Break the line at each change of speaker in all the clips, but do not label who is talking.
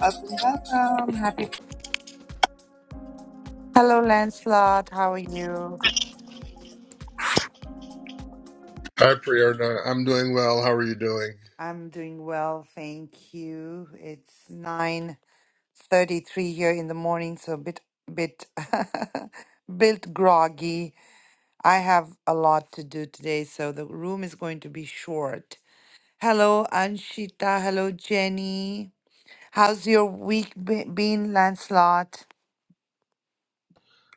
Welcome, welcome. Happy. Hello, Lancelot. How are you?
Hi, Priyarna. I'm doing well. How are you doing?
I'm doing well, thank you. It's nine thirty-three here in the morning, so a bit, bit, bit groggy. I have a lot to do today, so the room is going to be short. Hello, Anshita. Hello, Jenny. How's your week be- been, Lancelot?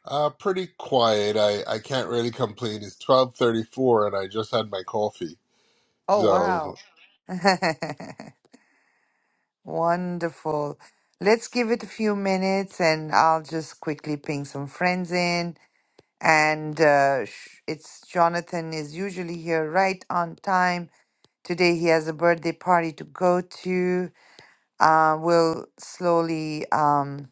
Uh, pretty quiet. I, I can't really complain. It's 12:34 and I just had my coffee.
Oh
So,
wow. Wonderful. Let's give it a few minutes and I'll just quickly ping some friends in. And uh, sh- it's Jonathan is usually here right on time. Today he has a birthday party to go to. Uh, we'll slowly, um,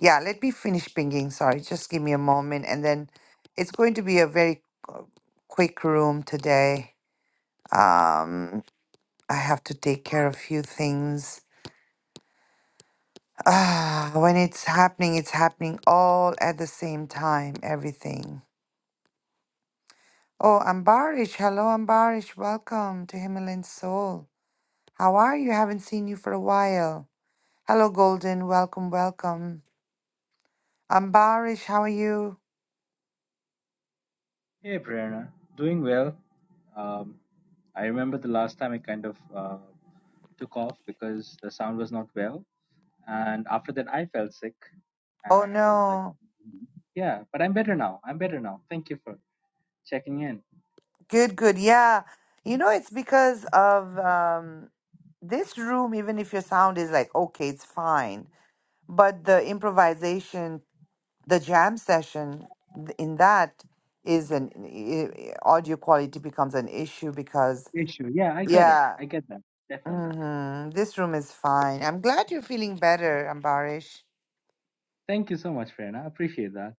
yeah, let me finish pinging. Sorry, just give me a moment. And then it's going to be a very uh, quick room today. Um, I have to take care of a few things. Ah, when it's happening, it's happening all at the same time, everything. Oh, Ambarish, hello Ambarish, welcome to Himalayan Soul. How are you? Haven't seen you for a while. Hello Golden, welcome, welcome. Ambarish, how are you?
Hey Prerna, doing well. Um, I remember the last time I kind of uh, took off because the sound was not well, and after that I felt sick,
Oh
and uh, like,
no.
yeah, but I'm better now. I'm better now. Thank you for checking in.
Good, good. Yeah. You know, it's because of um this room, even if your sound is like okay, it's fine. But the improvisation the jam session th- in that is an i- i- audio quality becomes an issue because
Issue, yeah, I get it.
yeah
I get that definitely.
hmm this room is fine i'm glad you're feeling better ambarish
Thank you so much, Prerna. I appreciate that.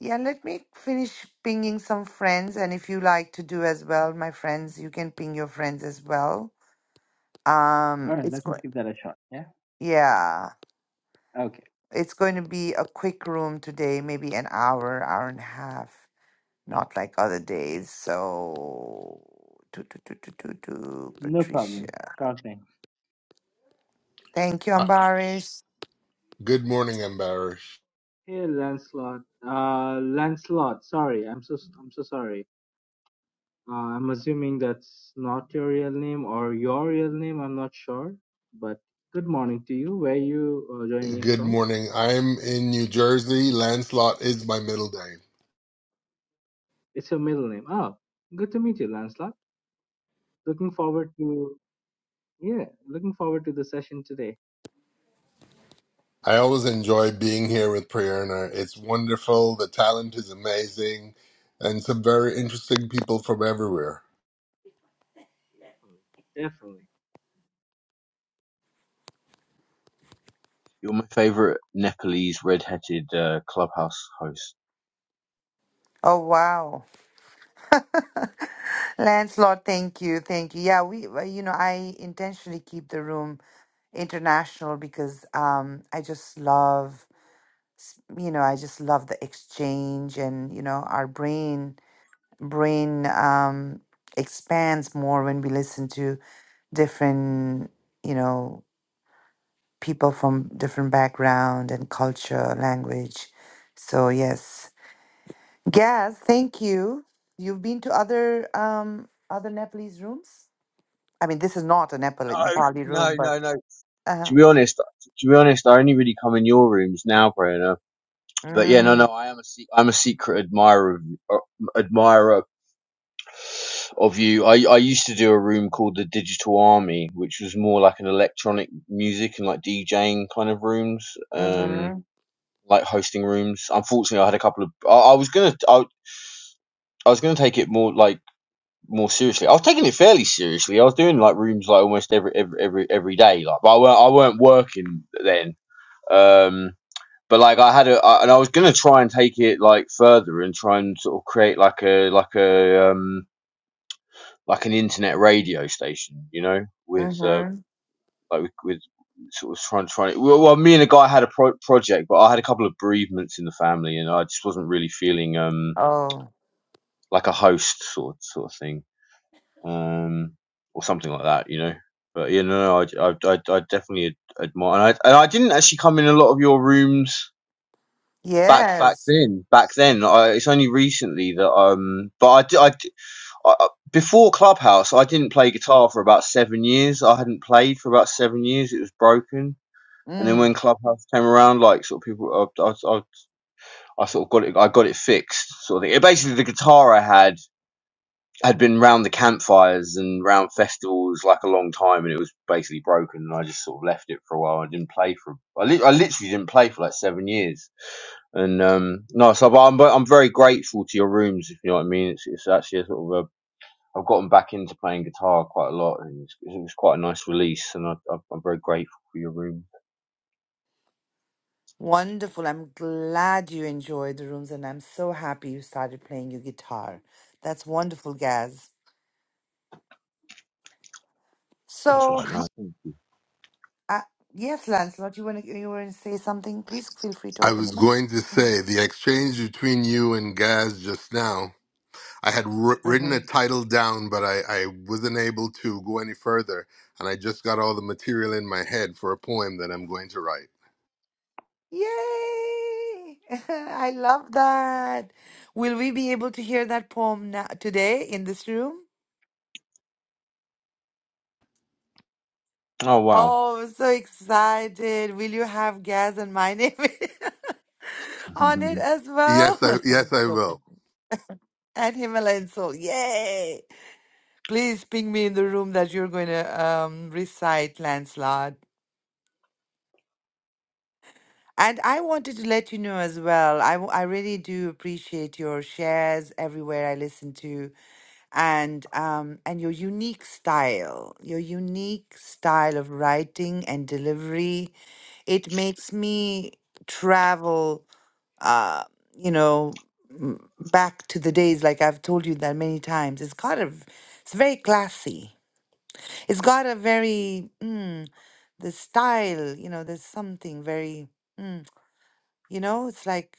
yeah let me finish pinging some friends and if you like to do as well my friends you can ping your friends as well
All
um
right,
it's
let me
going.
give that a shot. Yeah.
yeah
Okay.
it's going to be a quick room today maybe an hour hour and a half not like other days. So, do, do, do, do, do, do,
No problem.
Patricia.
Sure thing.
Thank you,
uh,
Ambarish.
good morning, Ambarish.
Hey, Lancelot. Uh, Lancelot. Sorry, I'm so I'm so sorry. Uh, I'm assuming that's not your real name or your real name. I'm not sure, but good morning to you. Where you uh, joining in
Good
from?
morning. I'm in New Jersey. Lancelot is my middle name.
It's your middle name. Oh, good to meet you, Lancelot. Looking forward to yeah, looking forward to the session today.
I always enjoy being here with Priyarna. It's wonderful. The talent is amazing and some very interesting people from everywhere.
Definitely.
You're my favorite Nepalese red-headed uh, clubhouse host.
Oh, wow. Lancelot, thank you. Thank you. Yeah, we, well, you know, I intentionally keep the room international because um, I just love, s- you know, I just love the exchange and, you know, our brain, brain, um, expands more when we listen to different you know people from different background and culture, language. So yes, Gaz, thank you. You've been to other um other Nepalese rooms. I mean, this is not a Nepali
No,
Nepali
no,
room, but
no, no.
uh
To be honest, to be honest, I only really come in your rooms now, Brianna. But yeah, no, no,
mm,
I am a se- I'm a secret admirer of, uh, admirer of you. I I used to do a room called the Digital Army, which was more like an electronic music and like DJing kind of rooms, um,
mm-hmm,
like hosting rooms. Unfortunately, I had a couple of. I, I was gonna I, I was gonna take it more like more seriously. I was taking it fairly seriously. I was doing like rooms like almost every every every, every day. Like, but I weren't I weren't working then. Um, but like I had a I, and I was gonna try and take it like further and try and sort of create like a like a um like an internet radio station, you know, with um
mm-hmm.
like with, with sort of trying trying. Well, well, me and a guy had a pro- project, but I had a couple of bereavements in the family, and I just wasn't really feeling um
Oh
like a host sort sort of thing. um, or something like that, you know. But you know, I, I, I, I definitely admire, and I, and I didn't actually come in a lot of your rooms back back
yes,
then. Back then, I, it's only recently that um, but I, di- I, di- I I- before Clubhouse, I didn't play guitar for about seven years. I hadn't played for about seven years. It was broken. And then
mm,
when Clubhouse came around, like sort of people, I, I, I, I sort of got it. I got it fixed. Sort of thing. It, basically, the guitar I had had been round the campfires and round festivals like a long time, and it was basically broken. And I just sort of left it for a while. I didn't play for. I, li- I literally didn't play for like seven years. And um, no, so but I'm I'm very grateful to your rooms, if you know what I mean. It's it's actually a sort of a. I've gotten back into playing guitar quite a lot, and it's, it was quite a nice release. And I, I, am very grateful for your room.
wonderful. I'm glad you enjoyed the rooms, and I'm so happy you started playing your guitar. That's wonderful, Gaz.
That's
So.
right, now.
Uh, yes, Lancelot, you want to you want to say something? Please feel free to
I
open
was
your mouth.
going to
Mhm.
say the exchange between you and Gaz just now I had wri- written a
Mhm.
title down, but I, I wasn't able to go any further, and I just got all the material in my head for a poem that I'm going to write.
Yay! I love that. Will we be able to hear that poem now, today in this room?
Oh wow,
Oh, I'm so excited. Will you have Gaz and my name on it
man,
as well?
Yes, I
I'm
yes I
so
will.
and Himalayan soul. Yay! Please ping me in the room that you're going to um, recite, Lancelot. And I wanted to let you know as well, I, w- I really do appreciate your shares everywhere I listen to and um and your unique style, your unique style of writing and delivery. It makes me travel uh, you know, m- back to the days like I've told you that many times. It's got a v- it's very classy. It's got a very mm, the style, you know, there's something very mm, you know, it's like,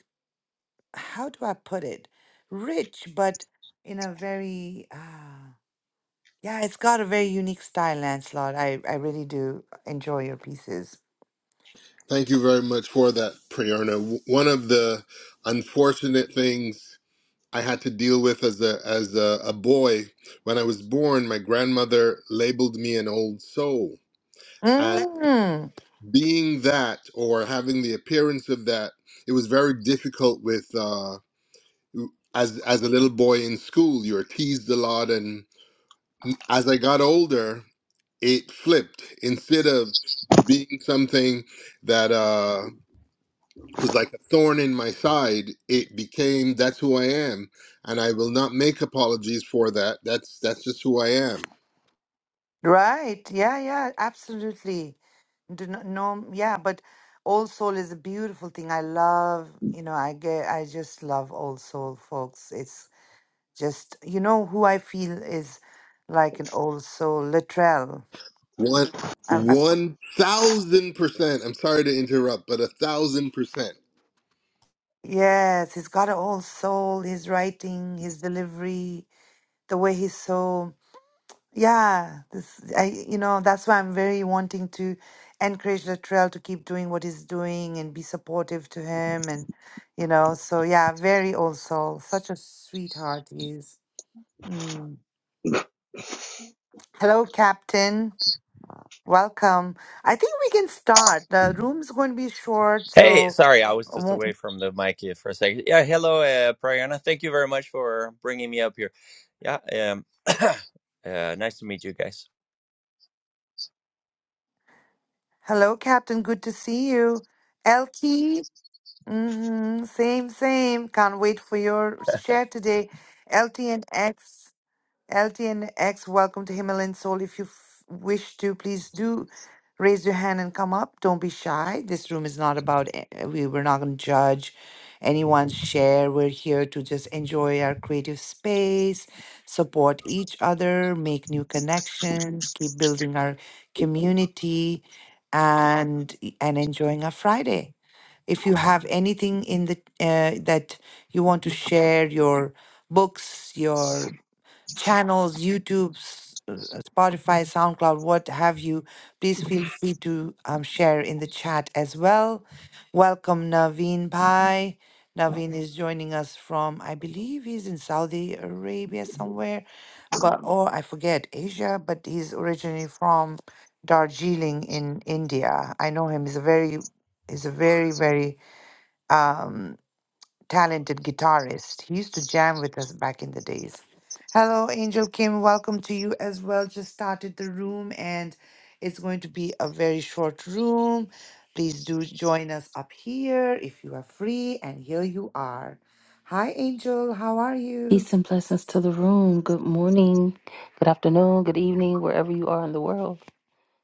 how do I put it? Rich, but in a very, uh, yeah, it's got a very unique style, Lancelot. I, I really do enjoy your pieces.
Thank you very much for that, Priyarna. W- One of the unfortunate things I had to deal with as a as a, a boy when I was born, my grandmother labeled me an old soul, and
Mm,
being that or having the appearance of that, it was very difficult with. Uh, as as a little boy in school you were teased a lot and as i got older it flipped instead of being something that uh was like a thorn in my side it became that's who i am and i will not make apologies for that that's that's just who i am
right. Yeah, yeah, absolutely. Do not, no, yeah, but Old Soul is a beautiful thing. I love, you know, I get, I just love Old Soul, folks. It's just, you know, who I feel is like an Old Soul, Latrell.
one one thousand percent i'm sorry to interrupt but a thousand percent
Yes, he's got an old soul. His writing, his delivery, the way he's so yeah. This I you know that's why I'm very wanting to encourage Latrell to keep doing what he's doing and be supportive to him and you know so yeah, very old soul. Such a sweetheart he is. Mm. Hello, Captain. Welcome. I think we can start. The room's going to be short,
Hey,
so
sorry, I was
I
just away
won't-
from the mic here for a second. Yeah, hello, uh, Prayana. Thank you very much for bringing me up here. Yeah, um, uh, nice to meet you guys.
hello, Captain. Good to see you. LT. Mm-hmm. Same, same. Can't wait for your share today. LTNX, LTNX, welcome to Himalayan Soul. If you f- wish to, please do raise your hand and come up. Don't be shy. This room is not about, a- uh, we, we're not going to judge anyone's share. We're here to just enjoy our creative space, support each other, make new connections, keep building our community, and and enjoying our Friday. If you have anything in the uh, that you want to share, your books, your channels, YouTube, s- uh, Spotify, SoundCloud, what have you, please feel free to um, share in the chat as well. Welcome Naveen Bhai. Naveen is joining us from, I believe he's in Saudi Arabia somewhere, but or I forget Asia, but he's originally from Darjeeling in India. I know him. He's a very he's a very, very um, talented guitarist. He used to jam with us back in the days. Hello, Angel Kim. Welcome to you as well. Just started the room, and it's going to be a very short room. Please do join us up here if you are free. And here you are. Hi, Angel. How are you?
Peace and blessings to the room. Good morning, good afternoon, good evening, wherever you are in the world.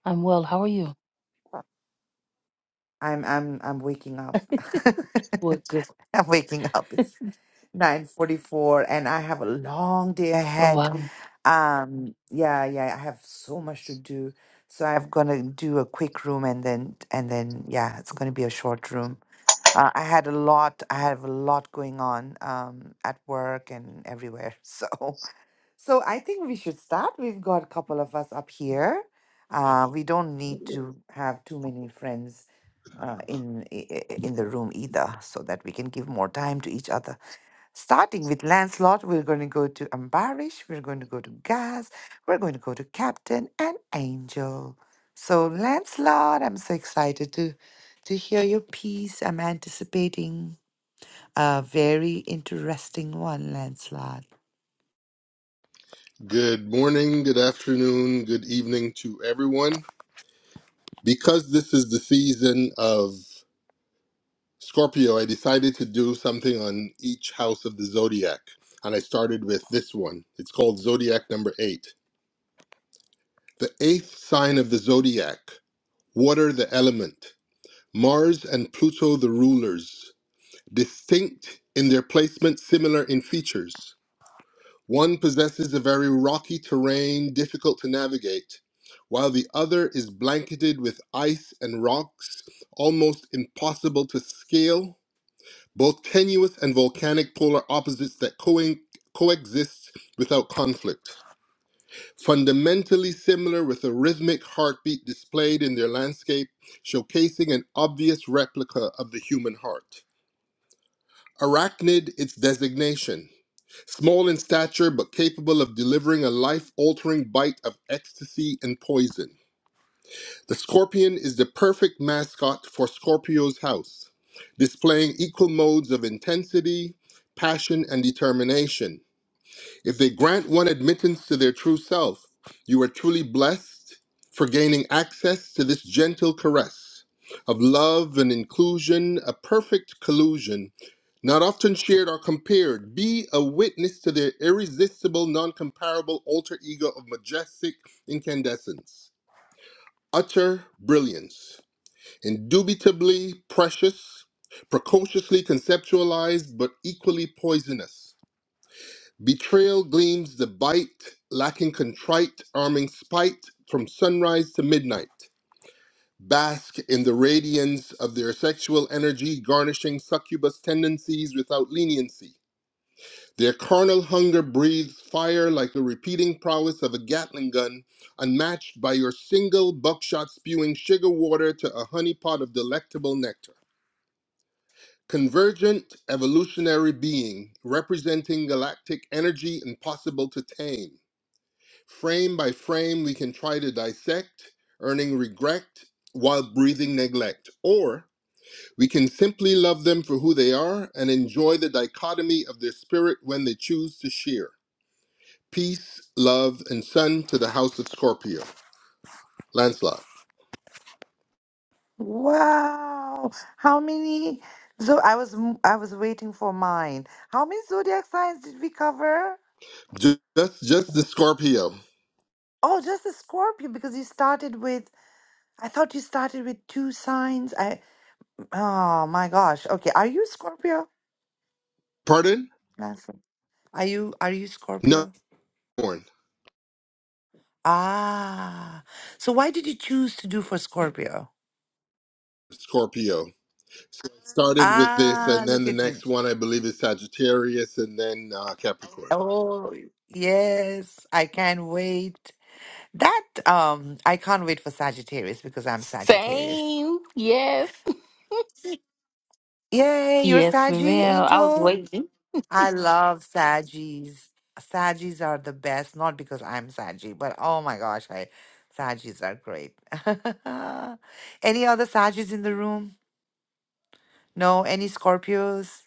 I'm well. How are you?
I'm I'm I'm waking up.
What good?
I'm waking up. It's 9:44, and I have a long day
Oh,
ahead
wow.
Um, yeah, yeah, I have so much to do. So I'm gonna do a quick room and then and then yeah, it's gonna be a short room. Uh, I had a lot, I have a lot going on um at work and everywhere. So so I think we should start. We've got a couple of us up here. Uh, we don't need to have too many friends uh in i- i- in the room either, so that we can give more time to each other. Starting with Lancelot, we're going to go to Ambarish, we're going to go to Gaz, we're going to go to Captain and Angel. So, Lancelot, I'm so excited to to hear your piece. I'm anticipating a very interesting one, Lancelot.
good morning good afternoon good evening to everyone because this is the season of Scorpio, I decided to do something on each house of the zodiac, and I started with this one. It's called Zodiac number eight. The eighth sign of the zodiac, water the element, Mars and Pluto the rulers, distinct in their placement, similar in features. One possesses a very rocky terrain, difficult to navigate, while the other is blanketed with ice and rocks, almost impossible to scale both tenuous and volcanic polar opposites that coen- coexist without conflict. Fundamentally similar with a rhythmic heartbeat displayed in their landscape, showcasing an obvious replica of the human heart. Arachnid, its designation. Small in stature but capable of delivering a life altering bite of ecstasy and poison. The scorpion is the perfect mascot for Scorpio's house, displaying equal modes of intensity, passion, and determination. If they grant one admittance to their true self, you are truly blessed for gaining access to this gentle caress of love and inclusion, a perfect collusion, not often shared or compared. Be a witness to their irresistible, non comparable alter ego of majestic incandescence, utter brilliance. Indubitably precious, precociously conceptualized, but equally poisonous. Betrayal gleams the bite, lacking contrite, arming spite from sunrise to midnight. Bask in the radiance of their sexual energy, garnishing succubus tendencies without leniency. Their carnal hunger breathes fire like the repeating prowess of a Gatling gun, unmatched by your single buckshot spewing sugar water to a honeypot of delectable nectar. Convergent evolutionary being, representing galactic energy impossible to tame. Frame by frame, we can try to dissect, earning regret while breathing neglect. Or we can simply love them for who they are and enjoy the dichotomy of their spirit when they choose to shear. Peace, love, and sun to the house of Scorpio. Lancelot.
Wow! How many? So I was m- I was waiting for mine. How many zodiac signs did we cover?
Ju- Just, just the Scorpio.
Oh, just the Scorpio because you started with. I thought you started with two signs. I. Oh my gosh. Okay. Are you Scorpio?
Pardon?
Nancy? Are you are you
No,
Scorpio?
born
Ah. So why did you choose to do for Scorpio?
Scorpio. Started with this,
Ah,
and then
look
the
at me.
next one I believe is Sagittarius, and then uh, Capricorn.
Oh, yes. I can't wait. That um I can't wait for Sagittarius because I'm Sagittarius.
Same. Yes.
Yay, you're
Yes,
Saggy,
ma'am. I was
Angel.
waiting.
I love Sagis. Sagis are the best, not because I'm Saggy, but oh my gosh, I Sagis are great. Any other Sagis in the room? No, any Scorpios?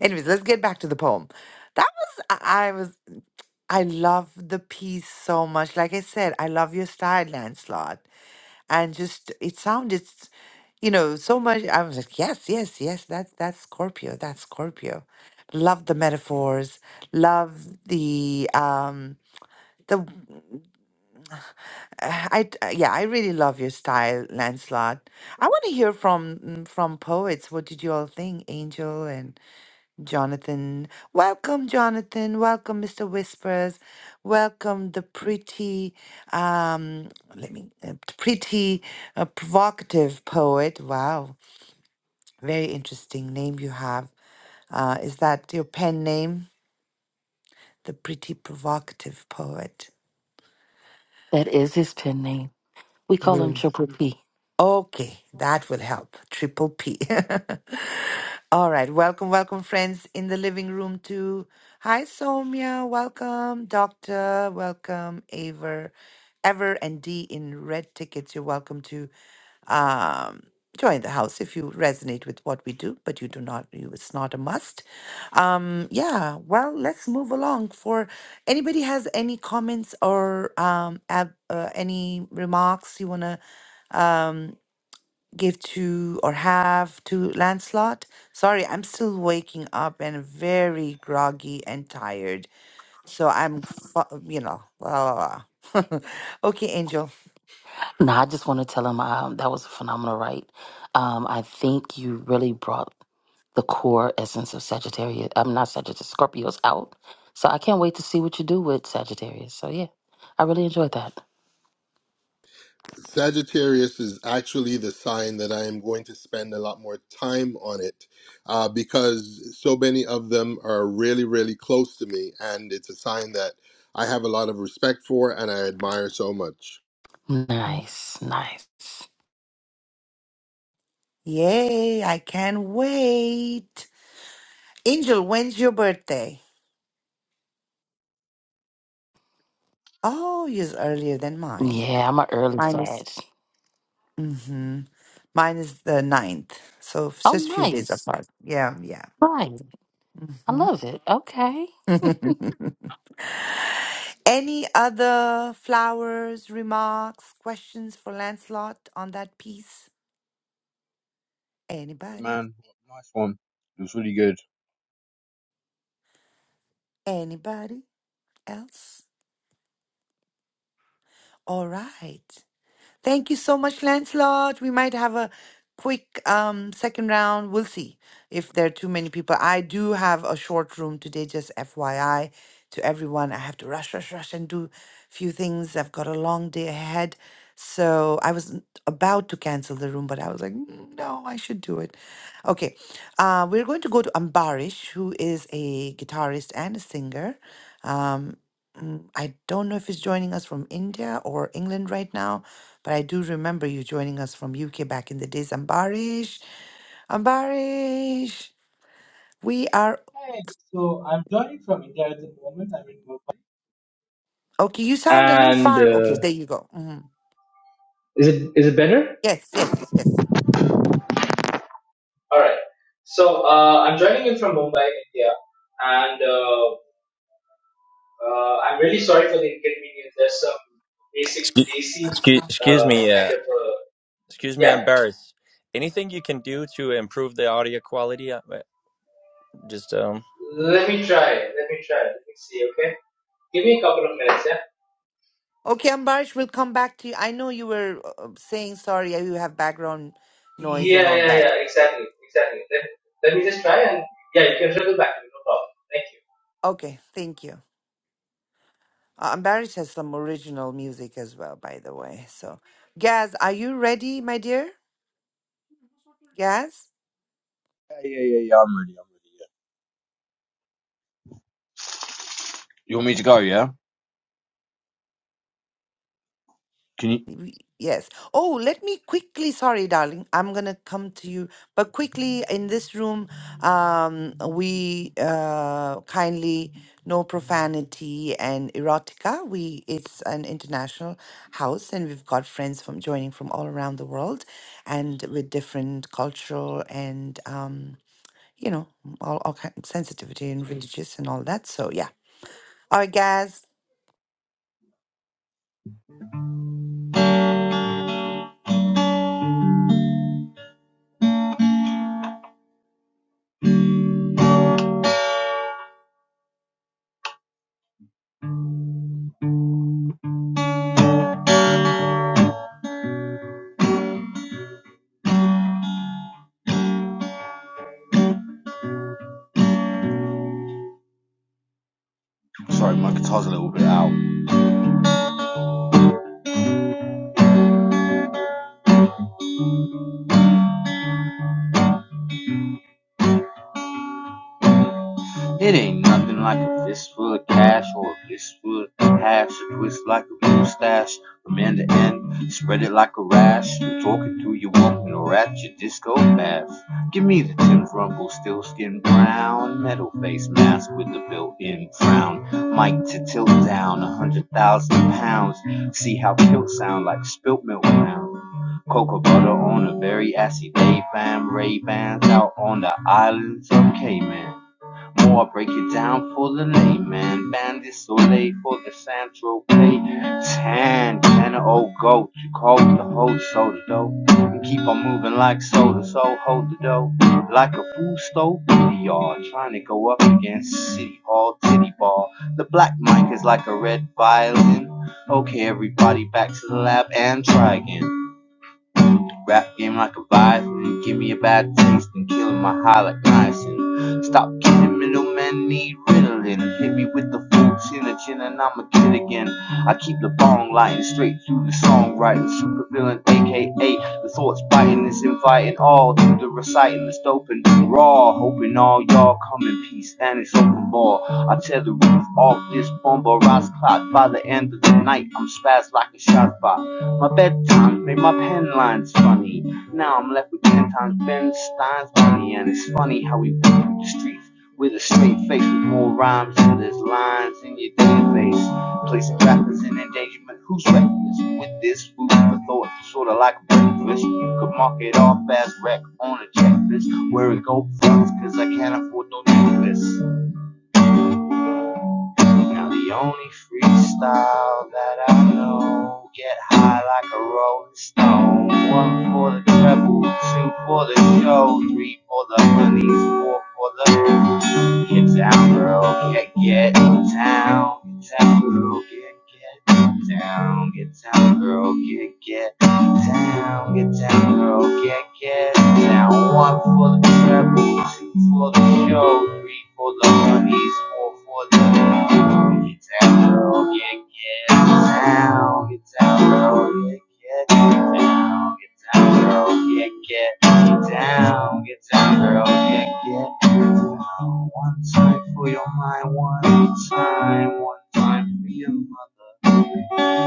Anyways, let's get back to the poem. That was I I was I love the piece so much. Like I said, I love your style, Lancelot and just it sounded s- you know so much i was like yes yes yes that's that's scorpio that's scorpio love the metaphors love the um the uh, I d- uh, yeah, I really love your style, Lancelot. I want to hear from mm, from poets. What did you all think, Angel and Jonathan? Welcome, Jonathan. Welcome, Mr. Whispers. Welcome, the pretty, um, let me, uh, t- pretty, uh, provocative poet. Wow, very interesting name you have. Uh, is that your pen name? The pretty provocative poet.
That is his pen name. We call him Triple P.
Okay, that will help. Triple P. All right, welcome, welcome, friends in the living room too. Hi, Somya. Welcome, Doctor. Welcome, Aver, Ever, and D in red tickets. You're welcome to um, join the house if you resonate with what we do, but you do not. You, it's not a must. Um, yeah. Well, let's move along. For anybody has any comments or um, ab, uh, any remarks you wanna. Um, give to or have to Lancelot. Sorry, I'm still waking up and very groggy and tired. So I'm, fu- you know, blah, blah, blah. okay, Angel.
No, I just want to tell him um, that was a phenomenal write. Um, I think you really brought the core essence of Sagittarius. I'm not Sagittarius, Scorpios out. So I can't wait to see what you do with Sagittarius. So yeah, I really enjoyed that.
Sagittarius is actually the sign that I am going to spend a lot more time on it uh, because so many of them are really, really close to me, and it's a sign that I have a lot of respect for and I admire so much.
Nice, nice.
Yay, I can't wait. Angel, when's your birthday? Oh, yours earlier than mine.
Yeah, I'm an early
Mine is.
Sag.
Mm-hmm. Mine is the ninth. So it's
Oh,
just a few days
nice.
apart. Yeah, yeah.
Right. I
Mm-hmm.
love it. Okay.
Any other flowers, remarks, questions for Lancelot on that piece? Anybody?
nice one. It was really good.
Anybody else? All right. Thank you so much, Lancelot. We might have a quick um, second round. We'll see if there are too many people. I do have a short room today, just FYI to everyone. I have to rush, rush, rush and do few things. I've got a long day ahead. So I was about to cancel the room, but I was like, "Mm, no, I should do it. Okay. Uh, we're going to go to Ambarish, who is a guitarist and a singer. Um, mm, I don't know if he's joining us from India or England right now but I do remember you joining us from UK back in the days. Ambarish, Ambarish, we are
Hi. So I'm joining from India at the moment. I'm in Mumbai.
okay. You sound a little
And
far. Okay,
uh,
there you go. hmm
is it is it better?
Yes, yes, yes.
All right. So uh, I'm joining in from Mumbai, India, and. Uh, Uh, I'm really sorry for the inconvenience. There's some basic
Excuse,
desi
excuse, excuse
uh,
me,
kind
uh,
of uh,
excuse me, I'm
yeah.
embarrassed. Anything you can do to improve the audio quality? Uh, uh, Just, um,
Let me try. Let me try. Let me see. Okay, give me a couple of minutes. Yeah.
Okay, Ambarish, we'll come back to you. I know you were uh, uh, saying sorry. uh, You have background noise and
Yeah,
all
yeah, yeah.
that.
Exactly, exactly. Let, let me just try and yeah, you can circle back to me. No problem. Thank you.
Okay, thank you. Uh, Ambarish has some original music as well, by the way. So, Gaz, are you ready, my dear? Gaz.
Yeah, yeah, yeah, yeah. I'm ready. I'm ready. You want me to go? Yeah. Can you?
We- Yes. Oh, let me quickly, sorry, darling, I'm gonna come to you, but quickly in this room, um, we uh, kindly no profanity and erotica. We it's an international house, and we've got friends from joining from all around the world, and with different cultural and um, you know, all, all kind sensitivity and religious and all that. So yeah. All right, guys.
Sorry, my guitar's a little bit out. It ain't nothing like a fistful of cash or a fistful of hash. A twist like a mustache from end to end. Spread it like a rash. You're talking to your woman or at your disco bash. Give me the Tim's Rumble still skin brown. Metal face mask with the built in frown. Mic to tilt down a hundred thousand pounds. See how kilt sound like spilt milk now. Cocoa butter on a very assy day, fam. Ray Bans out on the islands of Cayman. More break it down for the layman. Bandit Soleil for the Central Pay. Tan, ten old goat. You cold the whole soda dough. And keep on moving like soda, so hold the dough. Like a food stove in the yard. Trying to go up against City Hall, Titty Ball. The black mic is like a red violin. Okay, everybody back to the lab and try again. Rap game like a violin. Give me a bad taste and killing my high like niacin. Stop kidding, middlemen need Ritalin. Hit me with the full chin and chin and I'm a kid again. I keep the bong lighting straight through the songwriting. Super villain, aka the thoughts biting is inviting all to the reciting that's doping raw. Hoping all y'all come in peace and it's open ball. I tear the roof off this bomb or rise clock by the end of the night. I'm spazzed like a shot bot. My bedtime made my pen lines funny. Now I'm left with ten times Ben Stein's money, and it's funny how we walk the streets with a straight face, with more rhymes than there's lines in your database. Placing rappers in endangerment. Who's reckless with this food for thought? Sort of like breakfast. You could mark it off as wreck on a checklist. Wearing gold fronts, cause I can't afford no necklace. Now the only freestyle that I know Get high like a rolling stone One for the treble, two for the show Three for the honeys, four for the Get down, girl, get get down, get down, girl, get get down, get down, girl, get get down, get down, girl, get get down. One for the treble, two for the show, three for the honeys, four for the girl. get down, girl, get get down, get down, girl, get get down, get down, girl, get get down, get down, girl, get get. One time for your mind, one time, one time for your mother.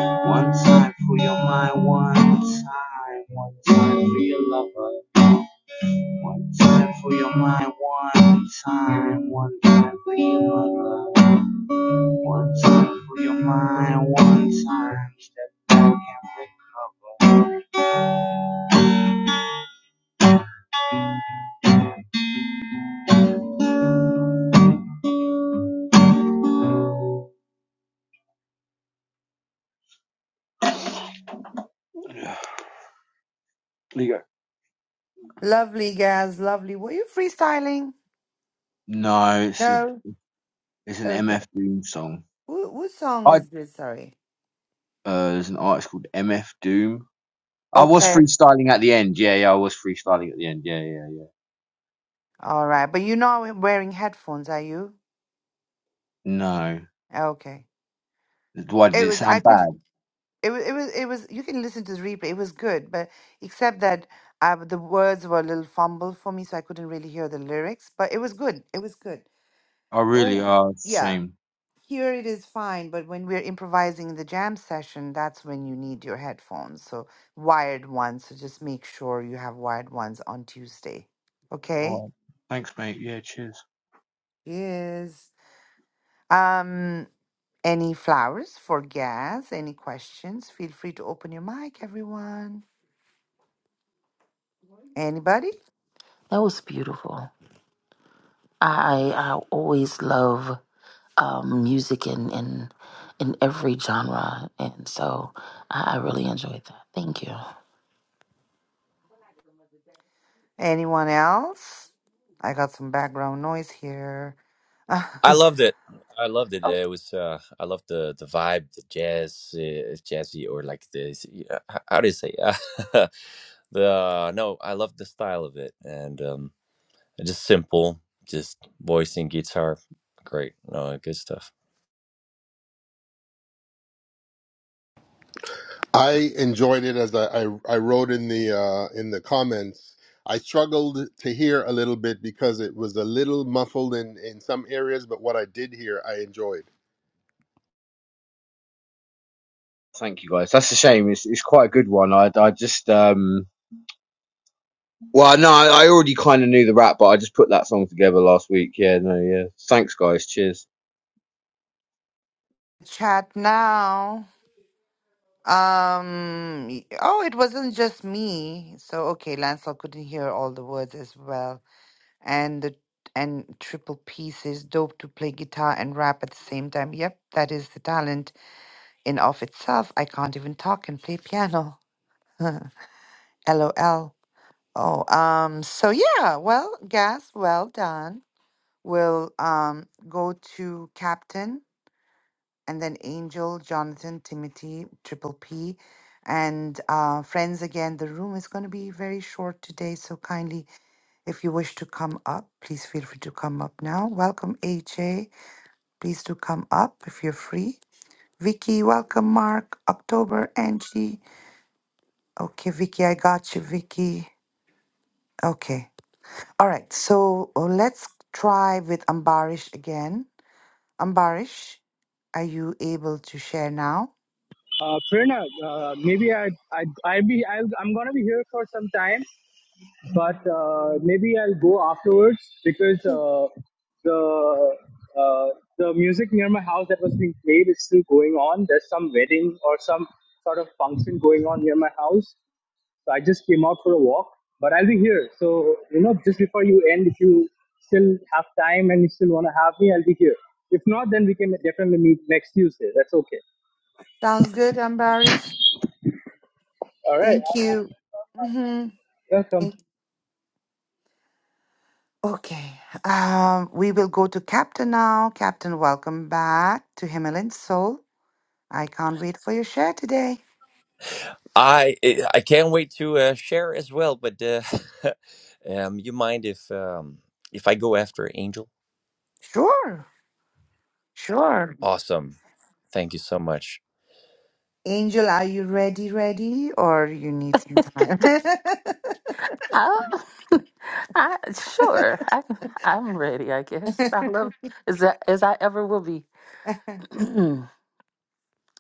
One time for your mind, one time, one time for your lover. One time for your mind, one time, one time for your mother. One time for your mind, one time. Step back and recover. There you go.
Lovely, guys. Lovely. Were you freestyling?
No, it's a,
No.
it's an
Okay.
MF Doom song.
Who, what song
I uh,
is this? Sorry.
there's an artist called MF Doom I was
Okay.
freestyling at the end. Yeah, yeah, I was freestyling at the end. Yeah, yeah, yeah.
All right. But you're not wearing headphones, are you?
No.
Okay.
Why did
It
it
was, I
sound
could,
bad?
it was, it was, it was, you can listen to the replay. It was good, but except that uh, the words were a little fumbled for me, so I couldn't really hear the lyrics, but it was good. It was good.
Oh, really?
Oh,
Oh, it's a
yeah.
shame.
Here it is fine, but when we're improvising in the jam session, that's when you need your headphones. So wired ones. So just make sure you have wired ones on Tuesday. Okay?
All right. Thanks, mate. Yeah, cheers.
Yes. Um, any flowers for gas? Any questions? Feel free to open your mic, everyone. Anybody?
That was beautiful. I I always love um, music in, in in every genre, and so I, I really enjoyed that. Thank you.
Anyone else? I got some background noise here.
I
oh.
loved it. I loved it. It was, uh, I loved the the vibe, the jazz, uh, jazzy, or like this. Uh, h- how do you say? the no, I loved the style of it, and um Just simple, just voice and guitar. Great, no good stuff.
I enjoyed it as I, I, I wrote in the uh, in the comments. I struggled to hear a little bit because it was a little muffled in, in some areas, but what I did hear, I enjoyed.
Thank you, guys. That's a shame. It's, it's quite a good one. I, I just, um, well, no, I I already kind of knew the rap, but I just put that song together last week. Yeah, no, yeah. Thanks, guys. Cheers.
Chat now. Um. y- Oh, it wasn't just me. So okay, Lancel couldn't hear all the words as well, and the and triple P says dope to play guitar and rap at the same time. Yep, that is the talent in of itself. I can't even talk and play piano. LOL. Oh, um, so yeah, well, Gas, well done. We'll um go to Captain and then Angel, Jonathan, Timothy, Triple P, and uh friends again. The room is gonna be very short today, so kindly if you wish to come up, please feel free to come up now. Welcome, HA. Please do come up if you're free. Vicky, welcome, Mark, October, Angie. Okay, Vicky, I got you, Vicky. Okay. All right. So uh, let's try with Ambarish again. Ambarish, are you able to share now?
Uh, Prerna, uh, maybe I, I, I be, I'll, I'm gonna be here for some time, but because uh, 'cause, uh, the, uh, was being played is still going on. There's some wedding or some sort of function going on near my house. So I just came out for a walk, but I'll be here. So, you know, just before you end, if you still have time and want to have me, I'll be here. If not, then we can definitely meet next Tuesday. That's okay.
Sounds good, Ambarish.
All right.
Thank you. Mm-hmm.
Welcome.
Okay. Um, we will go to Captain now. Captain, welcome back to Himalayan Soul. I can't wait for your share today.
I eh, I can't wait to uh, share as well. But uh, um, you mind if um, if I go after Angel?
Sure. Sure.
Awesome, thank you so much.
Angel, are you ready? Ready? Or you need some time.
Uh, I sure. I I'm ready. I guess I love is that as I ever will be.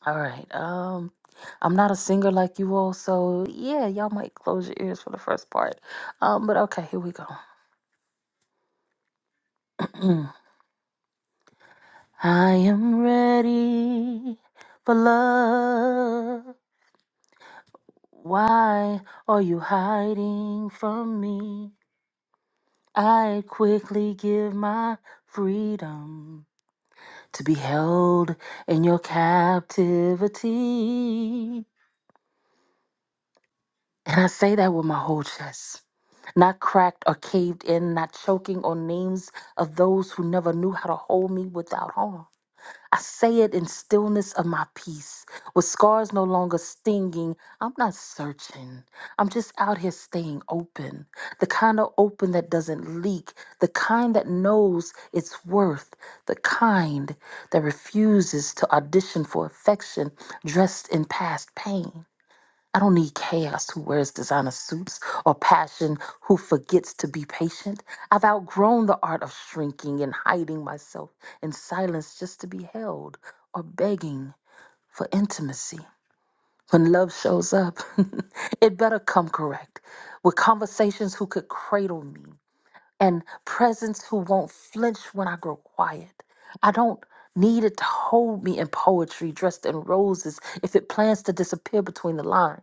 All right. Um, I'm not a singer like you all, so yeah, y'all might close your ears for the first part. Um, but okay, here we go. I am ready for love. Why are you hiding from me? I quickly give my freedom to be held in your captivity. And I say that with my whole chest. Not cracked or caved in, not choking on names of those who never knew how to hold me without harm. I say it in stillness of my peace, with scars no longer stinging. I'm not searching. I'm just out here staying open. The kind of open that doesn't leak, the kind that knows its worth, the kind that refuses to audition for affection dressed in past pain. I don't need chaos who wears designer suits or passion who forgets to be patient. I've outgrown the art of shrinking and hiding myself in silence just to be held or begging for intimacy. When love shows up, it better come correct with conversations who could cradle me and presence who won't flinch when I grow quiet. I don't need it to hold me in poetry dressed in roses if it plans to disappear between the lines.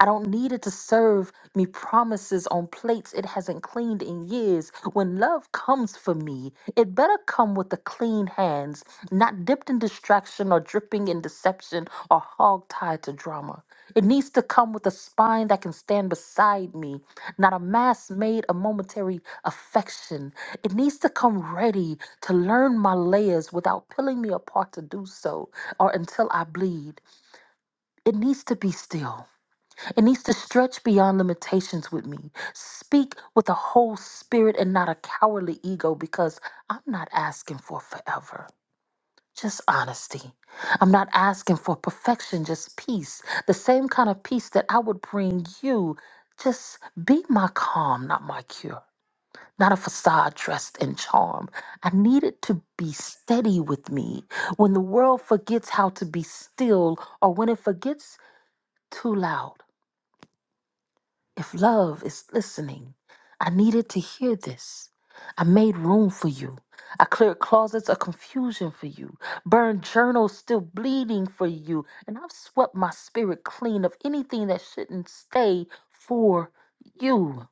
I don't need it to serve me promises on plates it hasn't cleaned in years. When love comes for me, it better come with the clean hands, not dipped in distraction or dripping in deception or hog tied to drama. It needs to come with a spine that can stand beside me not a mask made a momentary affection. It needs to come ready to learn my layers without pulling me apart to do so or until I bleed. It needs to be still. It needs to stretch beyond limitations with me. Speak with a whole spirit and not a cowardly ego because I'm not asking for forever. Just honesty. I'm not asking for perfection, just peace. The same kind of peace that I would bring you. Just be my calm, not my cure not a facade dressed in charm. I need it to be steady with me. When the world forgets how to be still, or when it forgets too loud, if love is listening, I needed to hear this. I made room for you. I cleared closets of confusion for you, burned journals still bleeding for you, and I've swept my spirit clean of anything that shouldn't stay for you.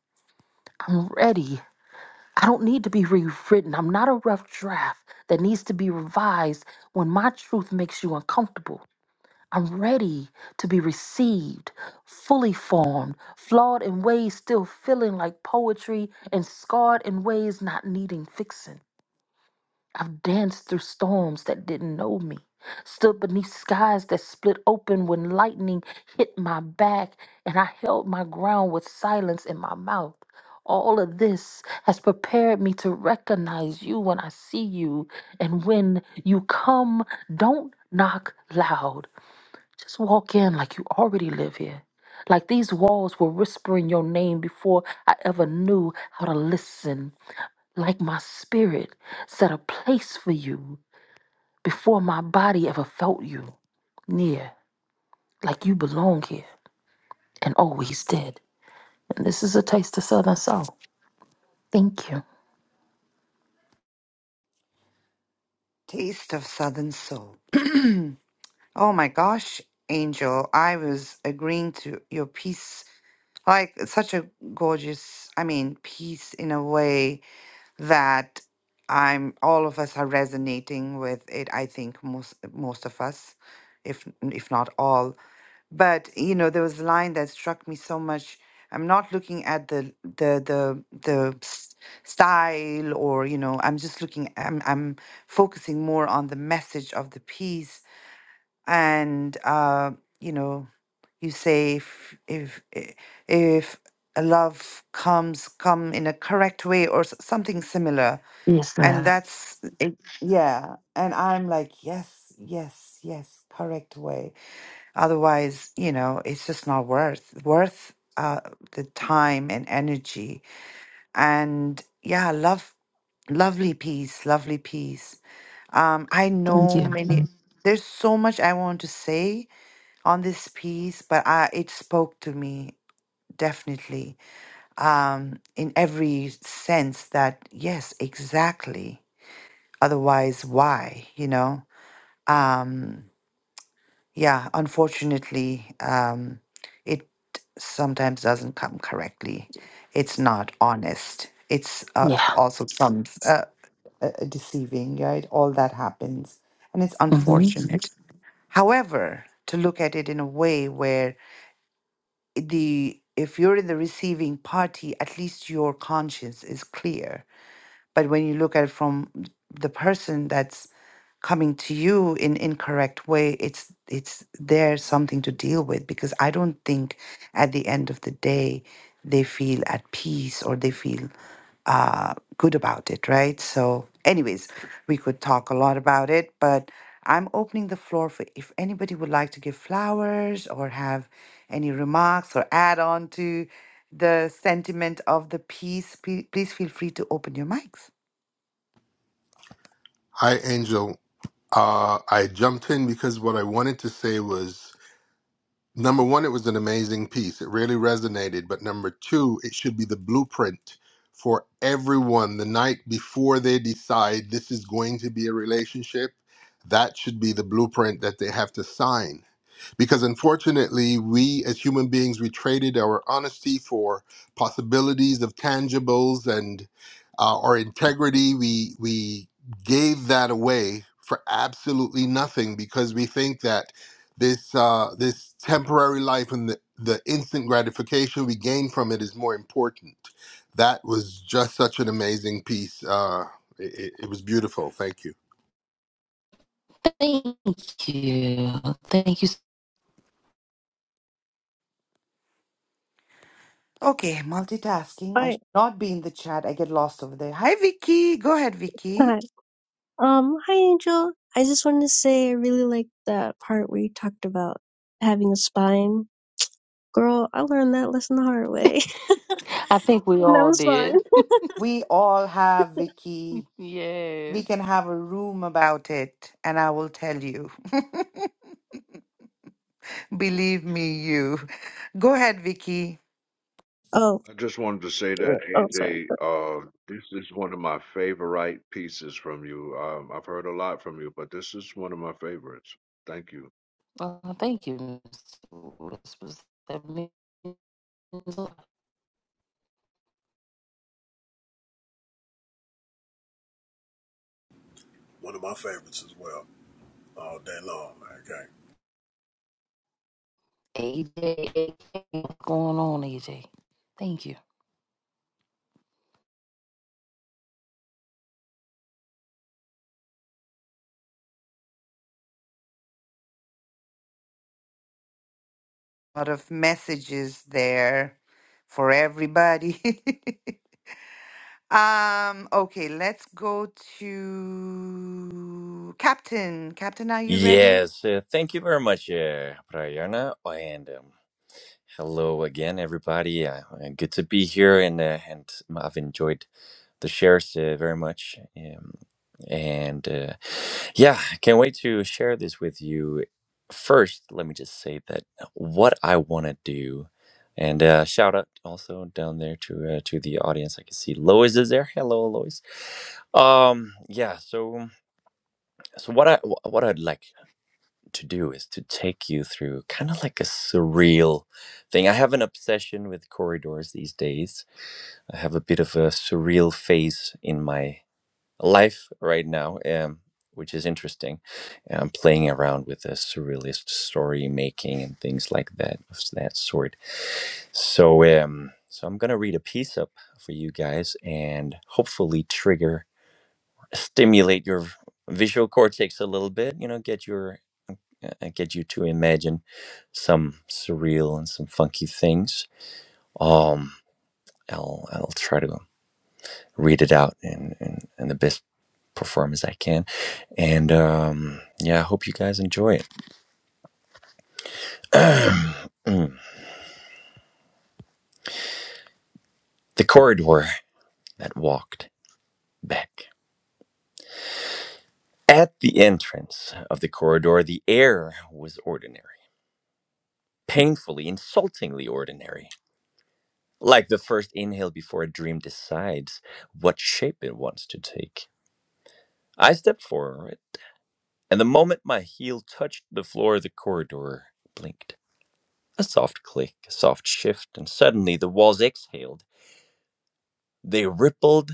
I'm ready. I don't need to be rewritten. I'm not a rough draft that needs to be revised when my truth makes you uncomfortable. I'm ready to be received, fully formed, flawed in ways still feeling like poetry, and scarred in ways not needing fixing. I've danced through storms that didn't know me, stood beneath skies that split open when lightning hit my back, and I held my ground with silence in my mouth. All of this has prepared me to recognize you when I see you. And when you come, don't knock loud. Just walk in like you already live here. Like these walls were whispering your name before I ever knew how to listen like my spirit set a place for you before my body ever felt you near, like you belong here and always did. And this is a taste of Southern Soul. Thank you.
Taste of Southern Soul. oh my gosh, Angel, I was agreeing to your piece. Like, it's such a gorgeous, I mean, piece in a way that I'm all of us are resonating with it. I think most most of us, if if not all. But you know, there was a line that struck me so much. I'm not looking at the the the the s- style or you know, I'm just looking I'm I'm focusing more on the message of the piece and uh, you know, you say if if i- if a love comes come in a correct way or s- something similar
Yes,
and
ma'am.
that's it, yeah and i'm like yes yes yes correct way Otherwise, you know, it's just not worth worth uh, the time and energy. And yeah, love, lovely piece, lovely piece. Um, I
Thank
know
you.
many. There's so much I want to say on this piece, but I, it spoke to me definitely um, in every sense. That yes, exactly. Otherwise, why? You know. Um, Yeah, unfortunately, um, it sometimes doesn't come correctly. It's not honest. It's uh,
Yeah.
also comes uh, uh, deceiving, right? All that happens, and it's
hmm
unfortunate. However, to look at it in a way where the if you're in the receiving party, at least your conscience is clear but when you look at it from the person that's coming to you in incorrect way, it's it's there something to deal with because I don't think at the end of the day they feel at peace or they feel uh, good about it, right? So, anyways, we could talk a lot about it, but I'm opening the floor for if anybody would like to give flowers or have any remarks or add on to the sentiment of the piece, pe- please feel free to open your mics.
Hi, Angel. Uh, I jumped in because what I wanted to say was number one, it was an amazing piece. It really resonated. But number two, it should be the blueprint for everyone the night before they decide this is going to be a relationship. That should be the blueprint that they have to sign because unfortunately we as human beings we traded our honesty for possibilities of tangibles and uh, our integrity we we gave that away for absolutely nothing because we think that this uh, this temporary life and the, the instant gratification we gain from it is more important that was just such an amazing piece uh, it, it it was beautiful thank you
Thank you. Thank you.
Okay, multitasking. I should
Alright,
not be in the chat. I get lost over there. Hi, Vicky. Go ahead, Vicky.
hi. Um, hi Angel. I just wanted to say I really liked that part where you talked about having a spine. Girl, I learned that lesson the hard way.
I think we
and that
all
was fun.
did.
We all have Vicky. We
Yes.
can have a room about it, and I will tell you. Believe me, you. Go ahead, Vicky.
Oh,
I just wanted to say
yeah.
that
oh, sorry.
AJ, uh, this is one of my favorite pieces from you. Um, I've heard a lot from you, but this is one of my favorites. Thank you.
Uh, thank you. Miss Whispers. That means a lot.
One of my favorites as well, all day long. Okay.
AJ, what's going on, AJ? Thank you.
A lot of messages there for everybody. um. Okay, let's go to Captain. Captain, are you ready?
Yes, uh, thank you very much, uh, Prayarna, and um, hello again, everybody. Uh, uh, good to be here, and uh, and I've enjoyed the shares uh, very much. Um, and uh, Yeah, I can't wait to share this with you. First, let me just say that what I want to do, and uh, shout out also down there to uh, to the audience. I can see Lois is there. Hello, Lois. Um, yeah. So, so what I wh- what I'd like to do is to take you through kind of like a surreal thing. I have an obsession with corridors these days. I have a bit of a surreal phase in my life right now, um, which is interesting. Um, playing around with the surrealist story making and things like that of that sort. So, um, so I'm gonna read a piece up for you guys and hopefully trigger, stimulate your visual cortex a little bit. You know, get your uh, uh, get you to imagine some surreal and some funky things. Um, I'll I'll try to read it out in, in, in the best perform as I can. And um, yeah, I hope you guys enjoy it. the corridor that walked back. At the entrance of the corridor, the air was ordinary, painfully, insultingly ordinary. Like the first inhale before a dream decides what shape it wants to take. I stepped forward, and the moment my heel touched the floor, the corridor blinked. A soft click, a soft shift, and suddenly the walls exhaled They rippled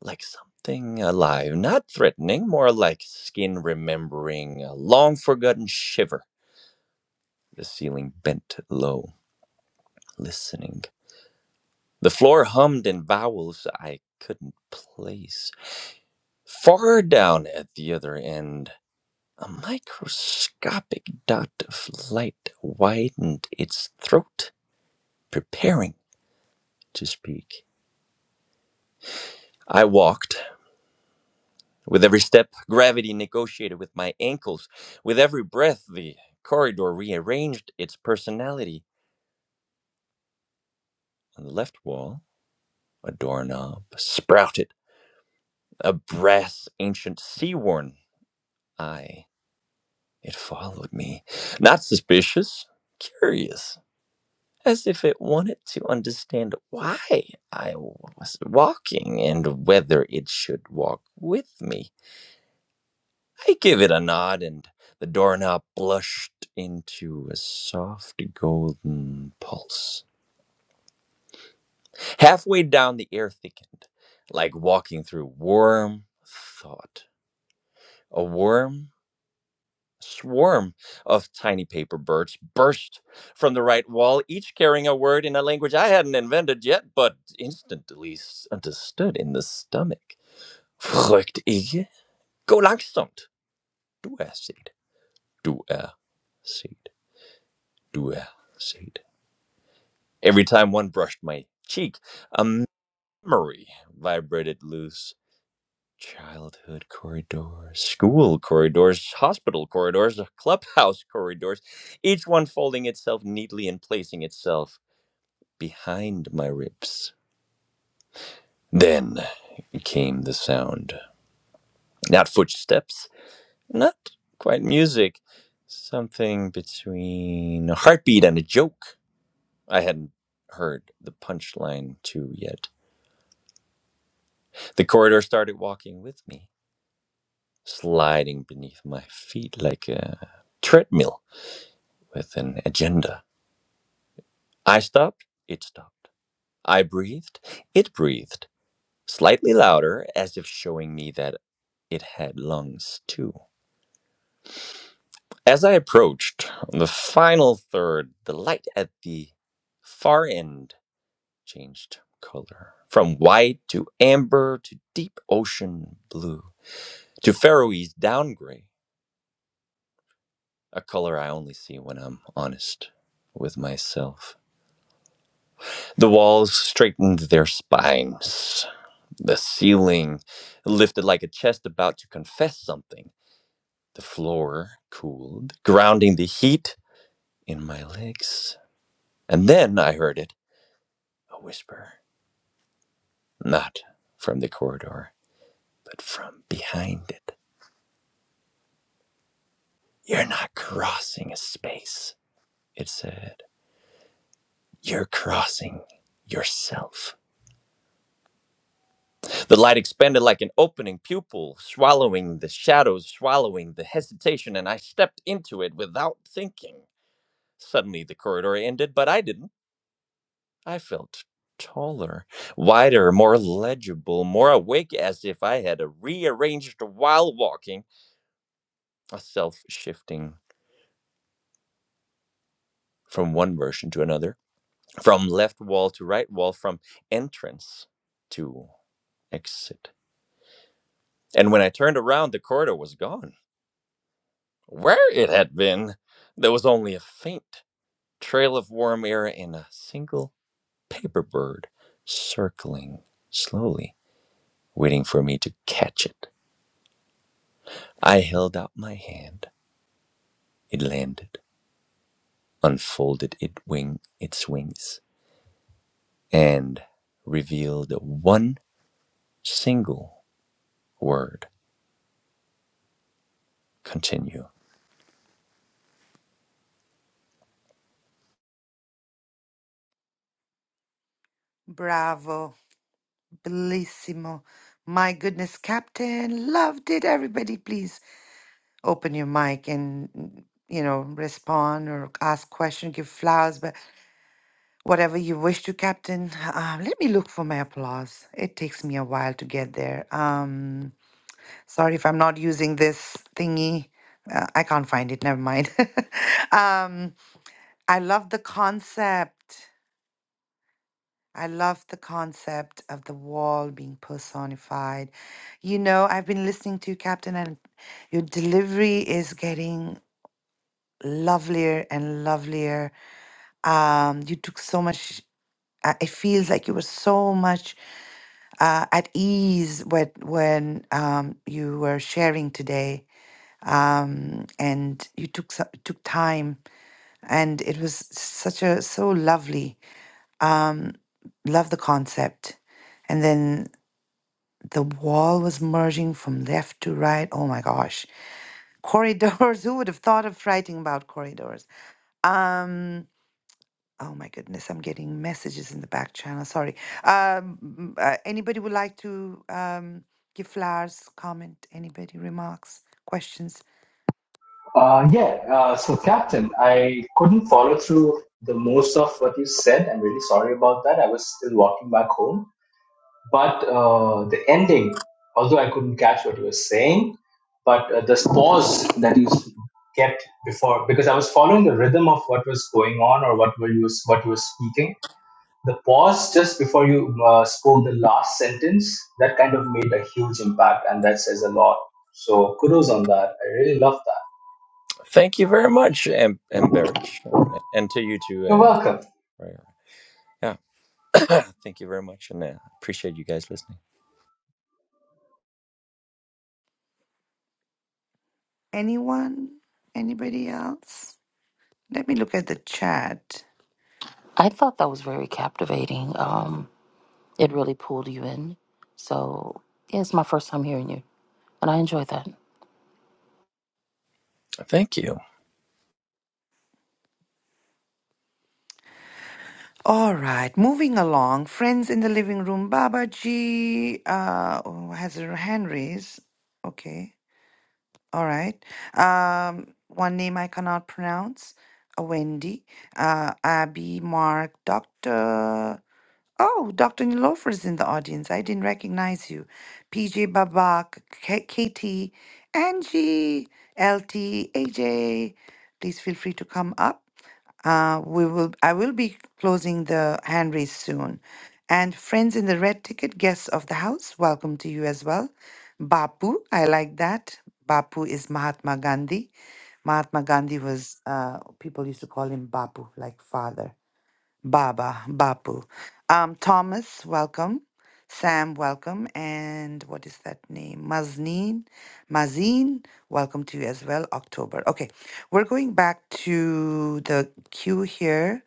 like something alive, not threatening, more like skin remembering a long forgotten shiver. The ceiling bent low, listening. The floor hummed in vowels I couldn't place. Far down at the other end, a microscopic dot of light widened its throat, preparing to speak. I walked With every step, gravity negotiated with my ankles. With every breath, the corridor rearranged its personality. On the left wall, a doorknob sprouted, a brass ancient sea worn eye. It followed me, not suspicious, curious, as if it wanted to understand why I was walking and whether it should walk with me. I give it a nod, and the doorknob blushed into a soft golden pulse. Halfway down, the air thickened, like walking through warm thought. A warm swarm of tiny paper birds burst from the right wall, each carrying a word in a language I hadn't invented yet, but instantly understood in the stomach. Vrucht ikke. Gå langsomt. Du er set. Du er set. Du er set. Every time one brushed my cheek, a memory vibrated loose. Childhood corridors, school corridors, hospital corridors, clubhouse corridors, each one folding itself neatly and placing itself behind my ribs. Then came the sound. Not footsteps, not quite music, something between a heartbeat and a joke. I hadn't heard the punchline too yet. The corridor started walking with me, sliding beneath my feet like a treadmill with an agenda. I stopped, it stopped. I breathed, it breathed, slightly louder, as if showing me that it had lungs too. As I approached the final third, the light at the far end changed color from white to amber to deep ocean blue to Faroese down gray. a color I only see when I'm honest with myself. The walls straightened their spines. The ceiling lifted like a chest about to confess something. The floor cooled, grounding the heat in my legs. And then I heard it a whisper, not from the corridor, but from behind it. You're not crossing a space, it said. You're crossing yourself. The light expanded like an opening pupil, swallowing the shadows, swallowing the hesitation, and I stepped into it without thinking. Suddenly the corridor ended, but I didn't. I felt taller, wider, more legible, more awake, as if I had rearranged while walking, a self shifting from one version to another, from left wall to right wall, from entrance to exit. And when I turned around, the corridor was gone. Where it had been, there was only a faint trail of warm air and a single paper bird circling slowly, waiting for me to catch it. I held out my hand. It landed, unfolded it wing, its wings, and revealed one single word. Continue.
Bravo. Bellissimo. My goodness, Captain, loved it. Everybody, please open your mic and, you know, respond or ask question, give flowers, but whatever you wish to, Captain. Uh, let me look for my applause. It takes me a while to get there. Um, sorry if I'm not using this thingy. Uh, I can't find it. Never mind. um, I love the concept. I love the concept of the wall being personified. You know, I've been listening to you, Captain, and your delivery is getting lovelier and lovelier. Um, you took so much, uh, it feels like you were so much uh, at ease when, when um, you were sharing today. Um, and you took so- took time, and it was such a so lovely. Um, Love the concept. And then the wall was merging from left to right. Oh my gosh. Corridors. Who would have thought of writing about corridors? Um oh my goodness, I'm getting messages in the back channel. Sorry. Um uh, anybody would like to um give flowers, comment, anybody remarks, questions?
I couldn't follow through the most of what you said. I'm really sorry about that. I was still walking back home. But uh, the ending, although I couldn't catch what you were saying, but uh, the pause that you kept before, because I was following the rhythm of what was going on or what were you what you were speaking. The pause just before you uh, spoke the last sentence that kind of made a huge impact, and that says a lot. So kudos on that. I really love that.
Thank you very much, Am- Amberish. And to you too.
You're
Uh,
welcome.
Rara. yeah. Thank you very much. And uh, appreciate you guys listening.
Anyone? Anybody else? Let me look at the chat.
I thought that was very captivating. Um, it really pulled you in. So, yeah, it's my first time hearing you, and I enjoyed that. I
Thank you.
All right, moving along. Friends in the living room. Baba G uh, oh, has her hand raised. Okay. All right. Um, one name I cannot pronounce. Uh, Wendy, uh, Abby, Mark, Doctor. Oh, Doctor Nilofer is in the audience. I didn't recognize you. PJ Babak, K- Katie, Angie, LT, AJ. Please feel free to come up. Uh, we will. I will be closing the hand raise soon. And friends in the red ticket, guests of the house, welcome to you as well. Bapu, I like that. Bapu is Mahatma Gandhi. Mahatma Gandhi was uh, people used to call him Bapu, like father. Baba, Bapu. Um, Thomas, welcome. Sam, welcome. And what is that name? Mazneen, Mazin, welcome to you as well. October. Okay, we're going back to the queue here.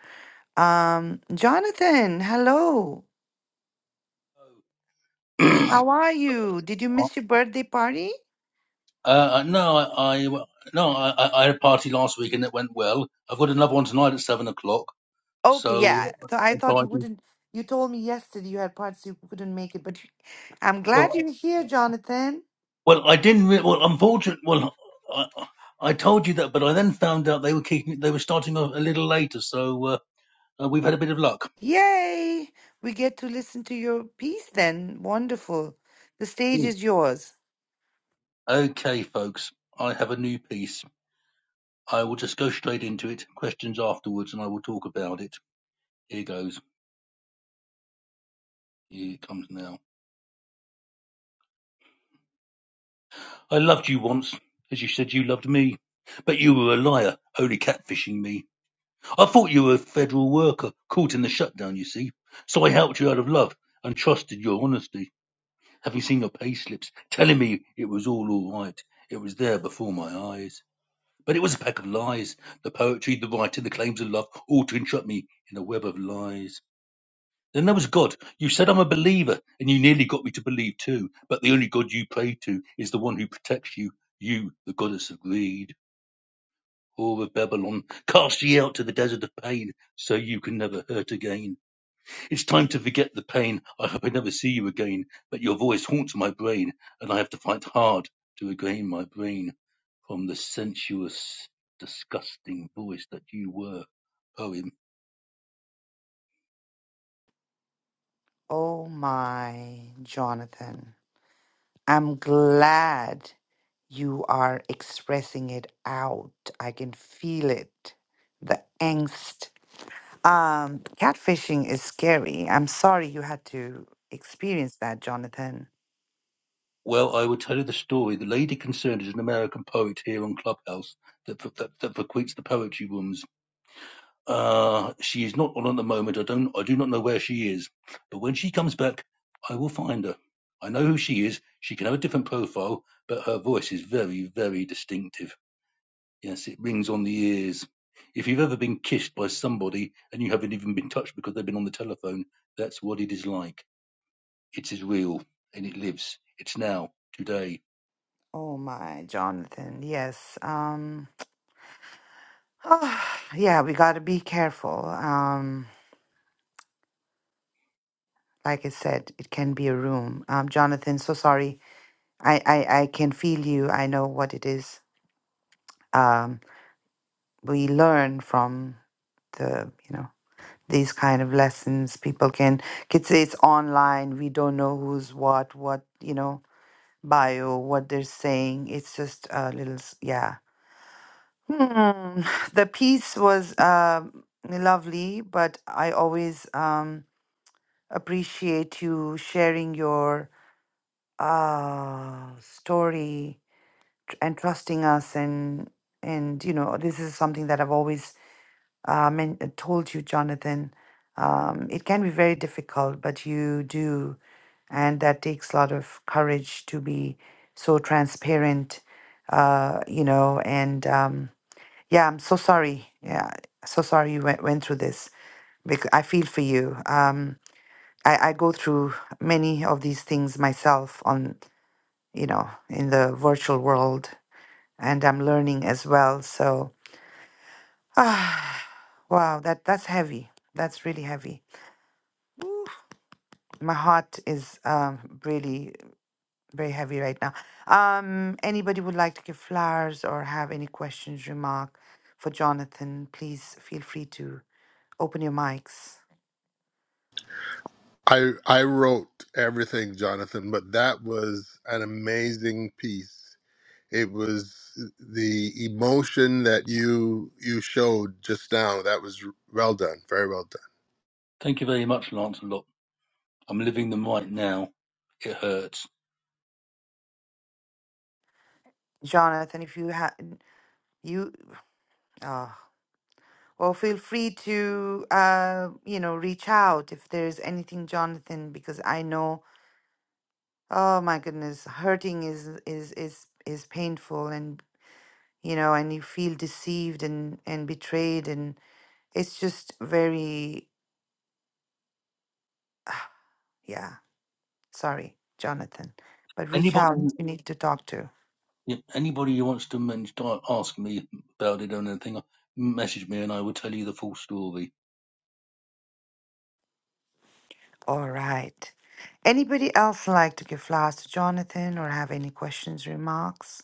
Um, Jonathan, hello.
Uh,
How are you? Did you miss your birthday party?
uh, no, I, I no, I, I I had a party last week and it went well. I've got another one tonight at seven o'clock.
Okay,
So,
yeah. So I
so
thought
I
you
can,
wouldn't. You told me yesterday you had parts you couldn't make it, but you- I'm glad
well,
you're here, Jonathan.
well, I didn't. Re- well, unfortunately, well, I, I told you that, but I then found out they were kicking. They were starting a, a little later, so uh, uh, we've had a bit of luck.
Yay! We get to listen to your piece then. Wonderful. The stage
Ooh.
is yours.
Okay, folks, I have a new piece. I will just go straight into it. Questions afterwards, and I will talk about it. Here goes. Here it comes now. I loved you once, as you said you loved me. But you were a liar, only catfishing me. I thought you were a federal worker, caught in the shutdown, you see. So I helped you out of love and trusted your honesty. Having seen your payslips, telling me it was all all right. It was there before my eyes. But it was a pack of lies. The poetry, the writing, the claims of love, all to entrap me in a web of lies. Then there was God. You said I'm a believer, and you nearly got me to believe too. But the only God you pray to is the one who protects you, you, the goddess of greed, whore of Babylon. Cast ye out to the desert of pain, so you can never hurt again. It's time to forget the pain. I hope I never see you again. But your voice haunts my brain, and I have to fight hard to regain my brain from the sensuous, disgusting voice that you were. Poem.
Oh my, Jonathan. I'm glad you are expressing it out. I can feel it. The angst. Um, catfishing is scary. I'm sorry you had to experience that, Jonathan.
Well, I will tell you the story. The lady concerned is an American poet here on Clubhouse that that, that frequents the poetry rooms. Uh, she is not on at the moment. I don't. I do not know where she is. But when she comes back, I will find her. I know who she is. She can have a different profile, but her voice is very, very distinctive. Yes, it rings on the ears. If you've ever been kissed by somebody and you haven't even been touched because they've been on the telephone, that's what it is like. It is real and it lives. It's now, today.
Oh my, Jonathan. Yes. Um, yeah, we got to be careful. Um, like I said, it can be a room. Um, Jonathan, so sorry. I, I, I can feel you. I know what it is. Um, we learn from the, you know, these kind of lessons. People can, kids say it's online. We don't know who's what, what, you know, bio, what they're saying. It's just a little, s- yeah. Hmm. The piece was um lovely, but I always um, appreciate you sharing your uh, story tr- and trusting us and and you know this is something that I've always uh, men- uh, told you, Jonathan. Um, it can be very difficult, but you do, and that takes a lot of courage to be so transparent. Uh, you know, and um, yeah, I'm so sorry. Yeah, so sorry you went went through this. Because I feel for you. Um, I, I go through many of these things myself on you know, in the virtual world, and I'm learning as well. So, ah, wow, that that's heavy. That's really heavy. Oof. My heart is um, really very heavy right now. Um, anybody would like to give flowers or have any questions, remark for Jonathan? Please feel free to open your mics.
I I wrote everything, Jonathan, but that was an amazing piece. It was the emotion that you you showed just now. That was well done, very well
Thank you very much, Lancelot. I'm living them right now. It hurts.
Jonathan, if you have you, uh, well, feel free to uh, you know reach out if there's anything, Jonathan, because I know Oh my goodness, hurting is is is is painful and you know and you feel deceived and and betrayed and it's just very ah, yeah, sorry, Jonathan, but reach
Anybody,
out if you need to talk to.
yeah, anybody who wants to men- to ask me about it or anything, message me and I will tell you the full story.
All right. Anybody else like to give flowers to Jonathan or have any questions, remarks?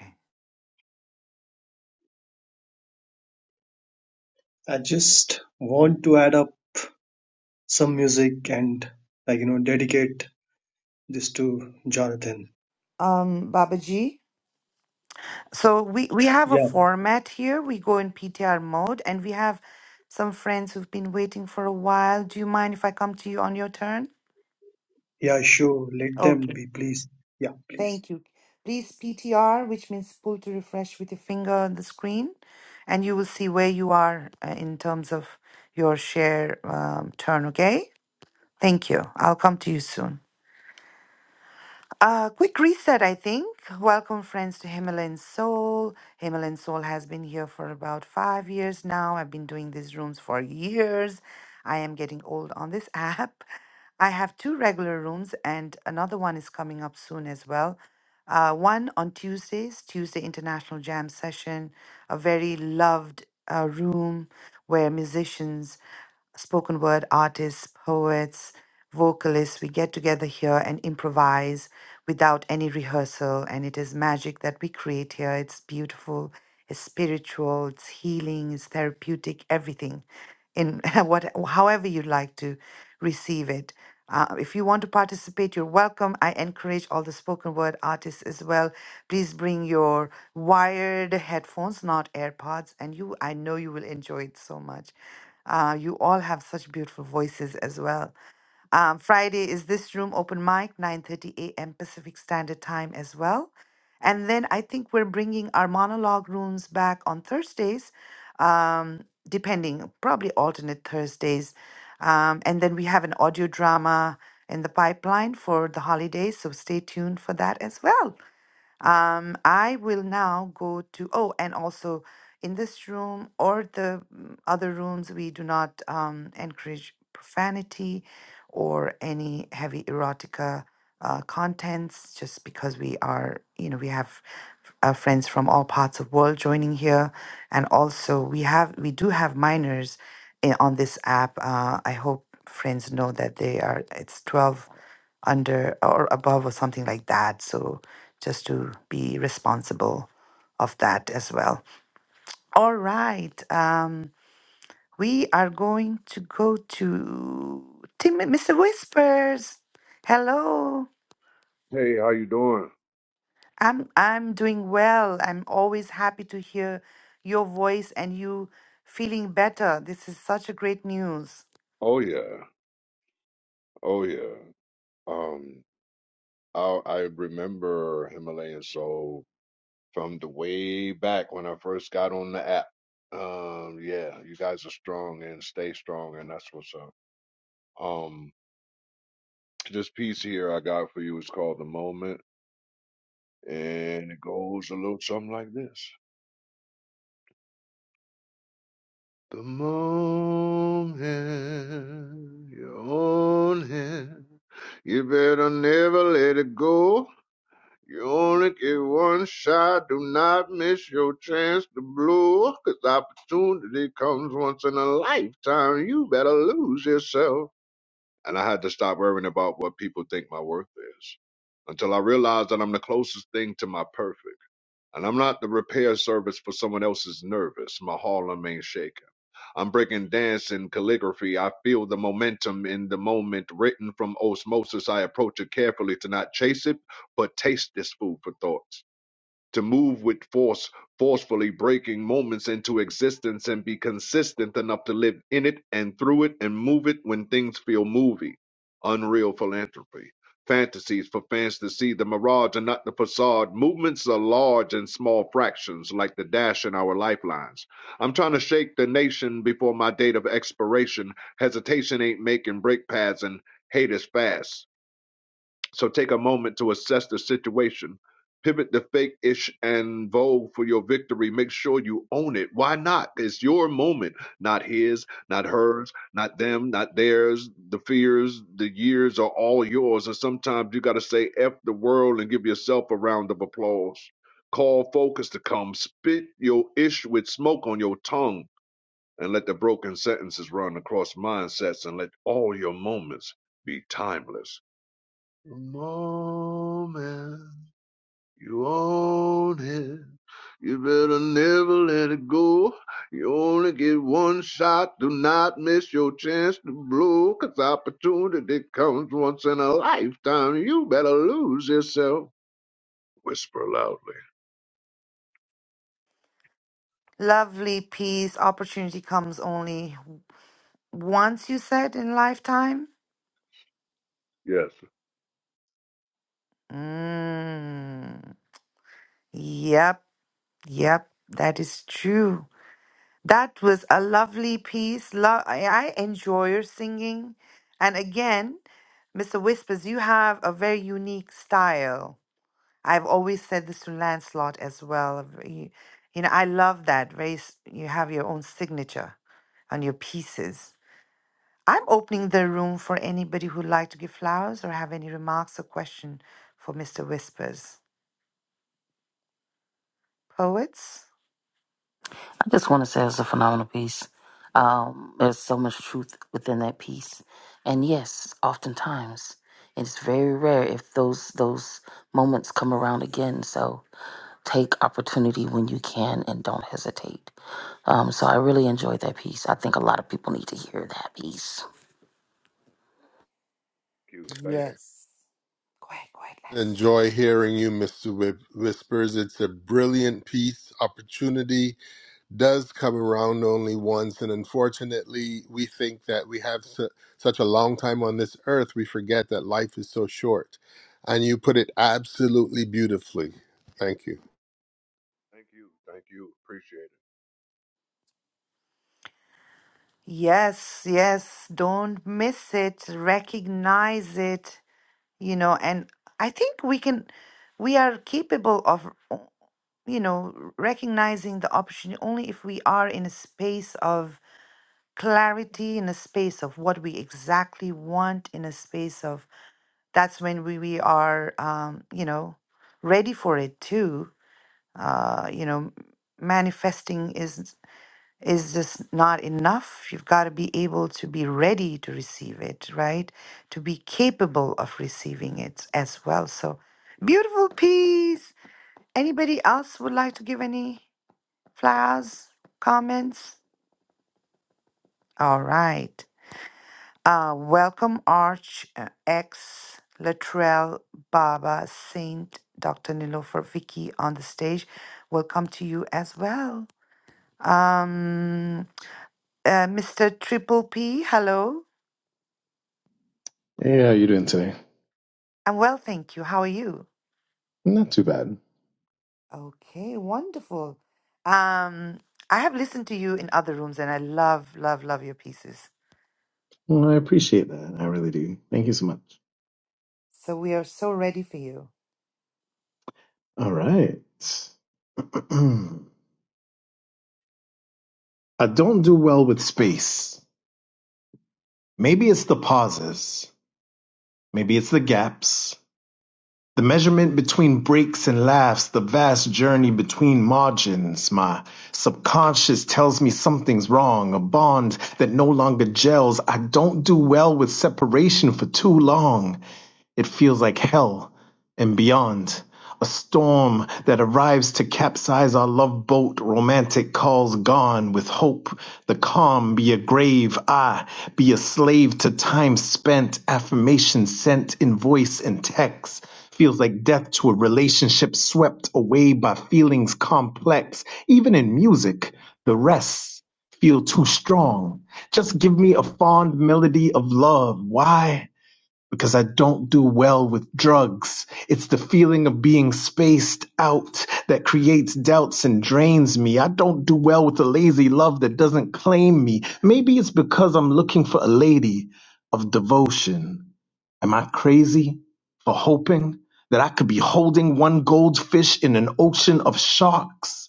Okay.
I just want to add up some music and like you know dedicate this to Jonathan.
Um, Baba G? So we, we have a
Yeah,
format here. We go in PTR mode and we have some friends who've been waiting for a while. Do you mind if I come to you on your turn?
yeah, sure. Let them
Okay.
be, please. Yeah, please.
Thank you. Please PTR, which means pull to refresh with your finger on the screen, and you will see where you are uh, in terms of your share um, turn, okay? Thank you. I'll come to you soon. A quick reset, I think. Welcome, friends, to Himalayan Soul. Himalayan Soul has been here for about five years now. I've been doing these rooms for years. I am getting old on this app. I have two regular rooms, and another one is coming up soon as well. Uh, one on Tuesdays, Tuesday International Jam Session, a very loved uh, room where musicians, spoken word artists, poets, vocalists, we get together here and improvise without any rehearsal. And it is magic that we create here. It's beautiful, it's spiritual, it's healing, it's therapeutic, everything in what, however you'd like to receive it. Uh, if you want to participate, you're welcome. I encourage all the spoken word artists as well. Please bring your wired headphones, not AirPods, and you. I know you will enjoy it so much. Uh, you all have such beautiful voices as well. Um, Friday is this room open mic, 9:30 a.m. Pacific Standard Time as well. And then I think we're bringing our monologue rooms back on Thursdays, um, depending, probably alternate Thursdays. Um, and then we have an audio drama in the pipeline for the holidays, so stay tuned for that as well. Um, I will now go to, oh, and also in this room or the mm, other rooms, we do not um, encourage profanity or any heavy erotica uh, contents just because we are, you know, we have uh, friends from all parts of world joining here. And also we have, we do have minors in, on this app. Uh, I hope friends know that they are, it's 12 under or above or something like that. So just to be responsible of that as well. All right. Um, we are going to go to Tim, Mr. Whispers. Hello.
Hey, how you doing?
I'm I'm doing well. I'm always happy to hear your voice and you feeling better. This is such a great news.
Oh yeah, oh yeah. Um, I I remember Himalayan Soul from the way back when I first got on the app. Um, yeah, you guys are strong and stay strong, and that's what's up. Um, this piece here I got for you is called The Moment, and it goes a little something like this. The moment you're on hand, you better never let it go. You only get one shot, do not miss your chance to blow. 'Cause opportunity comes once in a lifetime, you better lose yourself. And I had to stop worrying about what people think my worth is until I realized that I'm the closest thing to my perfect. And I'm not the repair service for someone else's nervous, my Harlem ain't shaking. I'm breaking dance and calligraphy. I feel the momentum in the moment written from osmosis. I approach it carefully to not chase it, but taste this food for thought to move with force, forcefully breaking moments into existence and be consistent enough to live in it and through it and move it when things feel movie. Unreal philanthropy. Fantasies for fans to see the mirage and not the facade. Movements are large and small fractions, like the dash in our lifelines. I'm trying to shake the nation before my date of expiration. Hesitation ain't making brake pads, and hate is fast. So take a moment to assess the situation. Pivot the fake ish and vogue for your victory. Make sure you own it. Why not? It's your moment, not his, not hers, not them, not theirs. The fears, the years are all yours. And sometimes you got to say F the world and give yourself a round of applause. Call focus to come. Spit your ish with smoke on your tongue and let the broken sentences run across mindsets and let all your moments be timeless the moment you own it, you better never let it go. You only get one shot. Do not miss your chance to blow, 'cause opportunity comes once in a lifetime. You better lose yourself. Whisper loudly.
Lovely peace. Opportunity comes only once, you said, in lifetime.
Yes.
Mm. Yep, yep, that is true. That was a lovely piece. Lo- I, I enjoy your singing. And again, Mr. Whispers, you have a very unique style. I've always said this to Lancelot as well. You, you know, I love that. Very, s- you have your own signature on your pieces. I'm opening the room for anybody who'd like to give flowers or have any remarks or question for Mr. Whispers. Poets?
just want to say it's a phenomenal piece. Um, there's so much truth within that piece, and yes, oftentimes it's very rare if those those moments come around again. So, take opportunity when you can, and don't hesitate. Um, so, I really enjoyed that piece. I think a lot of people need to hear that piece.
Thank you. Thank you.
Yes. Quite, quite,
done.
Lancelot.
Enjoy hearing you, Mister Whip- Whispers. It's a brilliant piece, opportunity does come around only once. And unfortunately, we think that we have su- such a long time on this earth, we forget that life is so short. And you put it absolutely beautifully. Thank you.
Thank you. Thank you. Appreciate it.
Yes, yes. Don't miss it. Recognize it, you know, and I think we can, we are capable of, o- you know, recognizing the opportunity only if we are in a space of clarity, in a space of what we exactly want, in a space of that's when we, we are, um, you know, ready for it too. Uh, you know, manifesting is. is just not enough. You've got to be able to be ready to receive it, right? To be capable of receiving it as well. So beautiful piece. Anybody else would like to give any flowers, comments? All right. Uh, welcome, Arch uh, X Latrell Baba Saint Dr. Nilofer Vicky on the stage. Welcome to you as well. Um, uh, Mr. Triple P, hello.
Hey, how you doing today?
I'm well, thank you. How are you?
Not too bad.
Okay, wonderful. Um, I have listened to you in other rooms and I love, love, love your pieces.
Well, I appreciate that. I really do. Thank you so much.
So we are so ready for you.
All right. I don't do well with space. Maybe it's the pauses. Maybe it's the gaps. The measurement between breaks and laughs, the vast journey between margins. My subconscious tells me something's wrong, a bond that no longer gels. I don't do well with separation for too long. It feels like hell and beyond. A storm that arrives to capsize our love boat, romantic calls gone with hope. The calm be a grave, I be a slave to time spent, affirmation sent in voice and text. Feels like death to a relationship swept away by feelings complex. Even in music, the rests feel too strong. Just give me a fond melody of love. Why? because I don't do well with drugs. It's the feeling of being spaced out that creates doubts and drains me. I don't do well with a lazy love that doesn't claim me. Maybe it's because I'm looking for a lady of devotion. Am I crazy for hoping that I could be holding one goldfish in an ocean of sharks?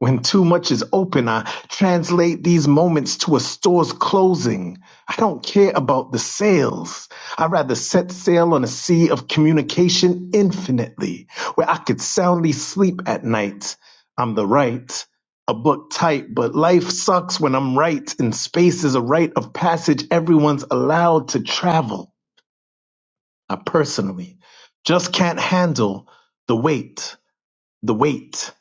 When too much is open, I translate these moments to a store's closing. I don't care about the sales. I'd rather set sail on a sea of communication infinitely, where I could soundly sleep at night. I'm the right, a book tight, but life sucks when I'm right, and space is a rite of passage everyone's allowed to travel. I personally just can't handle the weight, the weight.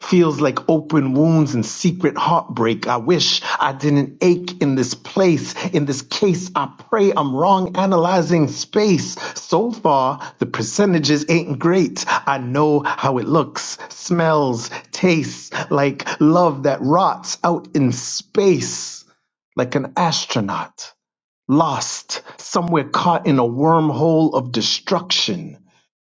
Feels like open wounds and secret heartbreak. I wish I didn't ache in this place. In this case, I pray I'm wrong analyzing space. So far, the percentages ain't great. I know how it looks, smells, tastes like love that rots out in space like an astronaut lost, somewhere caught in a wormhole of destruction.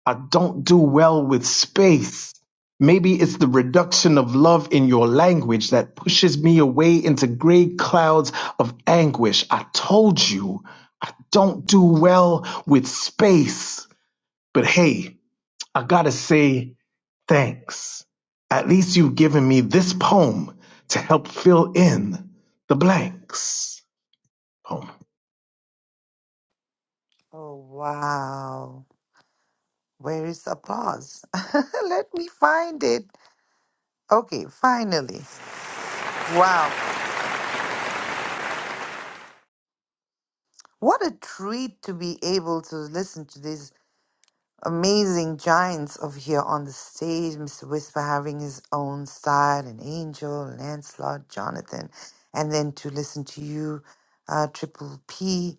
I don't do well with space. Maybe it's the reduction of love in your language that pushes me away into gray clouds of anguish. I told you, I don't do well with space. But hey, I gotta say thanks. At least you've given me this poem to help fill in the blanks. Poem.
Oh, wow. Where is applause? Let me find it. Okay, finally. Wow. What a treat to be able to listen to this. amazing giants over here on the stage. Mr. Whisper having his own style, and Angel, Lancelot, Jonathan, and then to listen to you, uh, Triple P,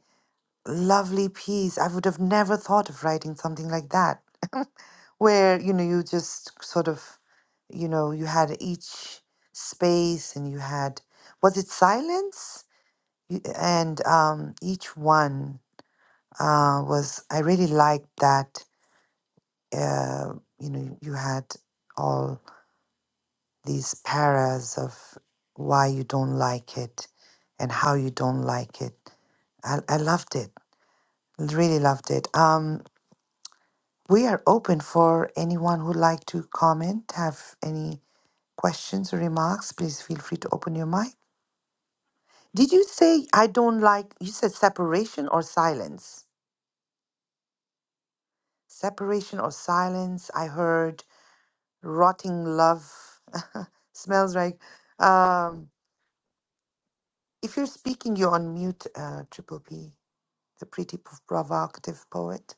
lovely piece. I would have never thought of writing something like that, where you know you just sort of, you know, you had each space and you had was it silence, You- and um, each one uh, was I really liked that uh, you know, you had all these paras of why you don't like it and how you don't like it. I, I loved it, really loved it. Um, we are open for anyone who'd like to comment, have any questions or remarks. Please feel free to open your mic. Did you say I don't like? You said separation or silence? Separation or silence? I heard rotting love smells like. Um, If you're speaking, you're on mute, uh, Triple P, the pretty p- provocative poet.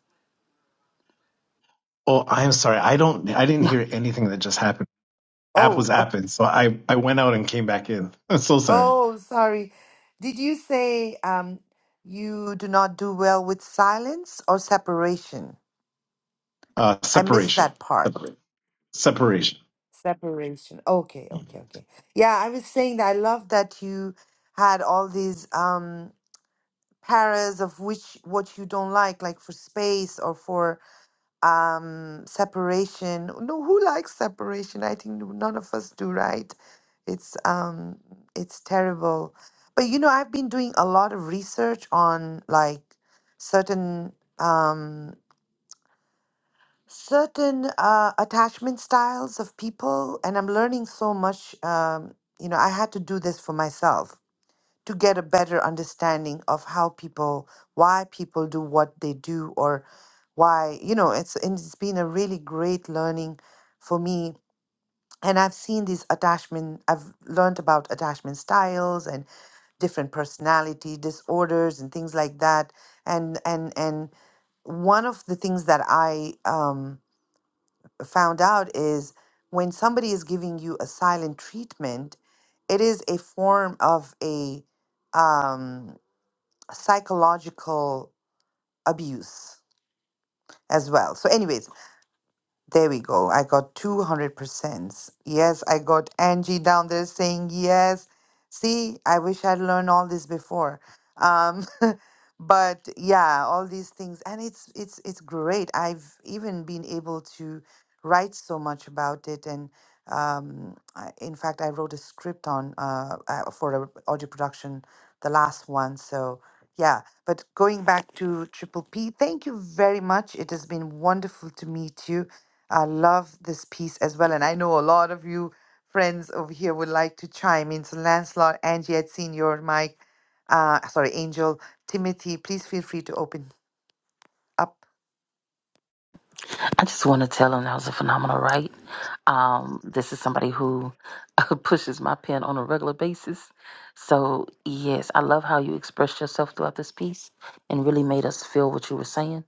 Oh, I'm sorry. I don't. I didn't hear anything that just happened. App was
Oh, uh,
apping, so I I went out and came back in. I'm so sorry.
oh, sorry. Did you say um, you do not do well with silence or separation?
Uh,
I missed
separation.
that part.
Separation. Separation.
Separation. Okay, okay, okay. Yeah, I was saying that I love that you had all these um, paras of which what you don't like, like for space or for um separation no who likes separation i think none of us do right it's um it's terrible but you know i've been doing a lot of research on like certain um certain uh attachment styles of people and i'm learning so much um you know i had to do this for myself to get a better understanding of how people why people do what they do or why you know it's and it's been a really great learning for me and i've seen these attachment i've learned about attachment styles and different personality disorders and things like that and and and one of the things that i um, found out is when somebody is giving you a silent treatment it is a form of a um, psychological abuse as well. So, anyways, there we go. I got 200%. Yes, I got Angie down there saying yes. See, I wish I'd learned all this before. Um, but yeah, all these things and it's it's it's great. I've even been able to write so much about it and um, I, in fact, I wrote a script on uh, uh, for a audio production, the last one. So yeah, but going back to Triple P, thank you very much. It has been wonderful to meet you I love this piece as well. And I know a lot of you friends over here would like to chime in. So, Lancelot, Angie, I'd seen your mic. Uh, sorry, Angel, Timothy, please feel free to open up.
I just want to tell him that was a phenomenal write. Um, this is somebody who pushes my pen on a regular basis. So, yes, I love how you expressed yourself throughout this piece and really made us feel what you were saying.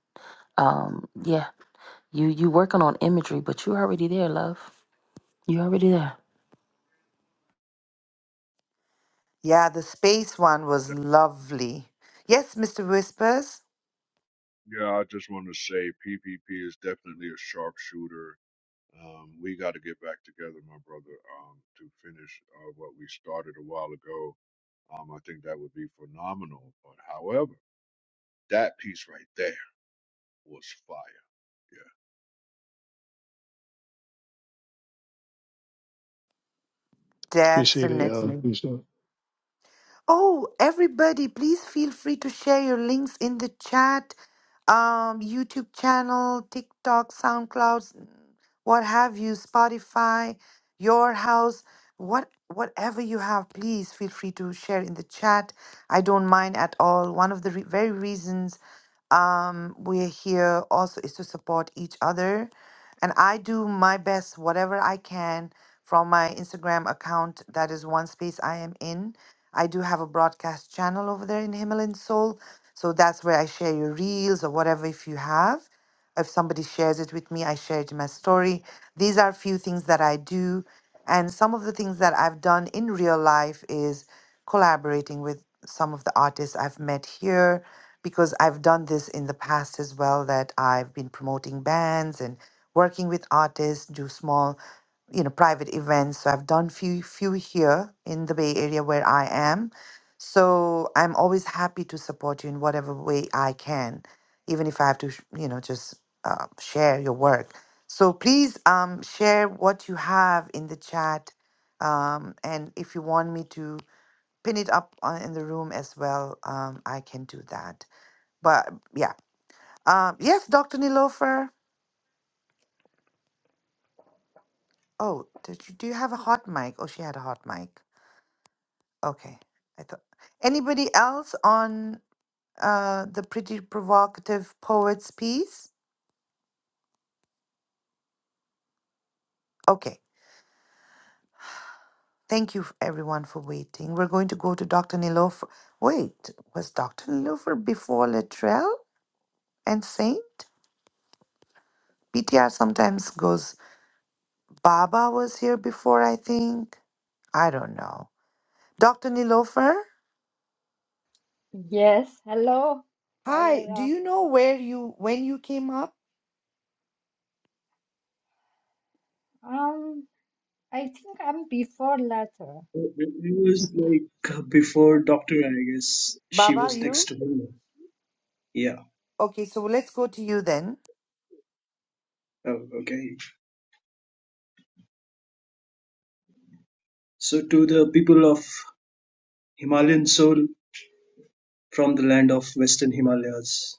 Um, yeah, you you working on imagery, but you're already there, love. You're already there.
Yeah, the space one
Uh,
was lovely. Yes, Mr. Whispers?
de- yeah, I just want to say PPP is definitely a sharpshooter Um, we got to get back together, my brother, um, to finish uh, what we started a while ago. Um, I think that would be phenomenal. But however, that piece right there was fire. yeah.
Appreciate it, y'all.
Definitely.
Appreciate it.
Oh, everybody, please feel free to share your links in the chat, um, YouTube channel, TikTok, SoundCloud, what have you, Spotify, your house, what whatever you have, please feel free to share in the chat. I don't mind at all. One of the re- very reasons um, we're here also is to support each other, and I do my best, whatever I can, from my Instagram account. That is one space I am in I do have a broadcast channel over there in Himalayan Soul. So that's where I share your reels or whatever if you have. If somebody shares it with me, I share it in my story. These are a few things that I do. And some of the things that I've done in real life is collaborating with some of the artists I've met here because I've done this in the past as well that I've been promoting bands and working with artists, do small you know private events so i've done few few here in the bay area where i am so i'm always happy to support you in whatever way i can even if i have to sh- you know just uh, share your work so please um, share what you have in the chat um, and if you want me to pin it up on, in the room as well um, i can do that but yeah um, yes dr nilofer oh did you do you have a hot mic oh she had a hot mic Okay. I thought anybody else on uh, the pretty provocative poets piece? Okay. Thank you f- everyone for waiting. We're going to go to Dr. Nilofer. Wait, was Dr. Nilofer before Latrell and Saint? PTR sometimes goes Baba was here before, I think. I don't know. Dr. Nilofer?
Yes, hello,
Hi, do
Prayara.
you know where you when you came up?
Um, I think I'm before latter,
Uh, It it was like uh, before
but
Doctor. I guess she
Baba,
was next
you?
to him. Yeah.
Okay, so let's go to you then.
Oh, okay. So to the people of Himalayan soul from the land of Western Himalayas,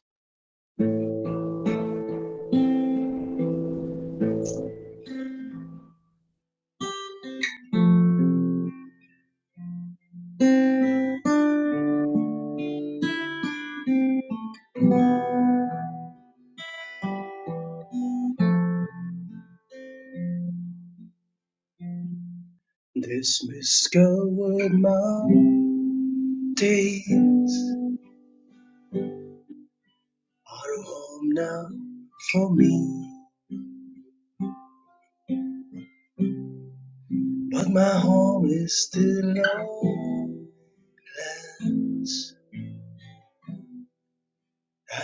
this miscovered mountains are home now for me. But my home is still your lands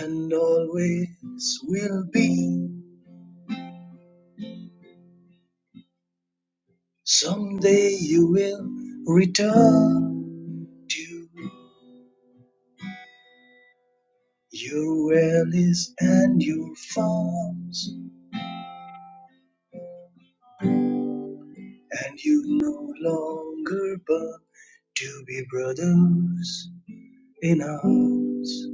and always will be. Someday you will return to your valleys and your farms, and you no longer but to be brothers in arms.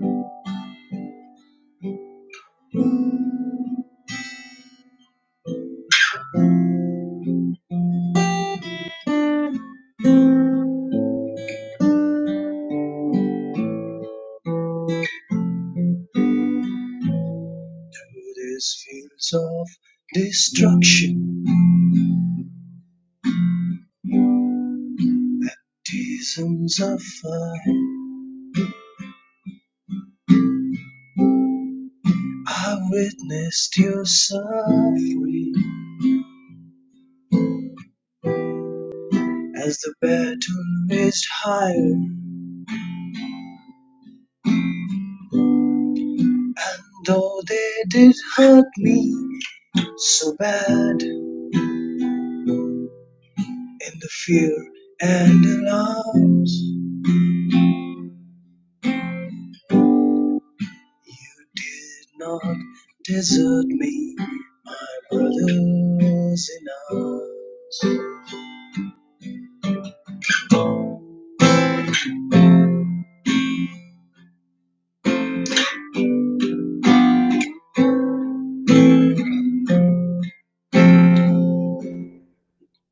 Through these fields of destruction, seasons of fire. I witnessed you suffering as the battle raged higher. Though they did hurt me so bad in the fear and alarms, you did not desert me, my brothers in arms.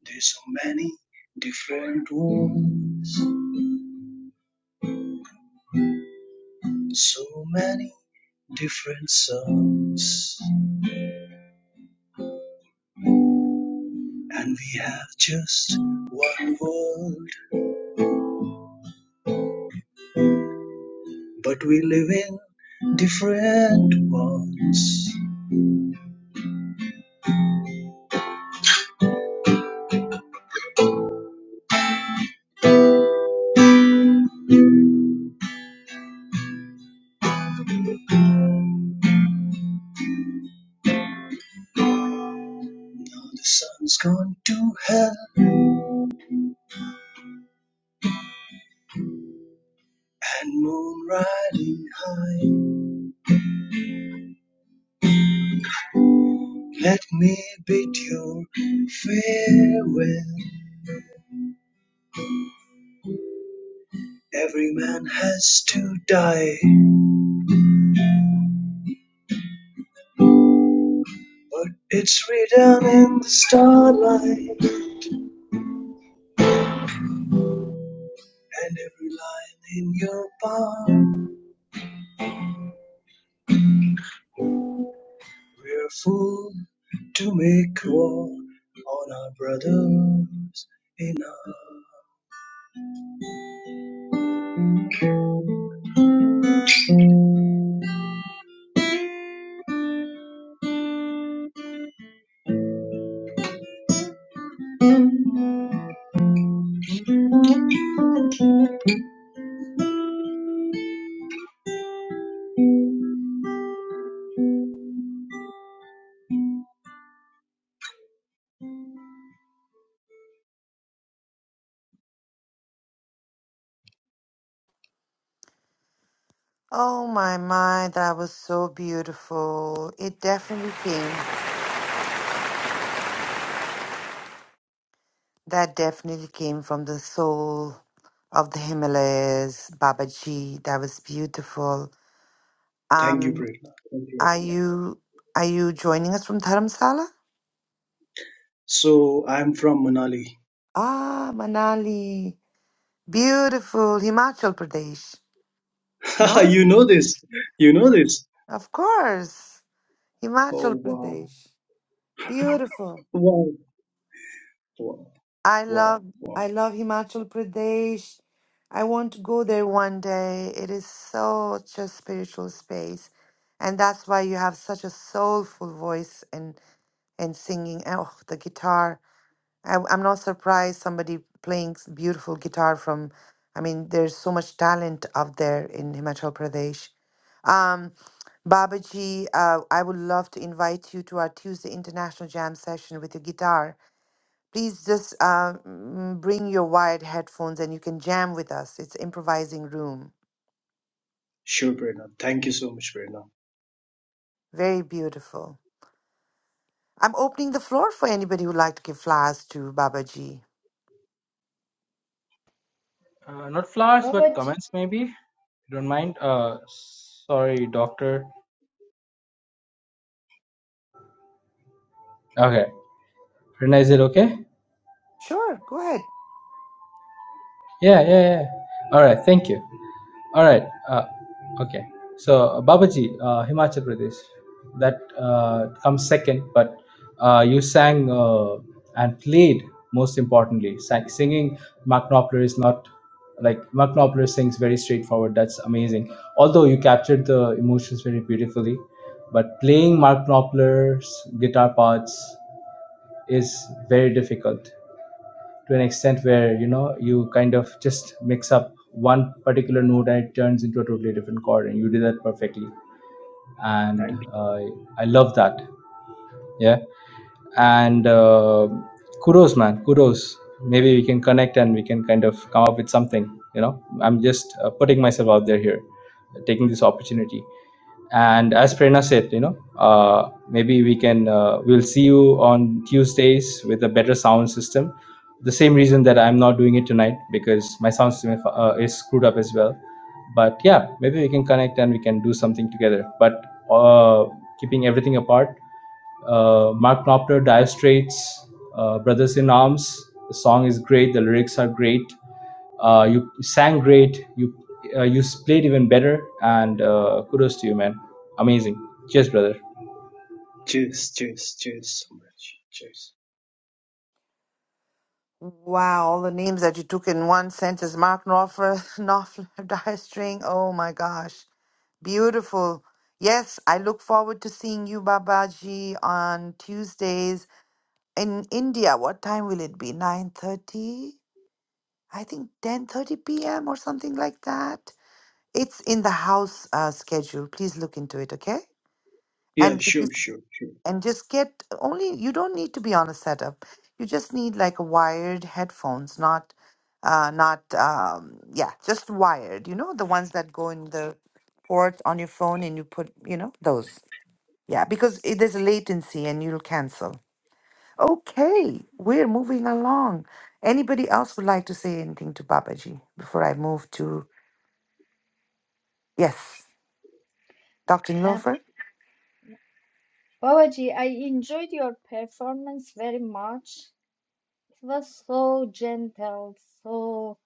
There's so many different wounds, so many different songs. and we have just one world, but we live in different ones. The sun's gone to hell and moon riding high. Let me bid your farewell. Every man has to die, but it's written in the starlight and every line in your palm. We're fools to make war on our brothers in our...
Oh my my, that was so beautiful. It definitely came that definitely came from the soul of the Himalayas, Babaji. That was beautiful.
Thank you,
Um
Prerna. Thank you,
are
everyone.
you are you joining us from Dharamsala?
So I'm from Manali.
Ah, Manali. Beautiful. Himachal Pradesh. No?
you know this. You know this.
Of course.
Oh,
Himachal
wow.
Pradesh. Beautiful.
Wow. Wow.
I
Wow.
love
wow.
I love Himachal Pradesh. I want to go there one day. It is such a spiritual space. And that's why you have such a soulful voice and and singing. And, Oh, the guitar. I, I'm not surprised somebody playing s- beautiful guitar from I mean, there's so much talent out there in Himachal Pradesh. Um, Babaji, uh, I would love to invite you to our Tuesday International Jam session with your guitar Please just uh, mm, bring your wired headphones and you can jam with us. It's improvising room.
Sure, Prerna. Thank you so much, Prerna.
Very beautiful. I'm opening the floor for anybody who'd like to give flowers to Baba Ji.
Uh, not flowers, but
Babaji,
comments maybe. You don't mind? Uh, sorry, doctor. Okay. Rena, is it okay?
Sure, go ahead.
Yeah, yeah, yeah. All right, thank you. All right, uh, okay. So, uh, Babaji, uh, Himachal Pradesh, that uh, comes second, but uh, you sang uh, and played most importantly. Sang, singing Mark Knopfler is not like Mark Knopfler sings very straightforward. That's amazing. Although you captured the emotions very beautifully, but playing Mark Knopfler's guitar parts is very difficult to an extent where you know you kind of just mix up one particular note and it turns into a totally different chord and you did that perfectly and
Thank you.
uh, i love that yeah and uh, kudos man kudos maybe we can connect and we can kind of come up with something you know i'm just uh, putting myself out there here taking this opportunity and as prerna said you know uh, maybe we can uh, we'll see you on tuesdays with a better sound system the same reason that i'm not doing it tonight because my sound system uh, is screwed up as well but yeah maybe we can connect and we can do something together but uh, keeping everything apart uh, Mark Knopfler, Dire Straits, uh, Brothers in Arms. The song is great. The lyrics are great. Uh, you sang great. You uh, you played even better. And uh, kudos to you, man. Amazing. Cheers, brother.
Cheers. Cheers. Cheers so much. Cheers.
Wow, all the names that you took in one sentence. Mark Knopfler, Knopfler, Dire String. Oh my gosh. Beautiful. Yes, I look forward to seeing you, Babaji, on Tuesdays in India. What time will it be? 9.30? I think 10:30 p.m. or something like that. It's in the house uh, schedule. Please look into it, okay?
Yeah,
And if you
sure, sure, sure.
and just get only you don't need to be on a setup. You just need like wired headphones, not uh not um yeah, just wired, you know, the ones that go in the port on your phone and you put, you know, those. Yeah, because it, there's a latency and you'll cancel. Okay, we're moving along. Anybody else would like to say anything to Babaji before I move to Yes, Dr.
uh,
Nilofer?
Babaji, I enjoyed your performance very much. It was so gentle, so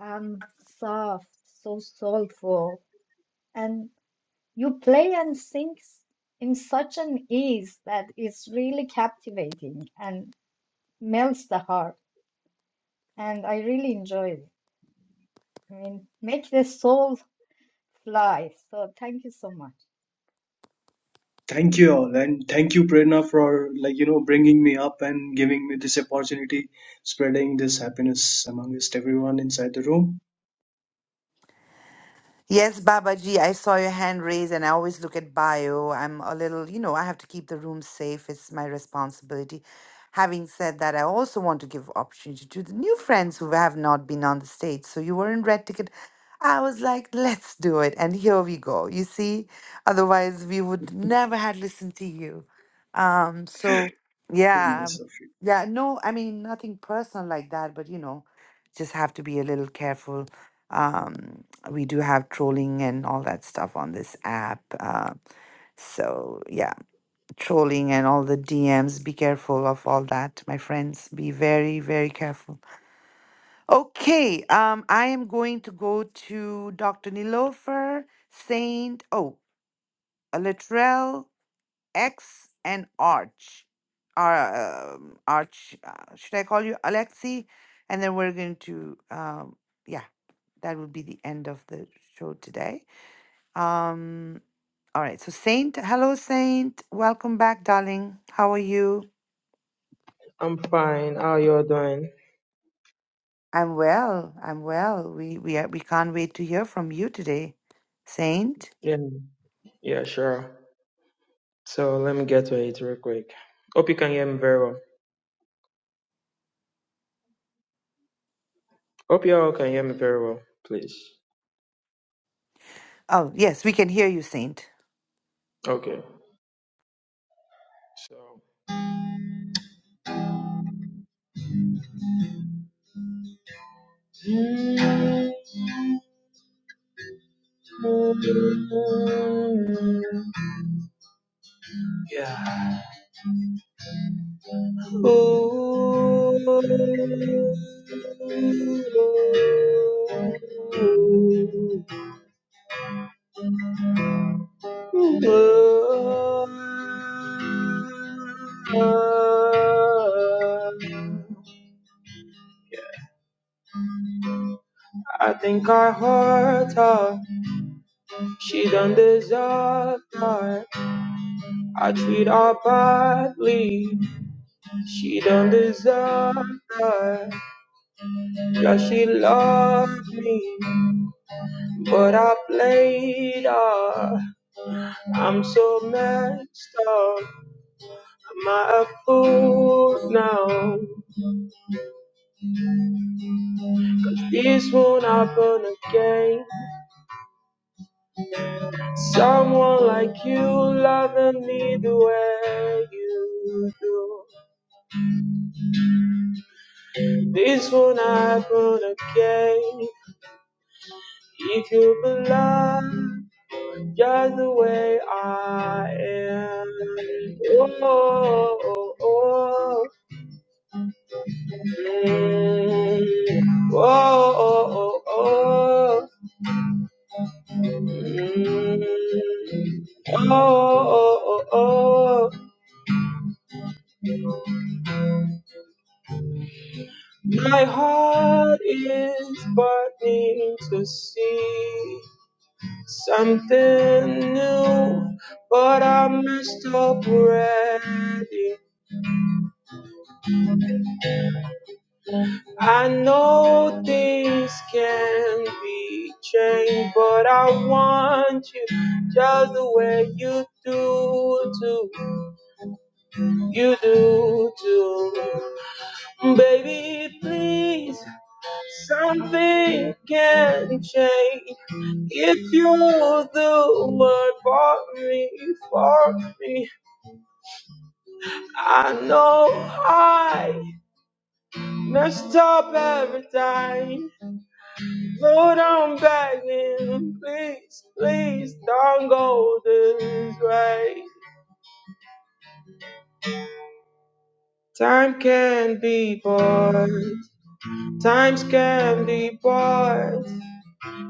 um soft, so soulful, and you play and sing s- in such an ease that is really captivating and melts the heart. And I really enjoyed it. I mean, make the soul fly. So thank you so much.
Thank you all, and thank you, Prerna, for like you know bringing me up and giving me this opportunity, spreading this happiness amongst everyone inside the room.
Yes, Baba Ji, I saw your hand raised, and I always look at bio. I'm a little, you know, I have to keep the room safe. It's my responsibility. Having said that, I also want to give opportunity to the new friends who have not been on the stage. So you were in red ticket. I was like, let's do it. And here we go. You see, otherwise we would never had listened to you. Um, so yeah. Yeah, no, I mean nothing personal like that, but you know, just have to be a little careful. Um, we do have trolling and all that stuff on this app. Uh, so, yeah, trolling and all the DMs. Be careful of all that, my friends. Be very, very careful. Okay, um, I am going to go to Dr. Nilofer, Saint, oh, uh, Latrell, X, and Arch. Ar- um Arch, uh, should I call you Alexi? And then we're going to, um, yeah, that will be the end of the show today. Um, all right. So, Saint, hello, Saint. Welcome back, darling. How are you?
I'm fine. How you all doing?
I'm well. I'm well. We we are, we can't wait to hear from you today, Saint.
Yeah. Yeah, sure. So let me get to it real quick. Hope you can hear me very well. Hope you all can hear me very well, please.
Oh yes, we can hear you, Saint.
Okay. So yeah. I think I hurt her. She done deserve that. I treat her badly. She done deserve that. Yeah, she loved me, but I played her. I'm so messed up. Am I a fool now? This won't happen again. Someone like you loving me the way you do. This won't happen again if you belong just the way I am. Oh, oh, oh, Mm. oh, oh, oh, oh. Mm. oh, oh, oh, oh. My heart is burning to see. Something new, but I messed up already. I know things can be changed, but I want you just the way you do, do, you do, do. Baby, please, something can change. If you do it for me, for me. I know I messed up every time. but I'm begging, Please, please don't go this way. Time can be bought. Times can be bought.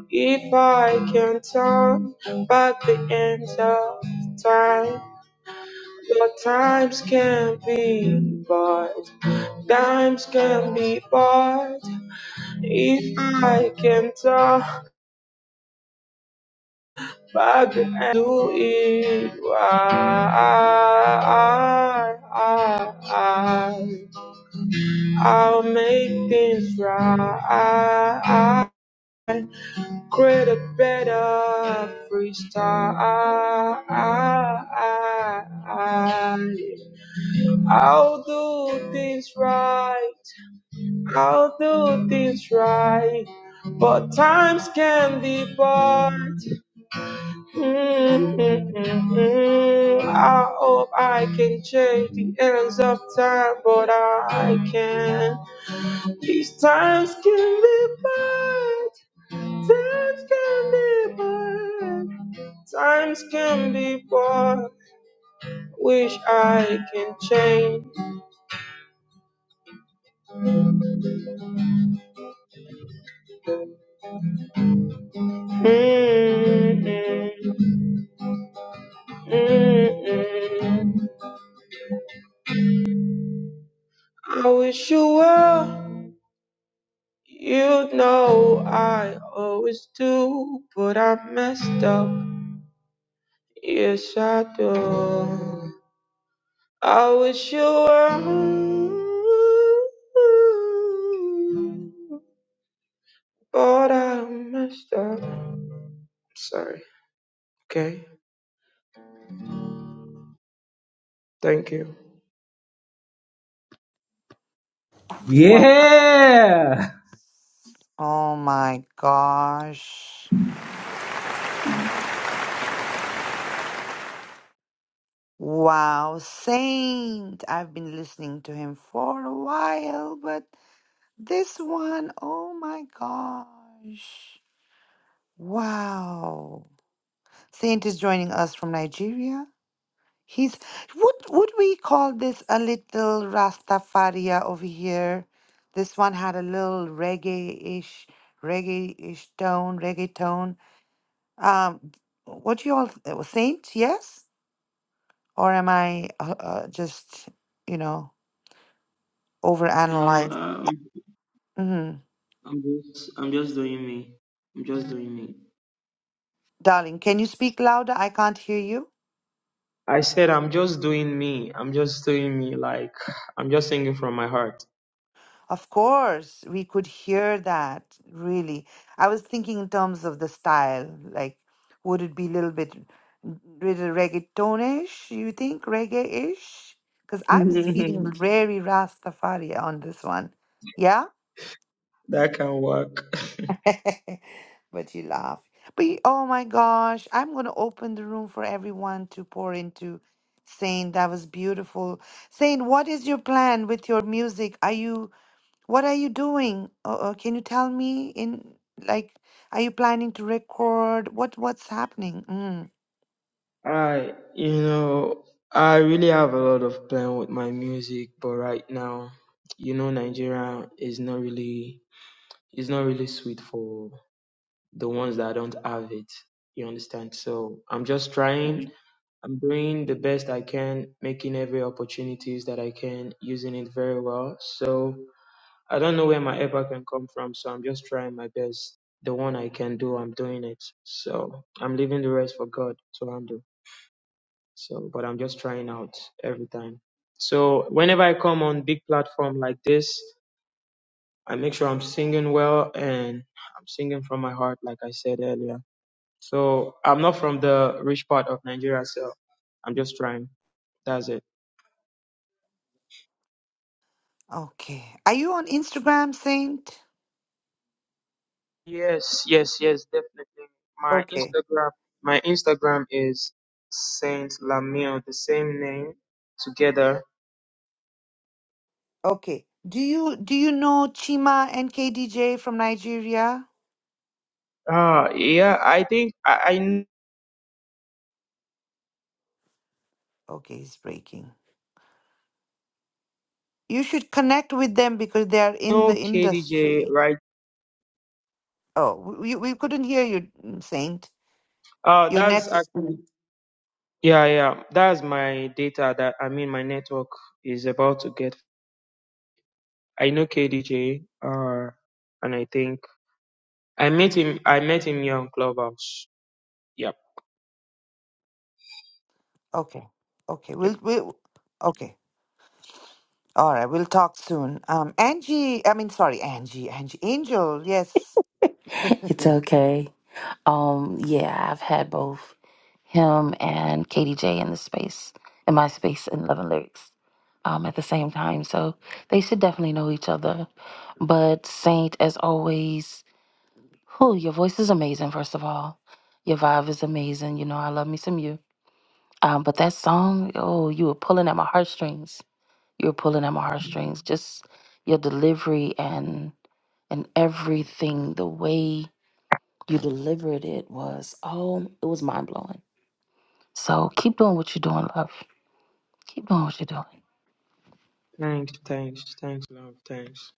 If I can turn back the end of time. Your times can be bought. Times can be bought. If I can talk back and do it right, I'll make things right. Create a better freestyle. I'll do things right. I'll do things right. But times can be bought. Mm-hmm. I hope I can change the ends of time, but I can't. These times can be bad, times can be bad, times can be bad. Wish I can change. Mm-hmm. Mm-hmm. I wish you well. You know I always do, but I messed up. Yes, I do. I wish you were but I messed up. Sorry. Okay. Thank you.
What? Oh my gosh! Wow, Saint. I've been listening to him for a while, but this one, oh my gosh! Wow. Saint is joining us from Nigeria. He's would would we call this a little Rastafaria over here? This one had a little reggae-ish, reggae-ish tone, reggae tone. Um, what do you all th- saint? Yes, or am I uh, uh, just you know
No,
overanalyzing?
um,
Mm-hmm.
I'm just, I'm just doing me. I'm just doing me.
Darling, can you speak louder? I can't hear you.
I said I'm just doing me. I'm just doing me. Like I'm just singing from my heart.
Of course, we could hear that, really. I was thinking in terms of the style, like would it be a little bit little reggaetonish, you think, reggae-ish? Because I was feeling very Rastafari on this one. Yeah?
that can work.
But you laugh. But you- oh my gosh, I'm gonna open the room for everyone to pour into. Saint, that was beautiful. Saint, what is your plan with your music? Are you what are you doing? Uh, uh, can you tell me in like, are you planning to record? What what's happening? Mm,
I, you know, I really have a lot of plan with my music, but right now, you know, Nigeria is not really is not really sweet for the ones that don't have it. You understand? So I'm just trying.
mm.
I'm doing the best I can, making every opportunities that I can, using it very well. So I don't know where my effort can come from. So I'm just trying my best. The one I can do, I'm doing it. So I'm leaving the rest for God to handle. So, but I'm just trying out every time. So, whenever I come on big platform like this, I make sure I'm singing well and I'm singing from my heart, like I said earlier. So, I'm not from the rich part of Nigeria, so I'm just trying. That's it.
Okay. Are you on Instagram, Saint?
Yes, yes, yes, definitely. My
Okay.
Instagram, my Instagram is Saint Lamille, the same name together.
Okay. Do you do you know Chima and KDJ from Nigeria?
Ah, yeah, I think I, I
Okay, he's breaking. You should connect with them because they are in
know
the
KDJ,
industry.
right?
Oh, we we couldn't hear you, mm, Saint.
Oh,
Your net.
that's actually.
mm,
Yeah, yeah. That's my data that I mean my network is about to get. I know KDJ, uh, and I think I met him I met him here on Clubhouse. Yep,
Okay. Okay.
yep.
We'll we'll. Okay. All right, we'll talk soon. Um, Angie, I mean, sorry, Angie, Angie, Angel, yes.
It's okay. Um, yeah, I've had both. him and Katie J in the space, in my space in Love and Lyrics um, at the same time. So they should definitely know each other. But Saint, as always, who your voice is amazing, first of all. Your vibe is amazing. You know, I love me some you. Um, but that song, oh, you were pulling at my heartstrings. You were pulling at my heartstrings. Just your delivery and and everything, the way you delivered it was, oh, it was mind blowing. So keep doing what you're doing, love. Keep on what you're doing.
Thanks, thanks, thanks, love, thanks.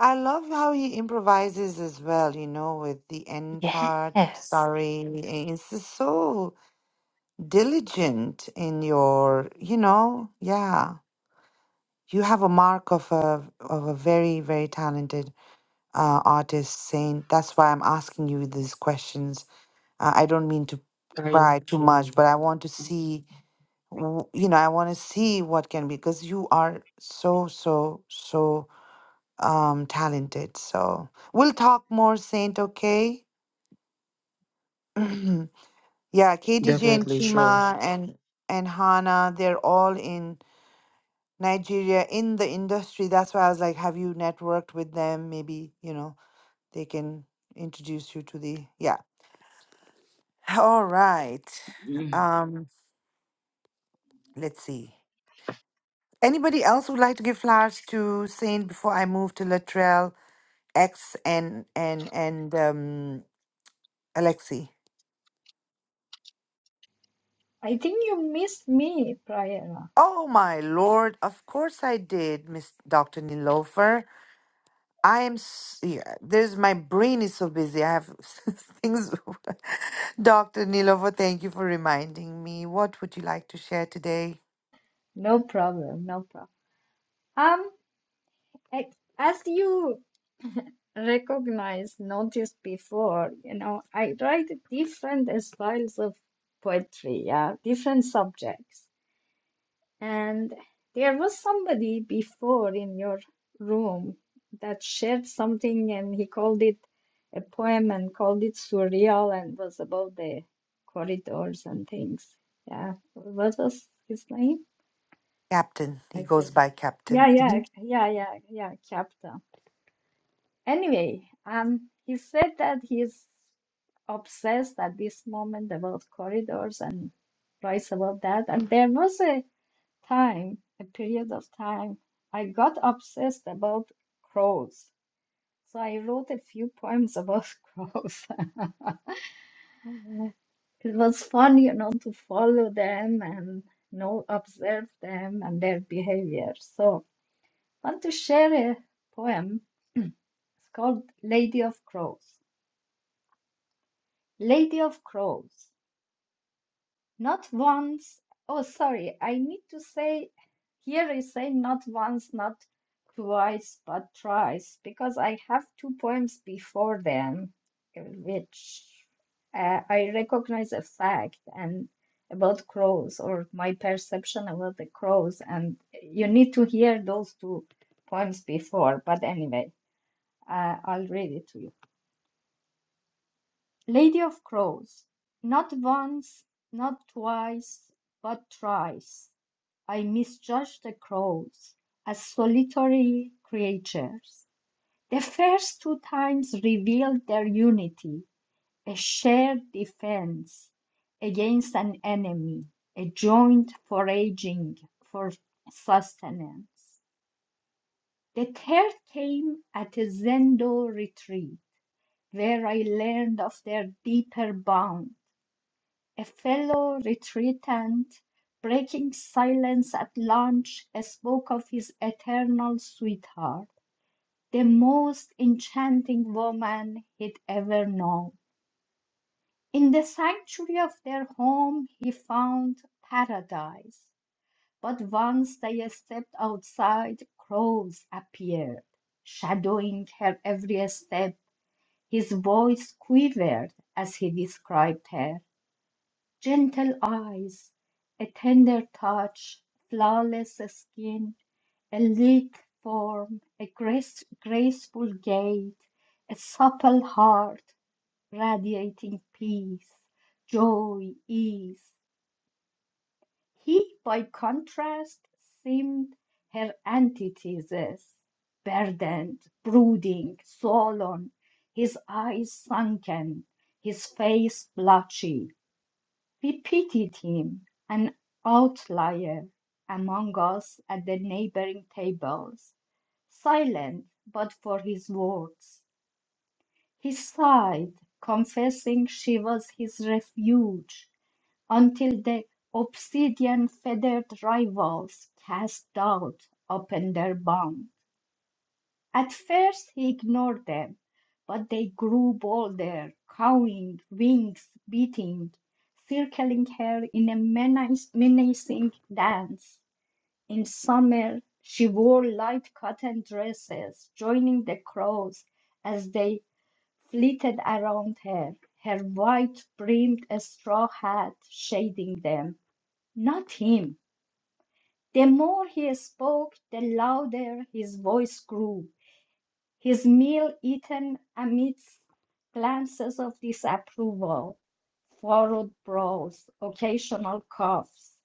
I love how he improvises as well, you know, with the end part.
Yes.
Sorry. It's just so diligent in your, you know, yeah. You have a mark of a of a very, very talented uh, artist saying that's why I'm asking you these questions. Uh, I don't mean to
I
pry too
mm,
much, but I want to see w- you know, I want to see what can be because you are so, so, so um talented. So we'll talk more, Saint, okay? yeah, KDJ and
definitely sure.
Chima and and Hana, they're all in Nigeria in the industry. That's why I was like, have you networked with them? Maybe, you know, they can introduce you to the yeah. All right. Um, let's see. Anybody else would like to give flowers to Saint before I move to Latrell? X and and and um Alexi.
I think you missed me, Prayana.
Oh my lord! Of course I did, Miss Doctor Nilofer. I am. s- Yeah, there's my brain is so busy. I have things. Doctor Nilofer, thank you for reminding me. What would you like to share today,
No problem, no problem. Um, a- as you recognize, noticed before, you know, I write different styles of poetry, yeah, different subjects. And there was somebody before in your room that shared something, and he called it a poem and called it surreal and was about the corridors and things. Yeah. What was his name?
Captain? He
I
goes
forgot.
by Captain.
Yeah, yeah,
Mhm.
yeah, yeah, yeah, Capta. Anyway, um, he said that he's obsessed at this moment about corridors and writes about that. And there was a time, a period of time, I got obsessed about crows. So I wrote a few poems about crows. It was fun, you know, to follow them and you know observe them and their behavior. So I want to share a poem. It's called Lady of Crows. Lady of Crows. Not once. Oh, sorry. I need to say here is say not once, not twice, but thrice, because I have two poems before them, uh, which uh, I recognize a fact and about crows or my perception about the crows. And you need to hear those two poems before. But anyway, uh, I'll read it to you. Lady of Crows Not once, not twice, but thrice I misjudged the crows as solitary creatures. The first two times revealed their unity, a shared defense against an enemy, a joint foraging for sustenance. The third came at a Zendo retreat, where I learned of their deeper bond A fellow retreatant, breaking silence at lunch, spoke of his eternal sweetheart, the most enchanting woman he'd ever known. In the sanctuary of their home he found paradise, but once they stepped outside crows appeared, shadowing her every step. His voice quivered as he described her. Gentle eyes, a tender touch, flawless skin, a lithe form, a grace, graceful gait, a supple heart, radiating peace, joy, ease. He, by contrast, seemed her antithesis, burdened, brooding, sullen, his eyes sunken, his face blotchy. We pitied him, an outlier among us at the neighboring tables, silent but for his words. He sighed, confessing she was his refuge, until the obsidian feathered rivals cast doubt upon their bond. At first he ignored them, but they grew bolder, cawing, wings beating, circling her in a menace- menacing dance. In summer, she wore light cotton dresses, joining the crows as they flitted around her, her white brimmed straw hat shading them. Not him. The more he spoke, the louder his voice grew his meal eaten amidst glances of disapproval, furrowed brows, occasional coughs,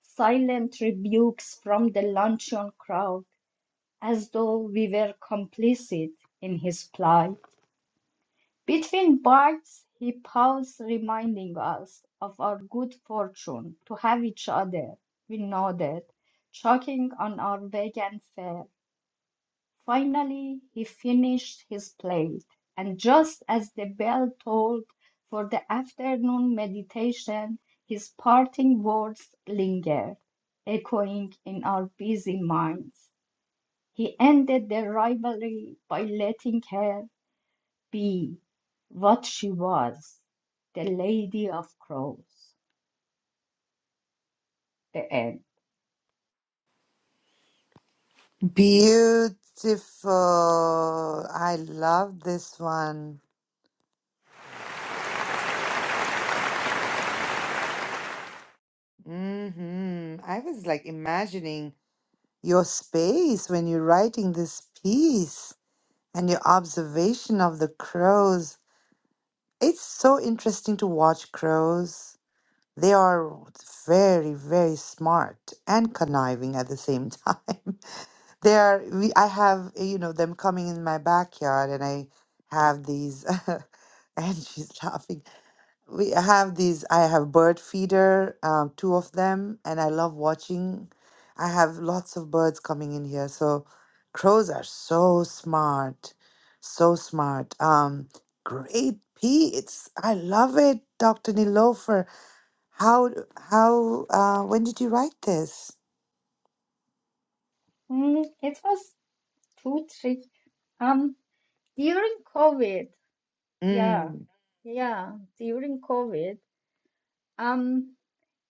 silent rebukes from the luncheon crowd, as though we were complicit in his plight. Between bites, he paused, reminding us of our good fortune to have each other. We nodded, choking on our vegan fare. Finally he finished his plate, and just as the bell tolled for the afternoon meditation, his parting words lingered, echoing in our busy minds. He ended their rivalry by letting her be what she was, the Lady of Crows. The end.
Beautiful. I love this one. Hmm. I was like imagining. your space when you're writing this piece and your observation of the crows. It's so interesting to watch crows. They are very, very smart and conniving at the same time. they are. We, I have you know them coming in my backyard, and I have these. and she's laughing. We I have these. I have bird feeder, um, two of them, and I love watching. I have lots of birds coming in here. So crows are so smart, so smart. Um, great It's I love it, Dr. Nilofer. How how uh, when did you write this?
Mm, it was too tricky. Um, during COVID. Yeah,
Mm.
yeah, during COVID, um,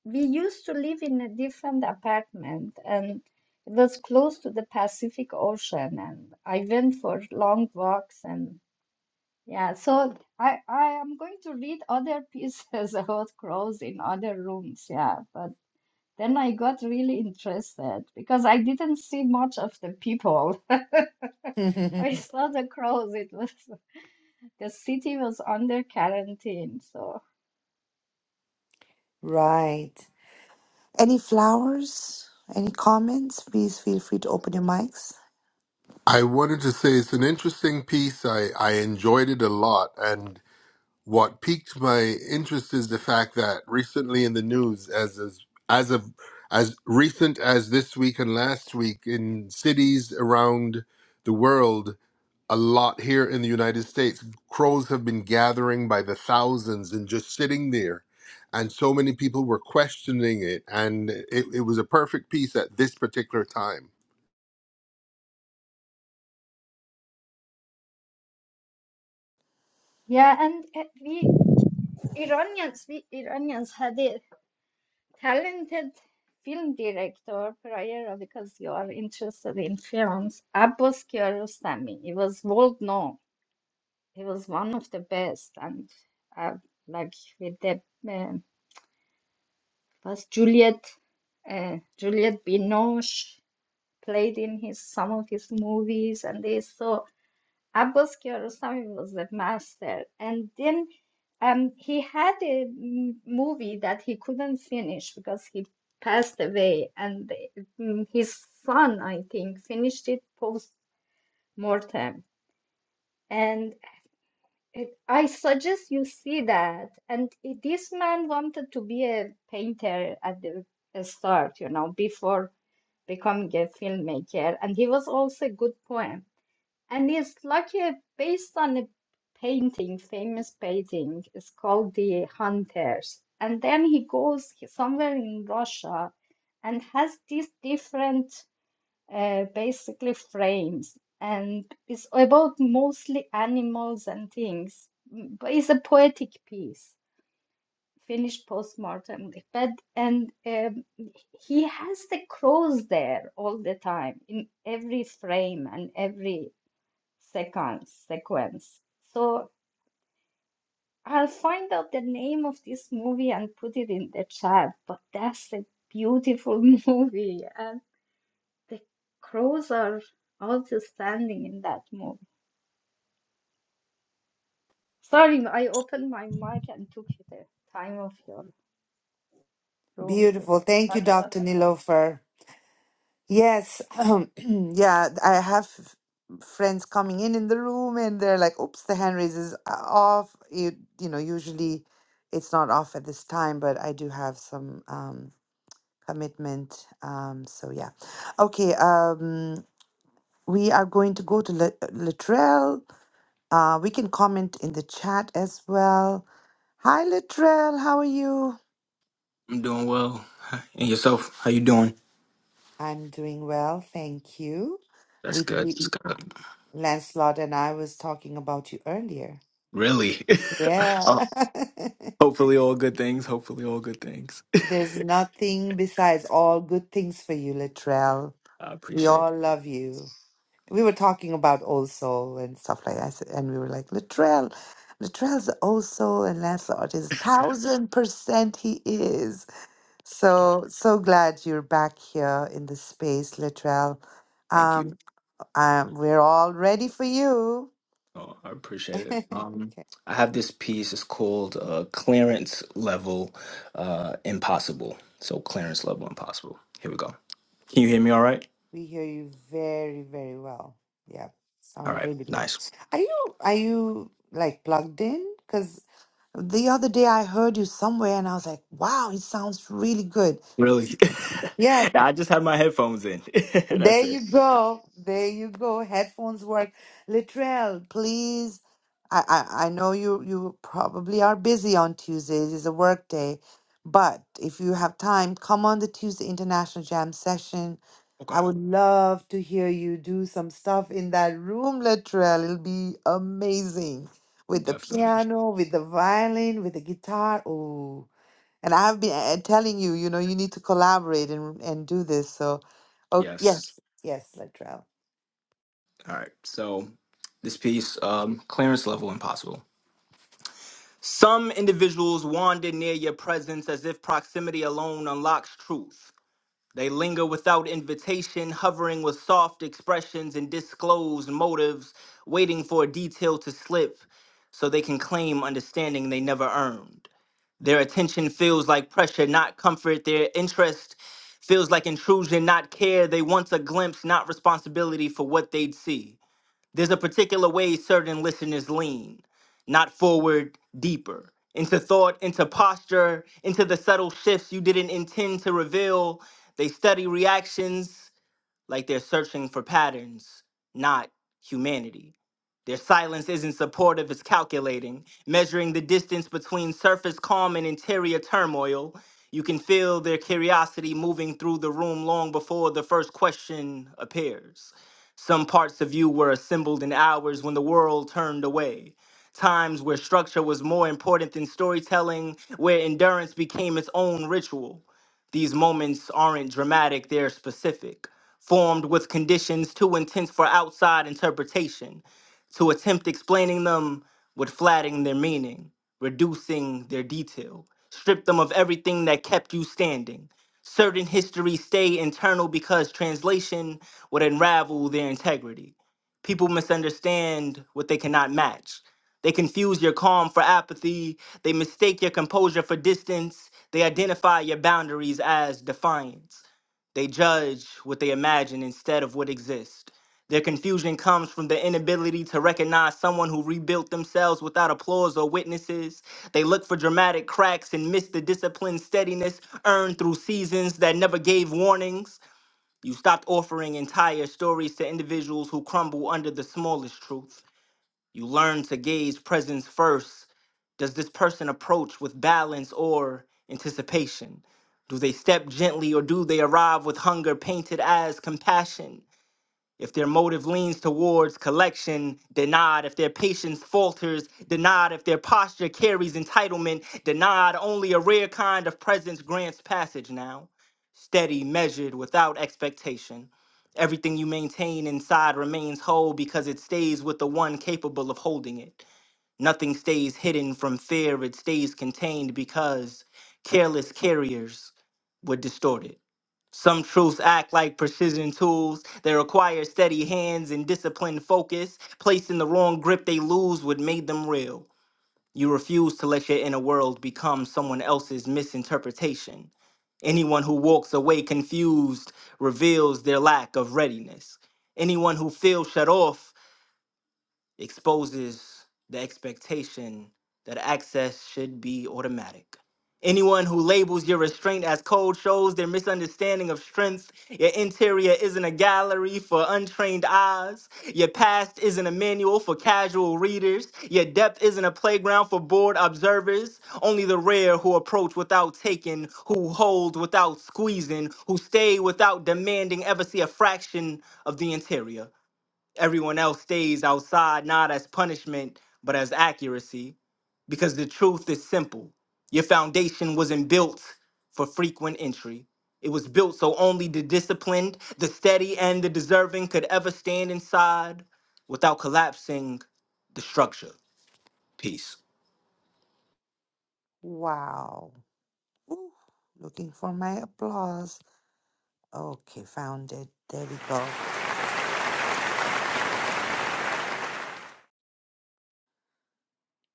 we used to live in a different apartment and it was close to the Pacific Ocean and I went for long walks and yeah, so I I am going to read other pieces about crows in other rooms, yeah, but then I got really interested because I didn't see much of the people. I saw the crows. It was the city was under quarantine, so.
Right. Any flowers? Any comments? Please feel free to open your mics.
I wanted to say it's an interesting piece. I, I enjoyed it a lot. And what piqued my interest is the fact that recently in the news, as as, as of as recent as this week and last week in cities around the world, a lot here in the United States. Crows have been gathering by the thousands and just sitting there. And so many people were questioning it. And it, it was a perfect piece at this particular time.
Yeah, and uh, we Iranians, we Iranians had a talented film director prior because you are interested in films, Abbas Kiarostami. He was world known. He was one of the best, and uh, like with the um was Juliet, uh, Juliette Binoche played in his some of his movies and this. So Abbas Kiarostami was the master, and then um, he had a m- movie that he couldn't finish because he passed away, and mm, his son, I think, finished it post mortem. And it, I suggest you see that. And it- this man wanted to be a painter at the start, you know, before becoming a filmmaker, and he was also a good poet and it's like a, based on a painting, famous painting. It's called The Hunters. And then he goes somewhere in Russia and has these different, uh, basically frames. And it's about mostly animals and things. Mm, But it's a poetic piece, finished postmortem. But and um, he has the crows there all the time in every frame and every seconds, sequence. So I'll find out the name of this movie and put it in the chat. But that's a beautiful movie, and the crows are also standing in that movie. Sorry, I opened my mic and took you the time of your room to
Beautiful. Thank you,
talk about.
Dr. Nilofer. Yes, um, yeah, I have friends coming in in the room and they're like, "Oops, the hand raise is off." You you know, usually it's not off at this time, but I do have some um commitment. Um, so yeah. Okay, um we are going to go to La- Latrell. Uh, we can comment in the chat as well. Hi, Latrell, how are you?
I'm doing well. And yourself? How you doing?
I'm doing well, thank you.
That's
We,
good.
we
That's good.
Lancelot and I was talking about you earlier.
Really? Oh,
Yeah.
hopefully, all good things. Hopefully, all good things.
There's nothing besides all good things for you, Latrell.
I
We
appreciate. It.
all love you. We were talking about Old Soul and stuff like that, so, and we were like, Latrell, Latrell's the Old Soul, and Lancelot is thousand percent he is. So so glad you're back here in the space, Latrell.
Thank
Um,
you.
um, we're all ready for you.
Oh, I appreciate it. Um, I have this piece. It's called uh, "Clearance Level uh, Impossible." So, clearance level impossible. Here we go. Can you hear me? All right.
We hear you very, very well. Yeah,
All
sound
right.
really good.
Nice.
Are you are you like plugged in? Because the other day I heard you somewhere and I was like, wow, it sounds really good.
Really?
Yeah,
I just had my headphones in.
there
That's it.
you go. There you go. Headphones work. Littrell, please. I, I, I know you, you probably are busy on Tuesdays. It's a work day. But if you have time, come on the Tuesday International Jam session. I
Okay.
would love to hear you do some stuff in that room, Littrell. It'll be amazing. With the
Definitely.
piano, with the violin, with the guitar. Oh. And I have been uh, telling you, you know, you need to collaborate and and do this. So, oh
Yes.
yes, yes, Latrell.
All right. So this piece, um, clearance level impossible. Some individuals wander near your presence as if proximity alone unlocks truth. They linger without invitation, hovering with soft expressions and disclosed motives, waiting for a detail to slip so they can claim understanding they never earned. Their attention feels like pressure, not comfort. Their interest feels like intrusion, not care. They want a glimpse, not responsibility for what they'd see. There's a particular way certain listeners lean, not forward, deeper, into thought, into posture, into the subtle shifts you didn't intend to reveal. They study reactions, like they're searching for patterns, not humanity. Their silence isn't supportive, it's calculating, measuring the distance between surface calm and interior turmoil. You can feel their curiosity moving through the room long before the first question appears. Some parts of you were assembled in hours when the world turned away. Times where structure was more important than storytelling, where endurance became its own ritual. These moments aren't dramatic, they're specific, formed with conditions too intense for outside interpretation. To attempt explaining them would flatten their meaning, reducing their detail, strip them of everything that kept you standing. Certain histories stay internal because translation would unravel their integrity. People misunderstand what they cannot match. They confuse your calm for apathy. They mistake your composure for distance. They identify your boundaries as defiance. They judge what they imagine instead of what exists. Their confusion comes from the inability to recognize someone who rebuilt themselves without applause or witnesses. They look for dramatic cracks and miss the disciplined steadiness earned through seasons that never gave warnings. You stopped offering entire stories to individuals who crumble under the smallest truth. You learn to gauge presence first. Does this person approach with balance or anticipation? Do they step gently or do they arrive with hunger painted as compassion? If their motive leans towards collection, denied. If their patience falters, denied. If their posture carries entitlement, denied. Only a rare kind of presence grants passage now. Steady, measured, without expectation. Everything you maintain inside remains whole because it stays with the one capable of holding it. Nothing stays hidden from fear, it stays contained because careless carriers would distort it. Some truths act like precision tools. They require steady hands and disciplined focus. Placed in the wrong grip, they lose what made them real. You refuse to let your inner world become someone else's misinterpretation. Anyone who walks away confused reveals their lack of readiness. Anyone who feels shut off exposes the expectation that access should be automatic. Anyone who labels your restraint as cold shows their misunderstanding of strength. Your interior isn't a gallery for untrained eyes. Your past isn't a manual for casual readers. Your depth isn't a playground for bored observers. Only the rare who approach without taking, who hold without squeezing, who stay without demanding ever see a fraction of the interior everyone else stays outside not as punishment but as accuracy because the truth is simple your foundation wasn't built for frequent entry it was built so only the disciplined the steady and the deserving could ever stand inside without collapsing the structure peace
Wow. Ooh, looking for my applause. Okay, found it. There we go.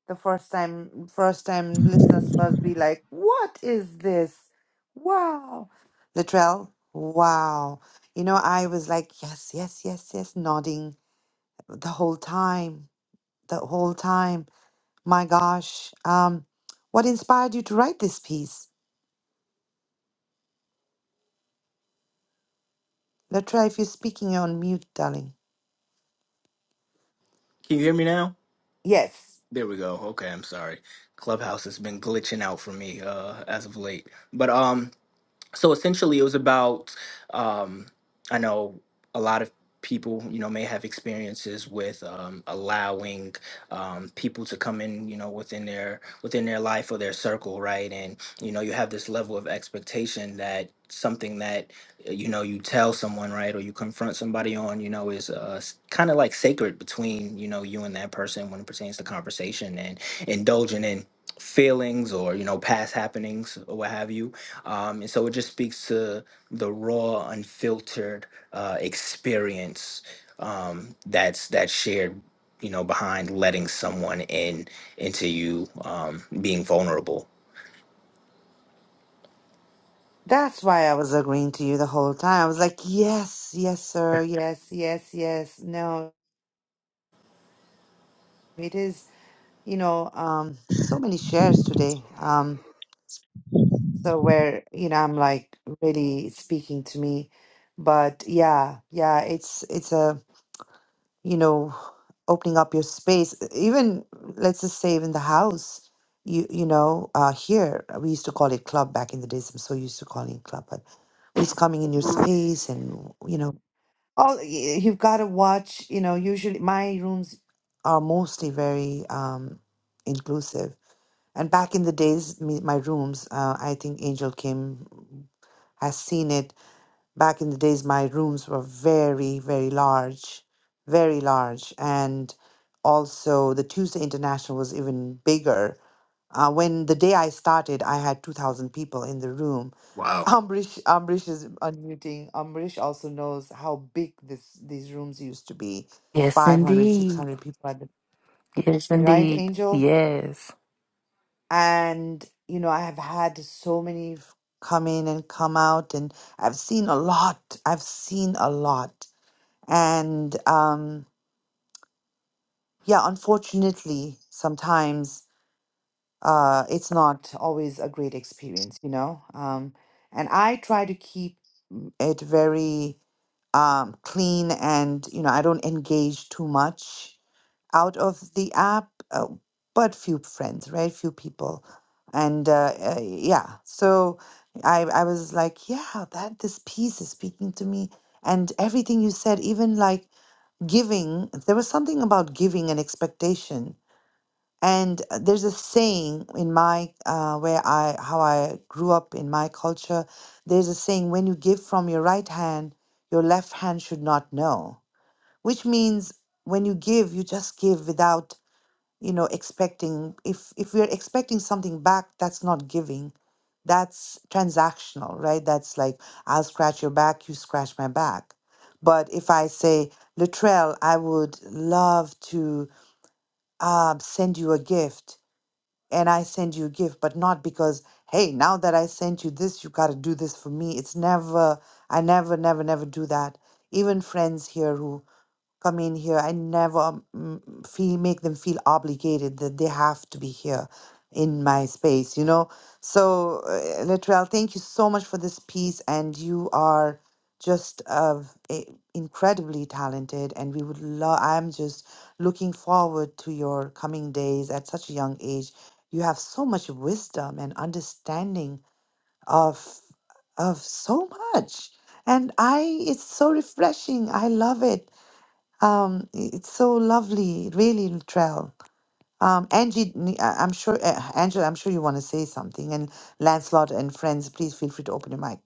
The first time, first time listeners must be like, "What is this? Wow, Latrell. Wow." You know, I was like, "Yes, yes, yes, yes," nodding the whole time, the whole time My gosh. Um, what inspired you to write this piece? Latra, if you're speaking, you're on mute, darling.
can you hear me now
Yes.
there we go okay i'm sorry clubhouse has been glitching out for me uh as of late but um so essentially it was about um i know a lot of people you know may have experiences with um, allowing um, people to come in you know within their within their life or their circle right and you know you have this level of expectation that something that you know you tell someone right or you confront somebody on you know is uh kind of like sacred between you know you and that person when it pertains to conversation and indulging in feelings or you know past happenings or what have you um and so it just speaks to the raw unfiltered uh experience um that's that's shared you know behind letting someone in into you um being vulnerable
That's why I was agreeing to you the whole time. I was like, yes, yes, sir. Yes, yes, yes. No, it is, you know, um, so many shares today. Um, so where, you know, I'm like really speaking to me. But yeah, yeah, it's it's a you know opening up your space even let's just say even the house you you know uh here uh, we used to call it club back in the days i'm so used to calling it club but who's coming in your space and you know all y- you've got to watch you know usually my rooms are mostly very um inclusive and back in the days me, my rooms uh, i think angel kim has seen it Back in the days, my rooms were very, very large, very large. And also, the Tuesday International was even bigger. Uh, when the day I started, I had 2,000 people in the room.
Wow.
Ambrish, Ambrish is unmuting. Ambrish also knows how big this these rooms used to be
Yes,
500, six
indeed.
hundred people at the
Yes,
right,
indeed.
Angel?
Yes.
And, you know, I have had so many f- come in and come out, and I've seen a lot. I've seen a lot. And um, yeah, unfortunately, sometimes uh, it's not always a great experience, you know? Um, and I try to keep it very um, clean and, you know, I don't engage too much out of the app, uh, but few friends, right? Few people. And uh, uh, yeah, so I, I was like, yeah, that this piece is speaking to me. And everything you said, even like, giving there was something about giving and expectation and uh, there's a saying in my uh, where i how i grew up in my culture there's a saying when you give from your right hand your left hand should not know which means when you give you just give without you know expecting if if we're expecting something back that's not giving that's transactional right that's like i'll scratch your back you scratch my back but if i say Latrell i would love to uh, send you a gift and i send you a gift but not because hey now that i sent you this you got to do this for me it's never i never never never do that even friends here who come in here and never mm, feel make them feel obligated that they have to be here in my space you know so uh, Latrell thank you so much for this piece and you are just uh, i- incredibly talented and we would love I'm just looking forward to your coming days at such a young age you have so much wisdom and understanding of of so much and I it's so refreshing I love it um, it's so lovely, really, Latrell. Um, Angie, n- I- I'm sure, uh, Angela, I'm sure you want to say something. And Lancelot and friends, please feel free to open your mic.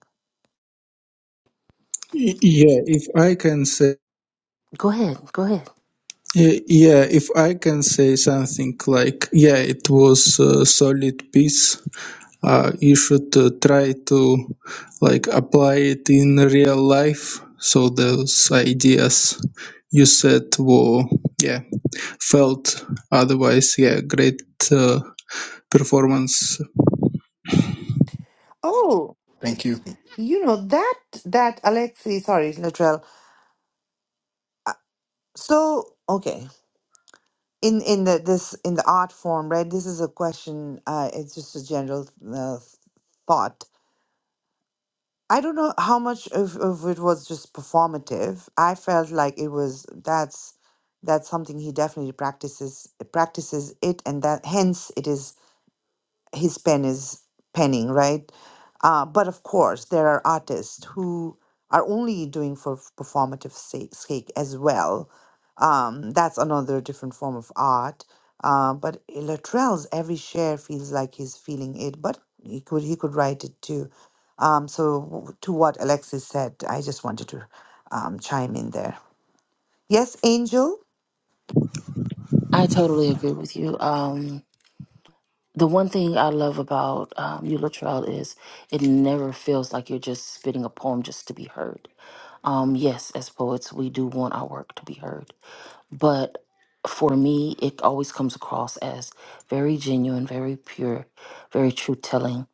Yeah, if I can say,
Go ahead. Go ahead.
y- yeah, if I can say something like, yeah, it was a solid piece. Uh, you should uh, try to like apply it in real life. So those ideas you said were, yeah, felt. Otherwise, yeah, great uh, performance.
Oh,
Thank you.
you know that that Alexei, sorry, Latrell. Uh, so okay, in in the this in the art form, right? This is a question. Uh, it's just a general uh, thought I don't know how much of, of it was just performative. I felt like it was that's that's something he definitely practices practices it, and that hence it is his pen is penning, right? Uh, but of course, there are artists who are only doing for f- performative sake, sake as well. Um, that's another different form of art. Uh, but Latrell's every share feels like he's feeling it, but he could he could write it too. Um, so w- to what Alexis said, I just wanted to um, chime in there. Yes, Angel.
I totally agree with you. Um, the one thing I love about um, you, Latrell, is it never feels like you're just spitting a poem just to be heard. Um, yes, as poets, we do want our work to be heard, but for me, it always comes across as very genuine, very pure, very truth telling,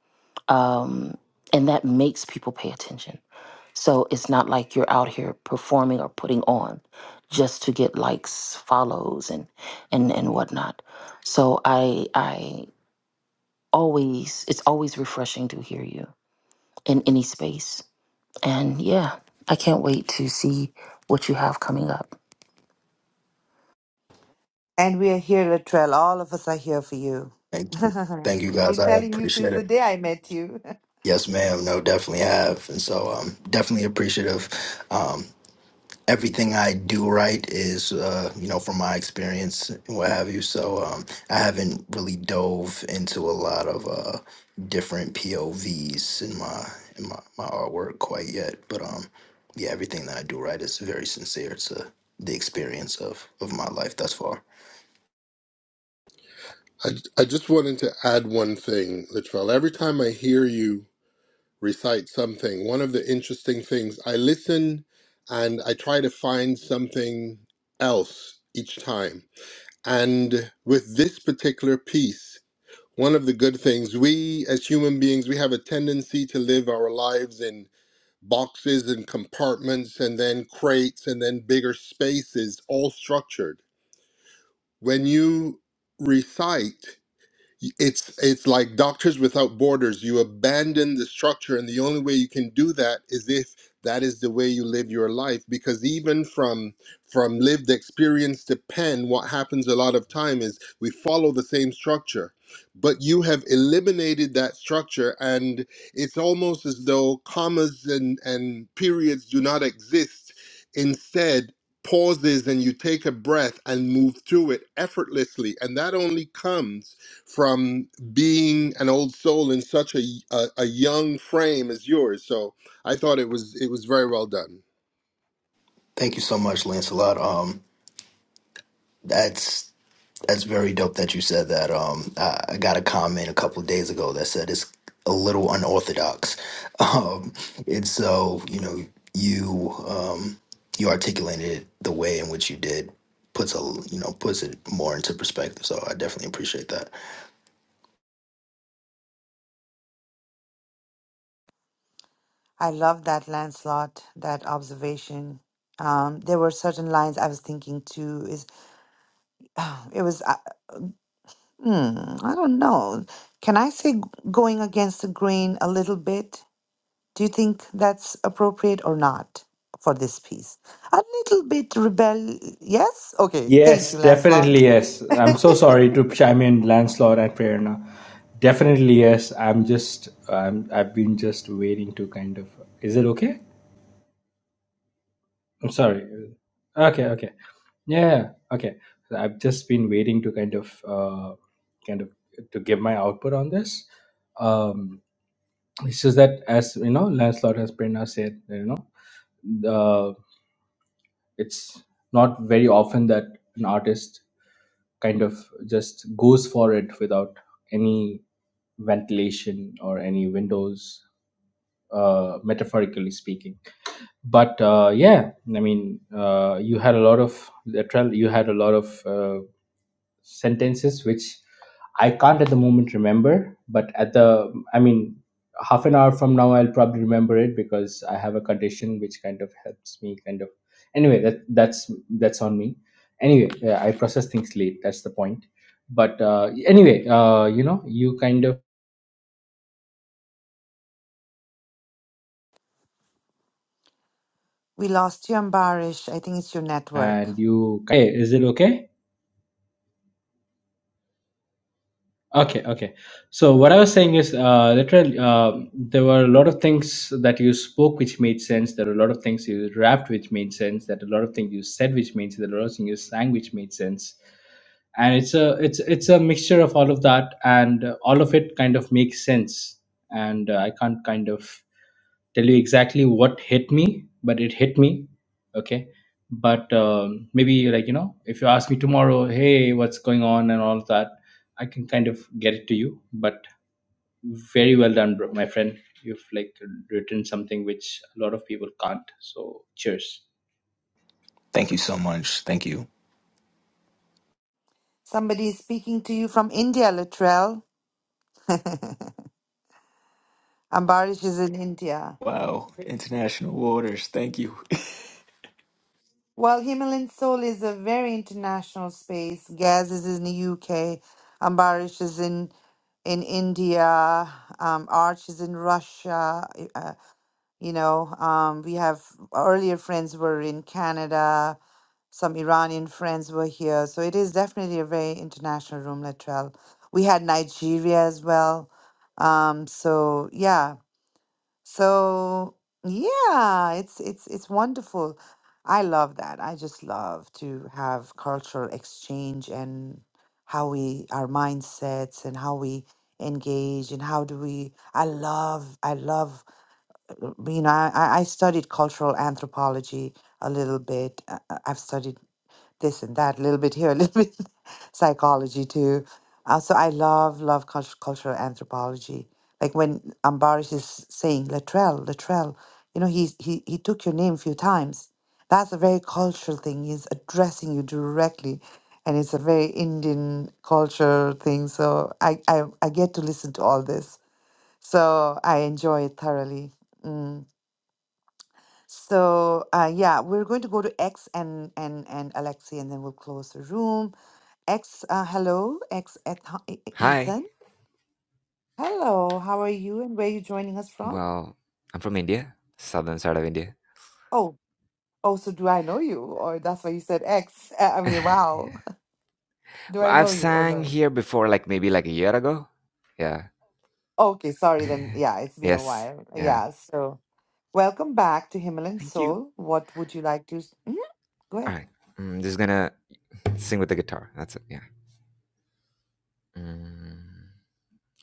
um, and that makes people pay attention. So it's not like you're out here performing or putting on just to get likes, follows, and and and whatnot. So I I always it's always refreshing to hear you in any space. And yeah, I can't wait to see what you have coming up.
And we are here, Latrell. All of us are here for you.
Thank you. Thank you
I've
guys.
been
I
telling you since
appreciate it.
the day I met you.
Yes, ma'am. No, definitely have. And so um, definitely appreciative. Um, everything I do right is, uh, you know, from my experience and what have you. So um, I haven't really dove into a lot of uh, different POVs in my in my, my artwork quite yet. But um, yeah, everything that I do right is very sincere to the experience of, of my life thus far.
I, I just wanted to add one thing, Littrell. Every time I hear you recite something, one of the interesting things, I listen and I try to find something else each time. And with this particular piece, One of the good things, we as human beings, we have a tendency to live our lives in boxes and compartments and then crates and then bigger spaces, all structured. When you recite, it's it's like doctors without borders you abandon the structure and the only way you can do that is if that is the way you live your life because even from from lived experience to pen what happens a lot of time is we follow the same structure but you have eliminated that structure and it's almost as though commas and and periods do not exist instead pauses and you take a breath and move through it effortlessly and that only comes from being an old soul in such a, a a young frame as yours. So I thought it was it was very well done.
Thank you so much, Lancelot. Um, that's That's very dope that you said that. Um, I, I got a comment a couple of days ago that said it's a little unorthodox. Um, and so, you know, you um, you articulated it the way in which you did puts a you know puts it more into perspective. So I definitely appreciate that.
I love that, Lancelot, that observation. Um, there were certain lines I was thinking too. Is it was uh, hmm, I don't know. Can I say g- going against the grain a little bit? Do you think that's appropriate or not for this piece? A little bit rebel. Yes. Okay. Thank you,
Yes,
Lancelot.
definitely yes. I'm so sorry to chime in, Lancelot and Prerna. Definitely yes. I'm just I'm I've been just waiting to kind of. Is it okay? I'm sorry. Okay, okay. Yeah. yeah. Okay. So I've just been waiting to kind of, uh, kind of to give my output on this. Um, it's just that as you know, Lancelot has Prerna said, you know, the it's not very often that an artist kind of just goes for it without any ventilation or any windows, uh, metaphorically speaking. But uh, yeah, I mean, uh, you had a lot of literal. You had a lot of. uh, sentences which I can't at the moment remember, but at the, I mean, half an hour from now, I'll probably remember it because I have a condition which kind of helps me kind of. Anyway, that that's that's on me. Anyway, yeah, I process things late. That's the point. But uh, anyway, uh, you know, you kind of
We lost you, Ambarish. I think it's your network.
and you. Hey, is it okay? Okay, okay. So what I was saying is, uh, literally, uh, there were a lot of things that you spoke which made sense. There were a lot of things you rapped which made sense. That a lot of things you said which made sense. There were a lot of things you sang which made sense. And it's a it's it's a mixture of all of that, and uh, all of it kind of makes sense. And uh, I can't kind of tell you exactly what hit me, but it hit me. Okay. But um, maybe, like, you know, if you ask me tomorrow, hey, what's going on and all of that, I can kind of get it to you. But very well done, bro, my friend. You've like written something which a lot of people can't. So cheers.
Thank you so much. Thank you.
Somebody is speaking to you from India, Latrell. Ambarish is in India.
Wow, international waters. Thank you.
Well, Himalayan Soul is a very international space. Gaz is in the UK. Ambarish is in in India. Um, Arch is in Russia. Uh, you know, um, we have earlier friends were in Canada. Some Iranian friends were here. So it is definitely a very international room, Latrell. We had Nigeria as well. Um, so yeah, So yeah, it's it's it's wonderful. I love that. I just love to have cultural exchange and how we our mindsets and how we engage and how do we I love I love uh, you know I I I studied cultural anthropology a little bit. uh, uh, I've studied this and that, a little bit here, a little bit psychology too. Uh, so I love, love cult- cultural anthropology. Like when Ambarish is saying Latrell, Latrell, you know, he's, he, he took your name a few times. That's a very cultural thing. He's addressing you directly. And it's a very Indian culture thing. So I, I, I get to listen to all this. So I enjoy it thoroughly. Mm. So uh, yeah, we're going to go to X and, and, and Alexi, and then we'll close the room Ex, uh, hello, ex Eth-
Hi.
Ethan. Hello, how are you and where are you joining us from?
Well, I'm from India, southern side of India.
Oh, oh, so do I know you? Or that's why you said ex. Uh, I mean, wow. Do
Well,
I
I've
know you or
sang
no?
here before, like maybe like a year ago. Yeah.
Okay, sorry then. Yeah, it's been a
Yes.
while.
Yeah.
Yeah, so welcome back to Himalayan
Thank you.
Soul. What would you like to? s- Mhm, Go
All
ahead.
right. right. I'm just gonna sing with the guitar. That's it. Yeah. Mm,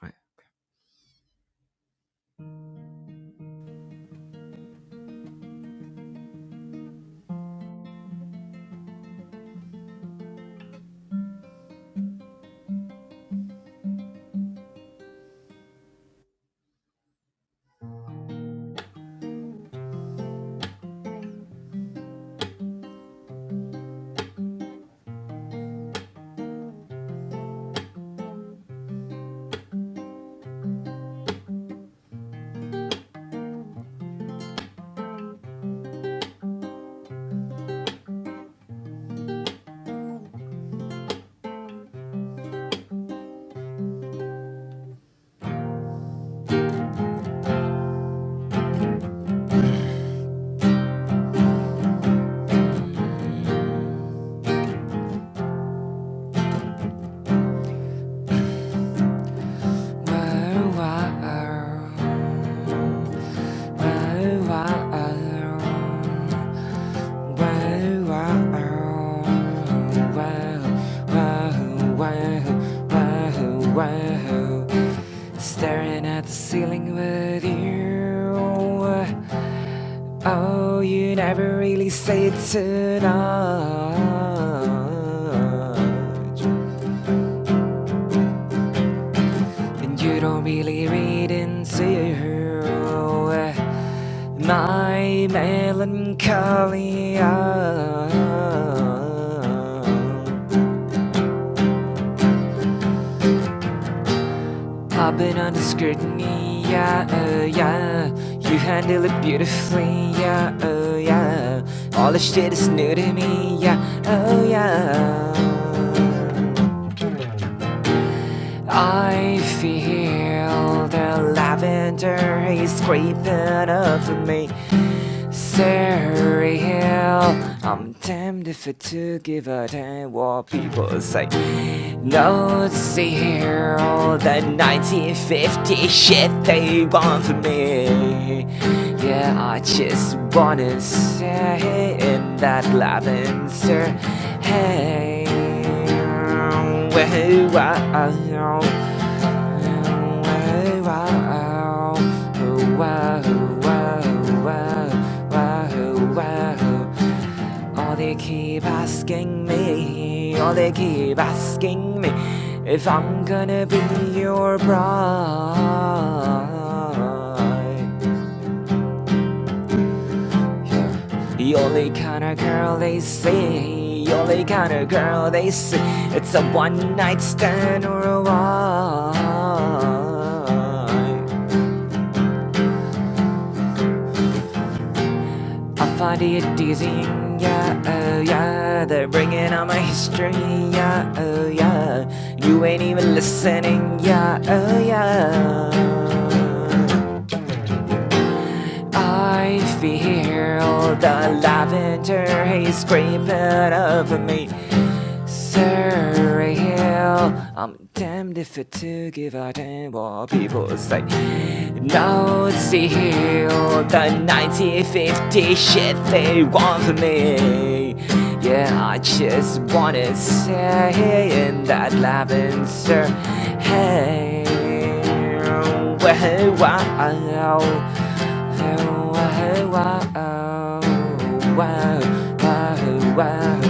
right. Wow, wow, wow, wow. Staring at the ceiling with you. Oh, you never really say it much, And you don't really read into my melancholy I've been under scrutiny, yeah, uh, yeah. You handle it beautifully, yeah, oh, yeah. All the shit is new to me, yeah, oh, yeah. I feel the lavender is creeping over me. Surrey Hill. I'm damned if I to give a damn what people say. No, see here all the 1950 shit they want from me. Yeah, I just wanna say in that lavender. Hey, well, I know. Or they keep asking me, or they keep asking me if I'm gonna be your bride. The only kind of girl they see, the only kind of girl they see, it's a one night stand or a wife. I find it dizzying, yeah, oh yeah. They're bringing on my history, yeah, oh yeah. You ain't even listening, yeah, oh yeah. I feel the lavender haze creeping over me. Surrey Hill. I'm damned if I to give a damn what people say. Now it's the hill, the 1950 shit they want from me. Yeah, I just wanna say in that lavender, hey. Hey, wow, hey, wow, wow, wow, wow,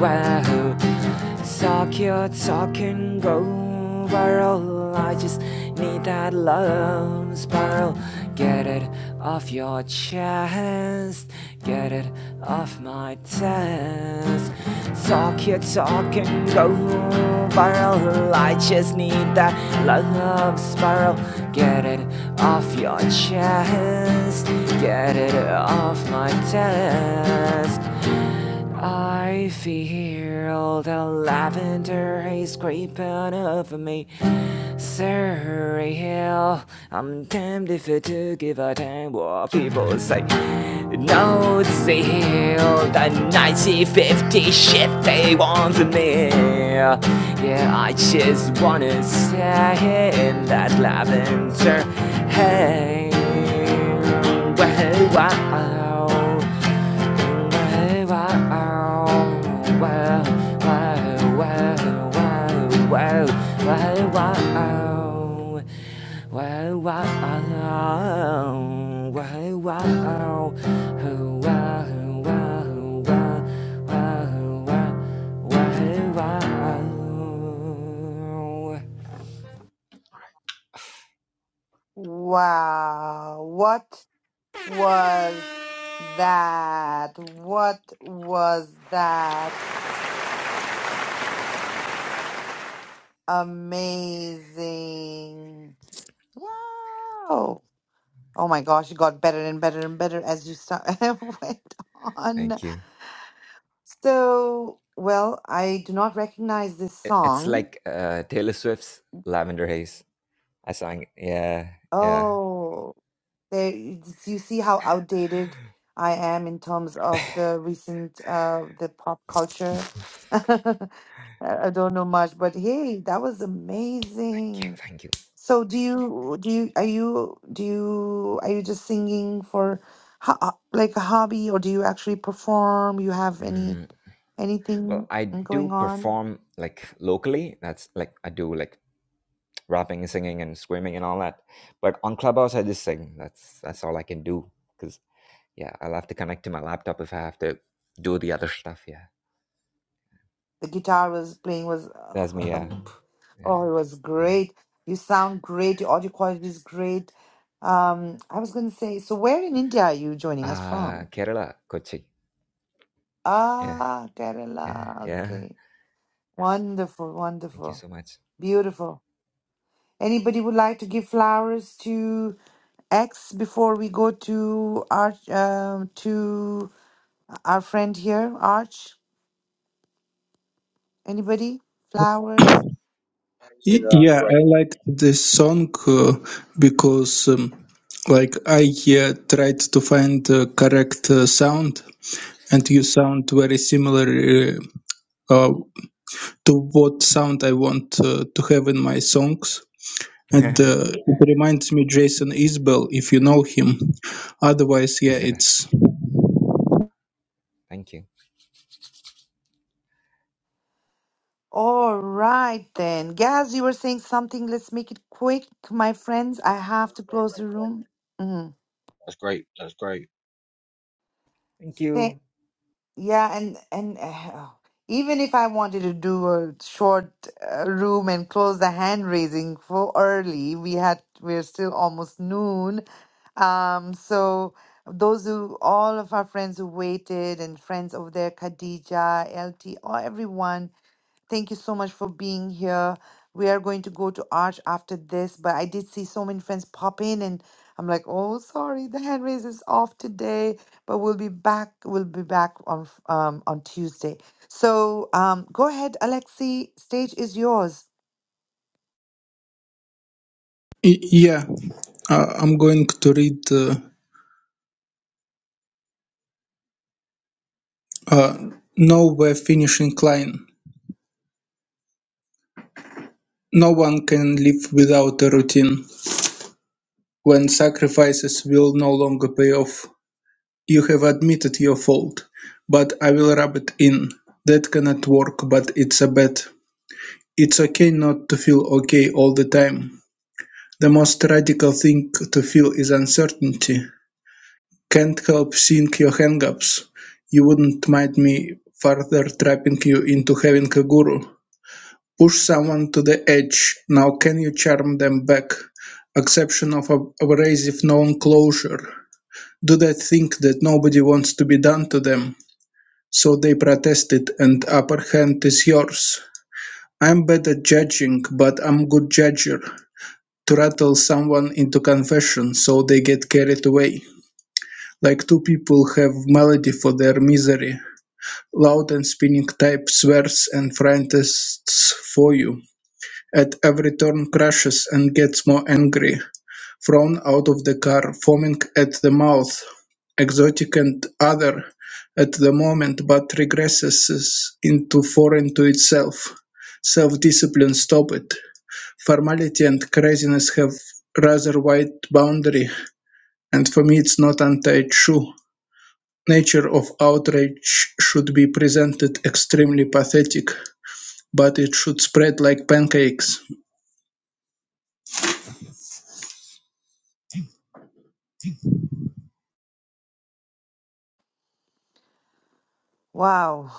wow, wow. Suck your talking go viral. I just need that love spiral. Get it off your chest. Get it off my chest. Talk your talk and go viral. I just need that love spiral. Get it off your chest. Get it off my chest. I feel the lavender haze creeping over me. Surreal. I'm tempted if I give a damn what people say. No deal. The 1950 shit they want from me. Yeah, I just wanna stay in that lavender haze. Way, wow. Way, wow. Wow, wow, wow, wow, wow. Way, wow. Way, wow. Way, wow. Oh, wow, wow, wow, wow, wow. Way, wow.
Wow, what was that? What was that? Amazing. Wow. Oh my gosh, it got better and better and better as you start, went
Thank
on.
you.
So, well, I do not recognize this
It- It's
song.
like uh, Taylor Swift's Lavender Haze. I sang, yeah, yeah.
Oh, there, you see how outdated I am in terms of the recent uh the pop culture. I I don't know much, but hey, that was
Thank you,
amazing.
thank you.
So do you do you are you do you are you just singing for ho- uh, like a hobby or do you actually perform? You have any
Mm, well,
anything
I do
going on?
perform like locally. That's like I do like rapping and singing and screaming and all that. But on Clubhouse, I just sing. That's that's all I can do. Cause yeah, I'll have to connect to my laptop if I have to do the other stuff. Yeah,
The guitar was playing was
that's me.
uh,
Yeah,
oh
yeah,
it was
yeah.
great. You sound great. Your audio quality is great. Um, I was gonna say, so where in India are you joining us
Uh,
from?
Kerala, Kochi. Yeah,
Ah,
yeah,
Kerala.
yeah.
Okay. Wonderful,
Thank you
wonderful,
so much,
beautiful. Anybody would like to give flowers to? X before we go to our um, to our friend here, Arch. Anybody? Flowers.
Yeah,
Y-
no, that's
Yeah,
great.
I like this song uh, because, um, like, I uh, tried to find the correct uh, sound, and you sound very similar uh, uh, to what sound I want uh, to have in my songs. And uh, it reminds me Jason Isbell, if you know him. Otherwise, yeah,
Isabel.
it's
Thank you.
All right then, Gaz. You were saying something. Let's make it quick, my friends. I have
That's
to
great.
close
That's
the
great.
room. Mhm.
That's great. That's great.
Thank you.
Yeah, and and uh, even if I wanted to do a short uh, room and close the hand raising for early, we had we're still almost noon. Um, so those who all of our friends who waited and friends over there, Khadija, LT, all everyone Thank you so much for being here. We are going to go to Arch after this, but I did see so many friends pop in, and I'm like, oh, sorry, the hand raise is off today, but we'll be back. We'll be back on f- um, on Tuesday. So um, go ahead, Alexi. Stage is yours.
y- yeah. Uh, I'm going to read uh, uh, nowhere finishing line. No one can live without a routine. When sacrifices will no longer pay off, you have admitted your fault, but I will rub it in. That cannot work, but it's a bet. It's okay not to feel okay all the time. The most radical thing to feel is uncertainty. Can't help seeing your hangups. You wouldn't mind me further trapping you into having a guru. Push someone to the edge. Now can you charm them back? Exception of ab- abrasive non-closure. Do they think that nobody wants to be done to them? So they protested and upper hand is yours. I'm bad at judging, but I'm good judger. To rattle someone into confession so they get carried away. Like two people have melody for their misery. Loud and spinning type swears and frantists for you. At every turn crashes and gets more angry. Thrown out of the car, foaming at the mouth, exotic and other at the moment but regresses into foreign to itself. Self-discipline stop it. Formality and craziness have rather wide boundary, and for me it's not anti-true. Nature of outrage should be presented extremely pathetic, but it should spread like pancakes.
Wow.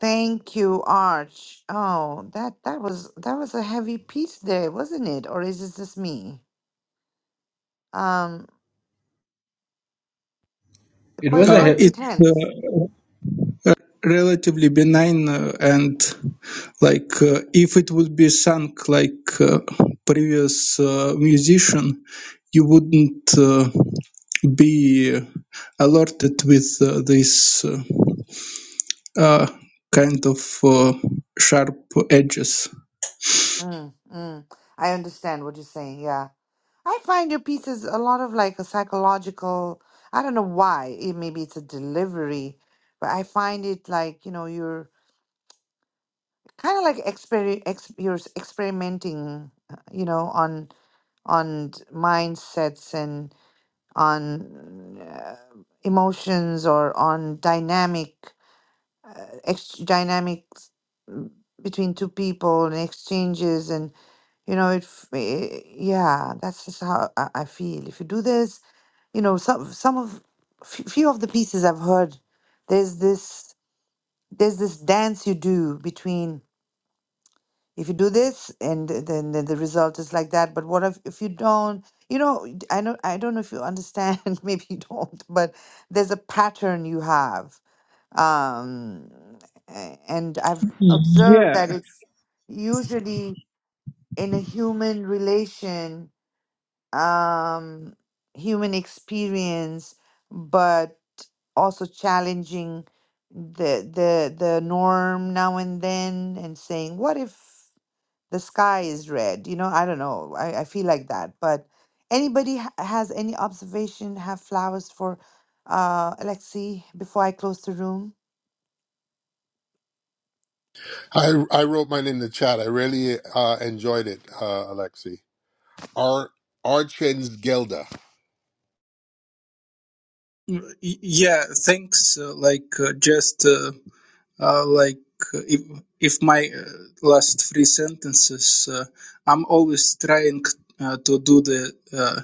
Thank you, Arch. Oh, that that was that was a heavy piece there, wasn't it? Or is this just me? Um,
It was
quite
a
Uh,
quite
he-
it's uh,
intense.
relatively benign uh, and like uh, if it would be sung like uh, previous uh, musician you wouldn't uh, be alerted with uh, this uh, uh, kind of uh, sharp edges
Mm, mm. I understand what you're saying. Yeah. I find your piece is a lot of like a psychological, I don't know why. It, maybe it's a delivery, but I find it like, you know, you're kind of like exper ex you're s- experimenting, uh, you know, on on d- mindsets and on uh, emotions or on dynamic uh, ex dynamics mm, between two people and exchanges and You know, it, f- eh, yeah, that's just how I, I feel. If you do this, you know, some some of f- few of the pieces I've heard, there's this there's this dance you do between if you do this and th- then the, the result is like that. But what if if you don't? You know, d- I know I don't know if you understand. Maybe you don't, but there's a pattern you have, um, a- and I've observed
Yeah,
that it's usually in a human relation um, human experience, but also challenging the the the norm now and then and saying, what if the sky is red? You know, I don't know. I, I feel like that. But anybody ha- has any observation, have flowers for uh Alexi before I close the room?
I I wrote mine in the chat. I really uh, enjoyed it, uh, Alexi. Ar Archens Gelda.
Mm, Y- Yeah, thanks. Uh, like uh, just uh, uh, like uh, if if my uh, last three sentences, uh, I'm always trying uh, to do the uh,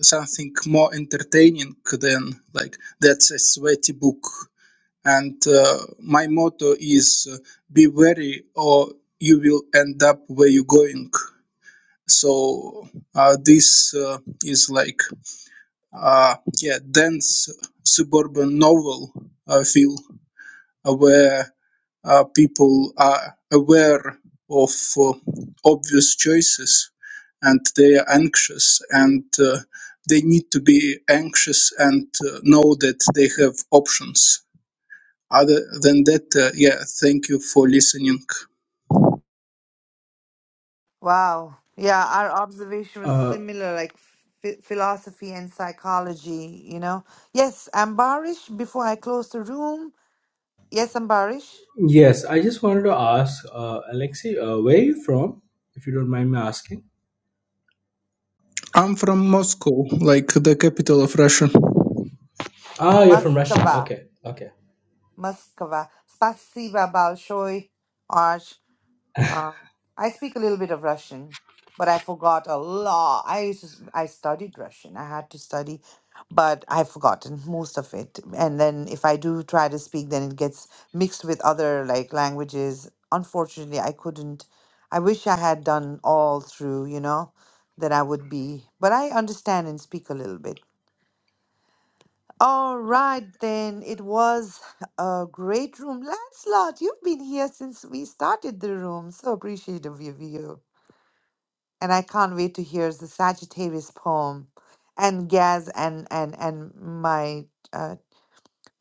something more entertaining than like that's a sweaty book. And uh, my motto is uh, be wary or you will end up where you're going. So uh, this uh, is like uh, yeah, dense suburban novel uh, feel uh, where uh, people are aware of uh, obvious choices and they are anxious and uh, they need to be anxious and uh, know that they have options other than that, uh, yeah, thank you for listening.
Wow. Yeah, our observation was
uh,
similar, like ph- philosophy and psychology, you know. Yes, Ambarish, before I close the room. Yes, Ambarish.
yes. I just wanted to ask uh, Alexei, uh, where are you from, if you don't mind me asking?
I'm from Moscow, like the capital of Russia.
Ah, you're from Russia.
Moskva.
Okay, okay.
Moskva. Spasiba Balshoi. Um, I speak a little bit of Russian, but I forgot a lot. I used to, s- I studied Russian. I had to study, but I've forgotten most of it. And then if I do try to speak, then it gets mixed with other like languages. Unfortunately, I couldn't. I wish I had done all through, you know, then I would be. But I understand and speak a little bit. All right, then. It was a great room. Lancelot, you've been here since we started the room. So appreciative of you and I can't wait to hear the Sagittarius poem and Gaz and and and my uh,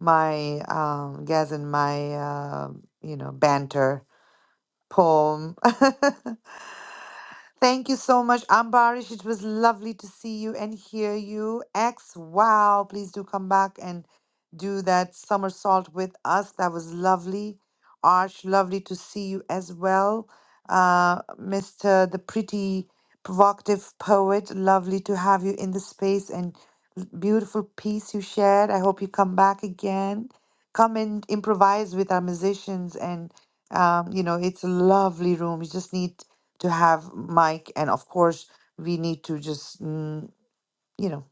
my um Gaz and my uh, you know banter poem. Thank you so much, Ambarish. It was lovely to see you and hear you. X, wow. Please do come back and do that somersault with us. That was lovely. Arch, lovely to see you as well. Uh, Mr. The Pretty Provocative Poet, lovely to have you in the space and beautiful piece you shared. I hope you come back again. Come and improvise with our musicians and um, you know, it's a lovely room. You just need to have Mike, and of course, we need to just mm, you know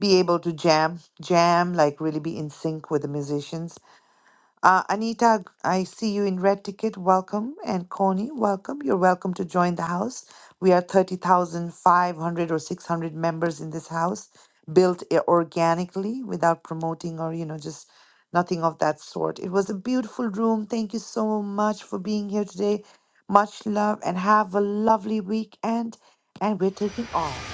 be able to jam, jam, like really be in sync with the musicians uh, Anita, I see you in red ticket. Welcome. And Connie, welcome. You're welcome to join the house. We are 30,500 or 600 members in this house, built i- organically without promoting or, you know, just nothing of that sort. It was a beautiful room. Thank you so much for being here today. Much love and have a lovely weekend. And we're taking off.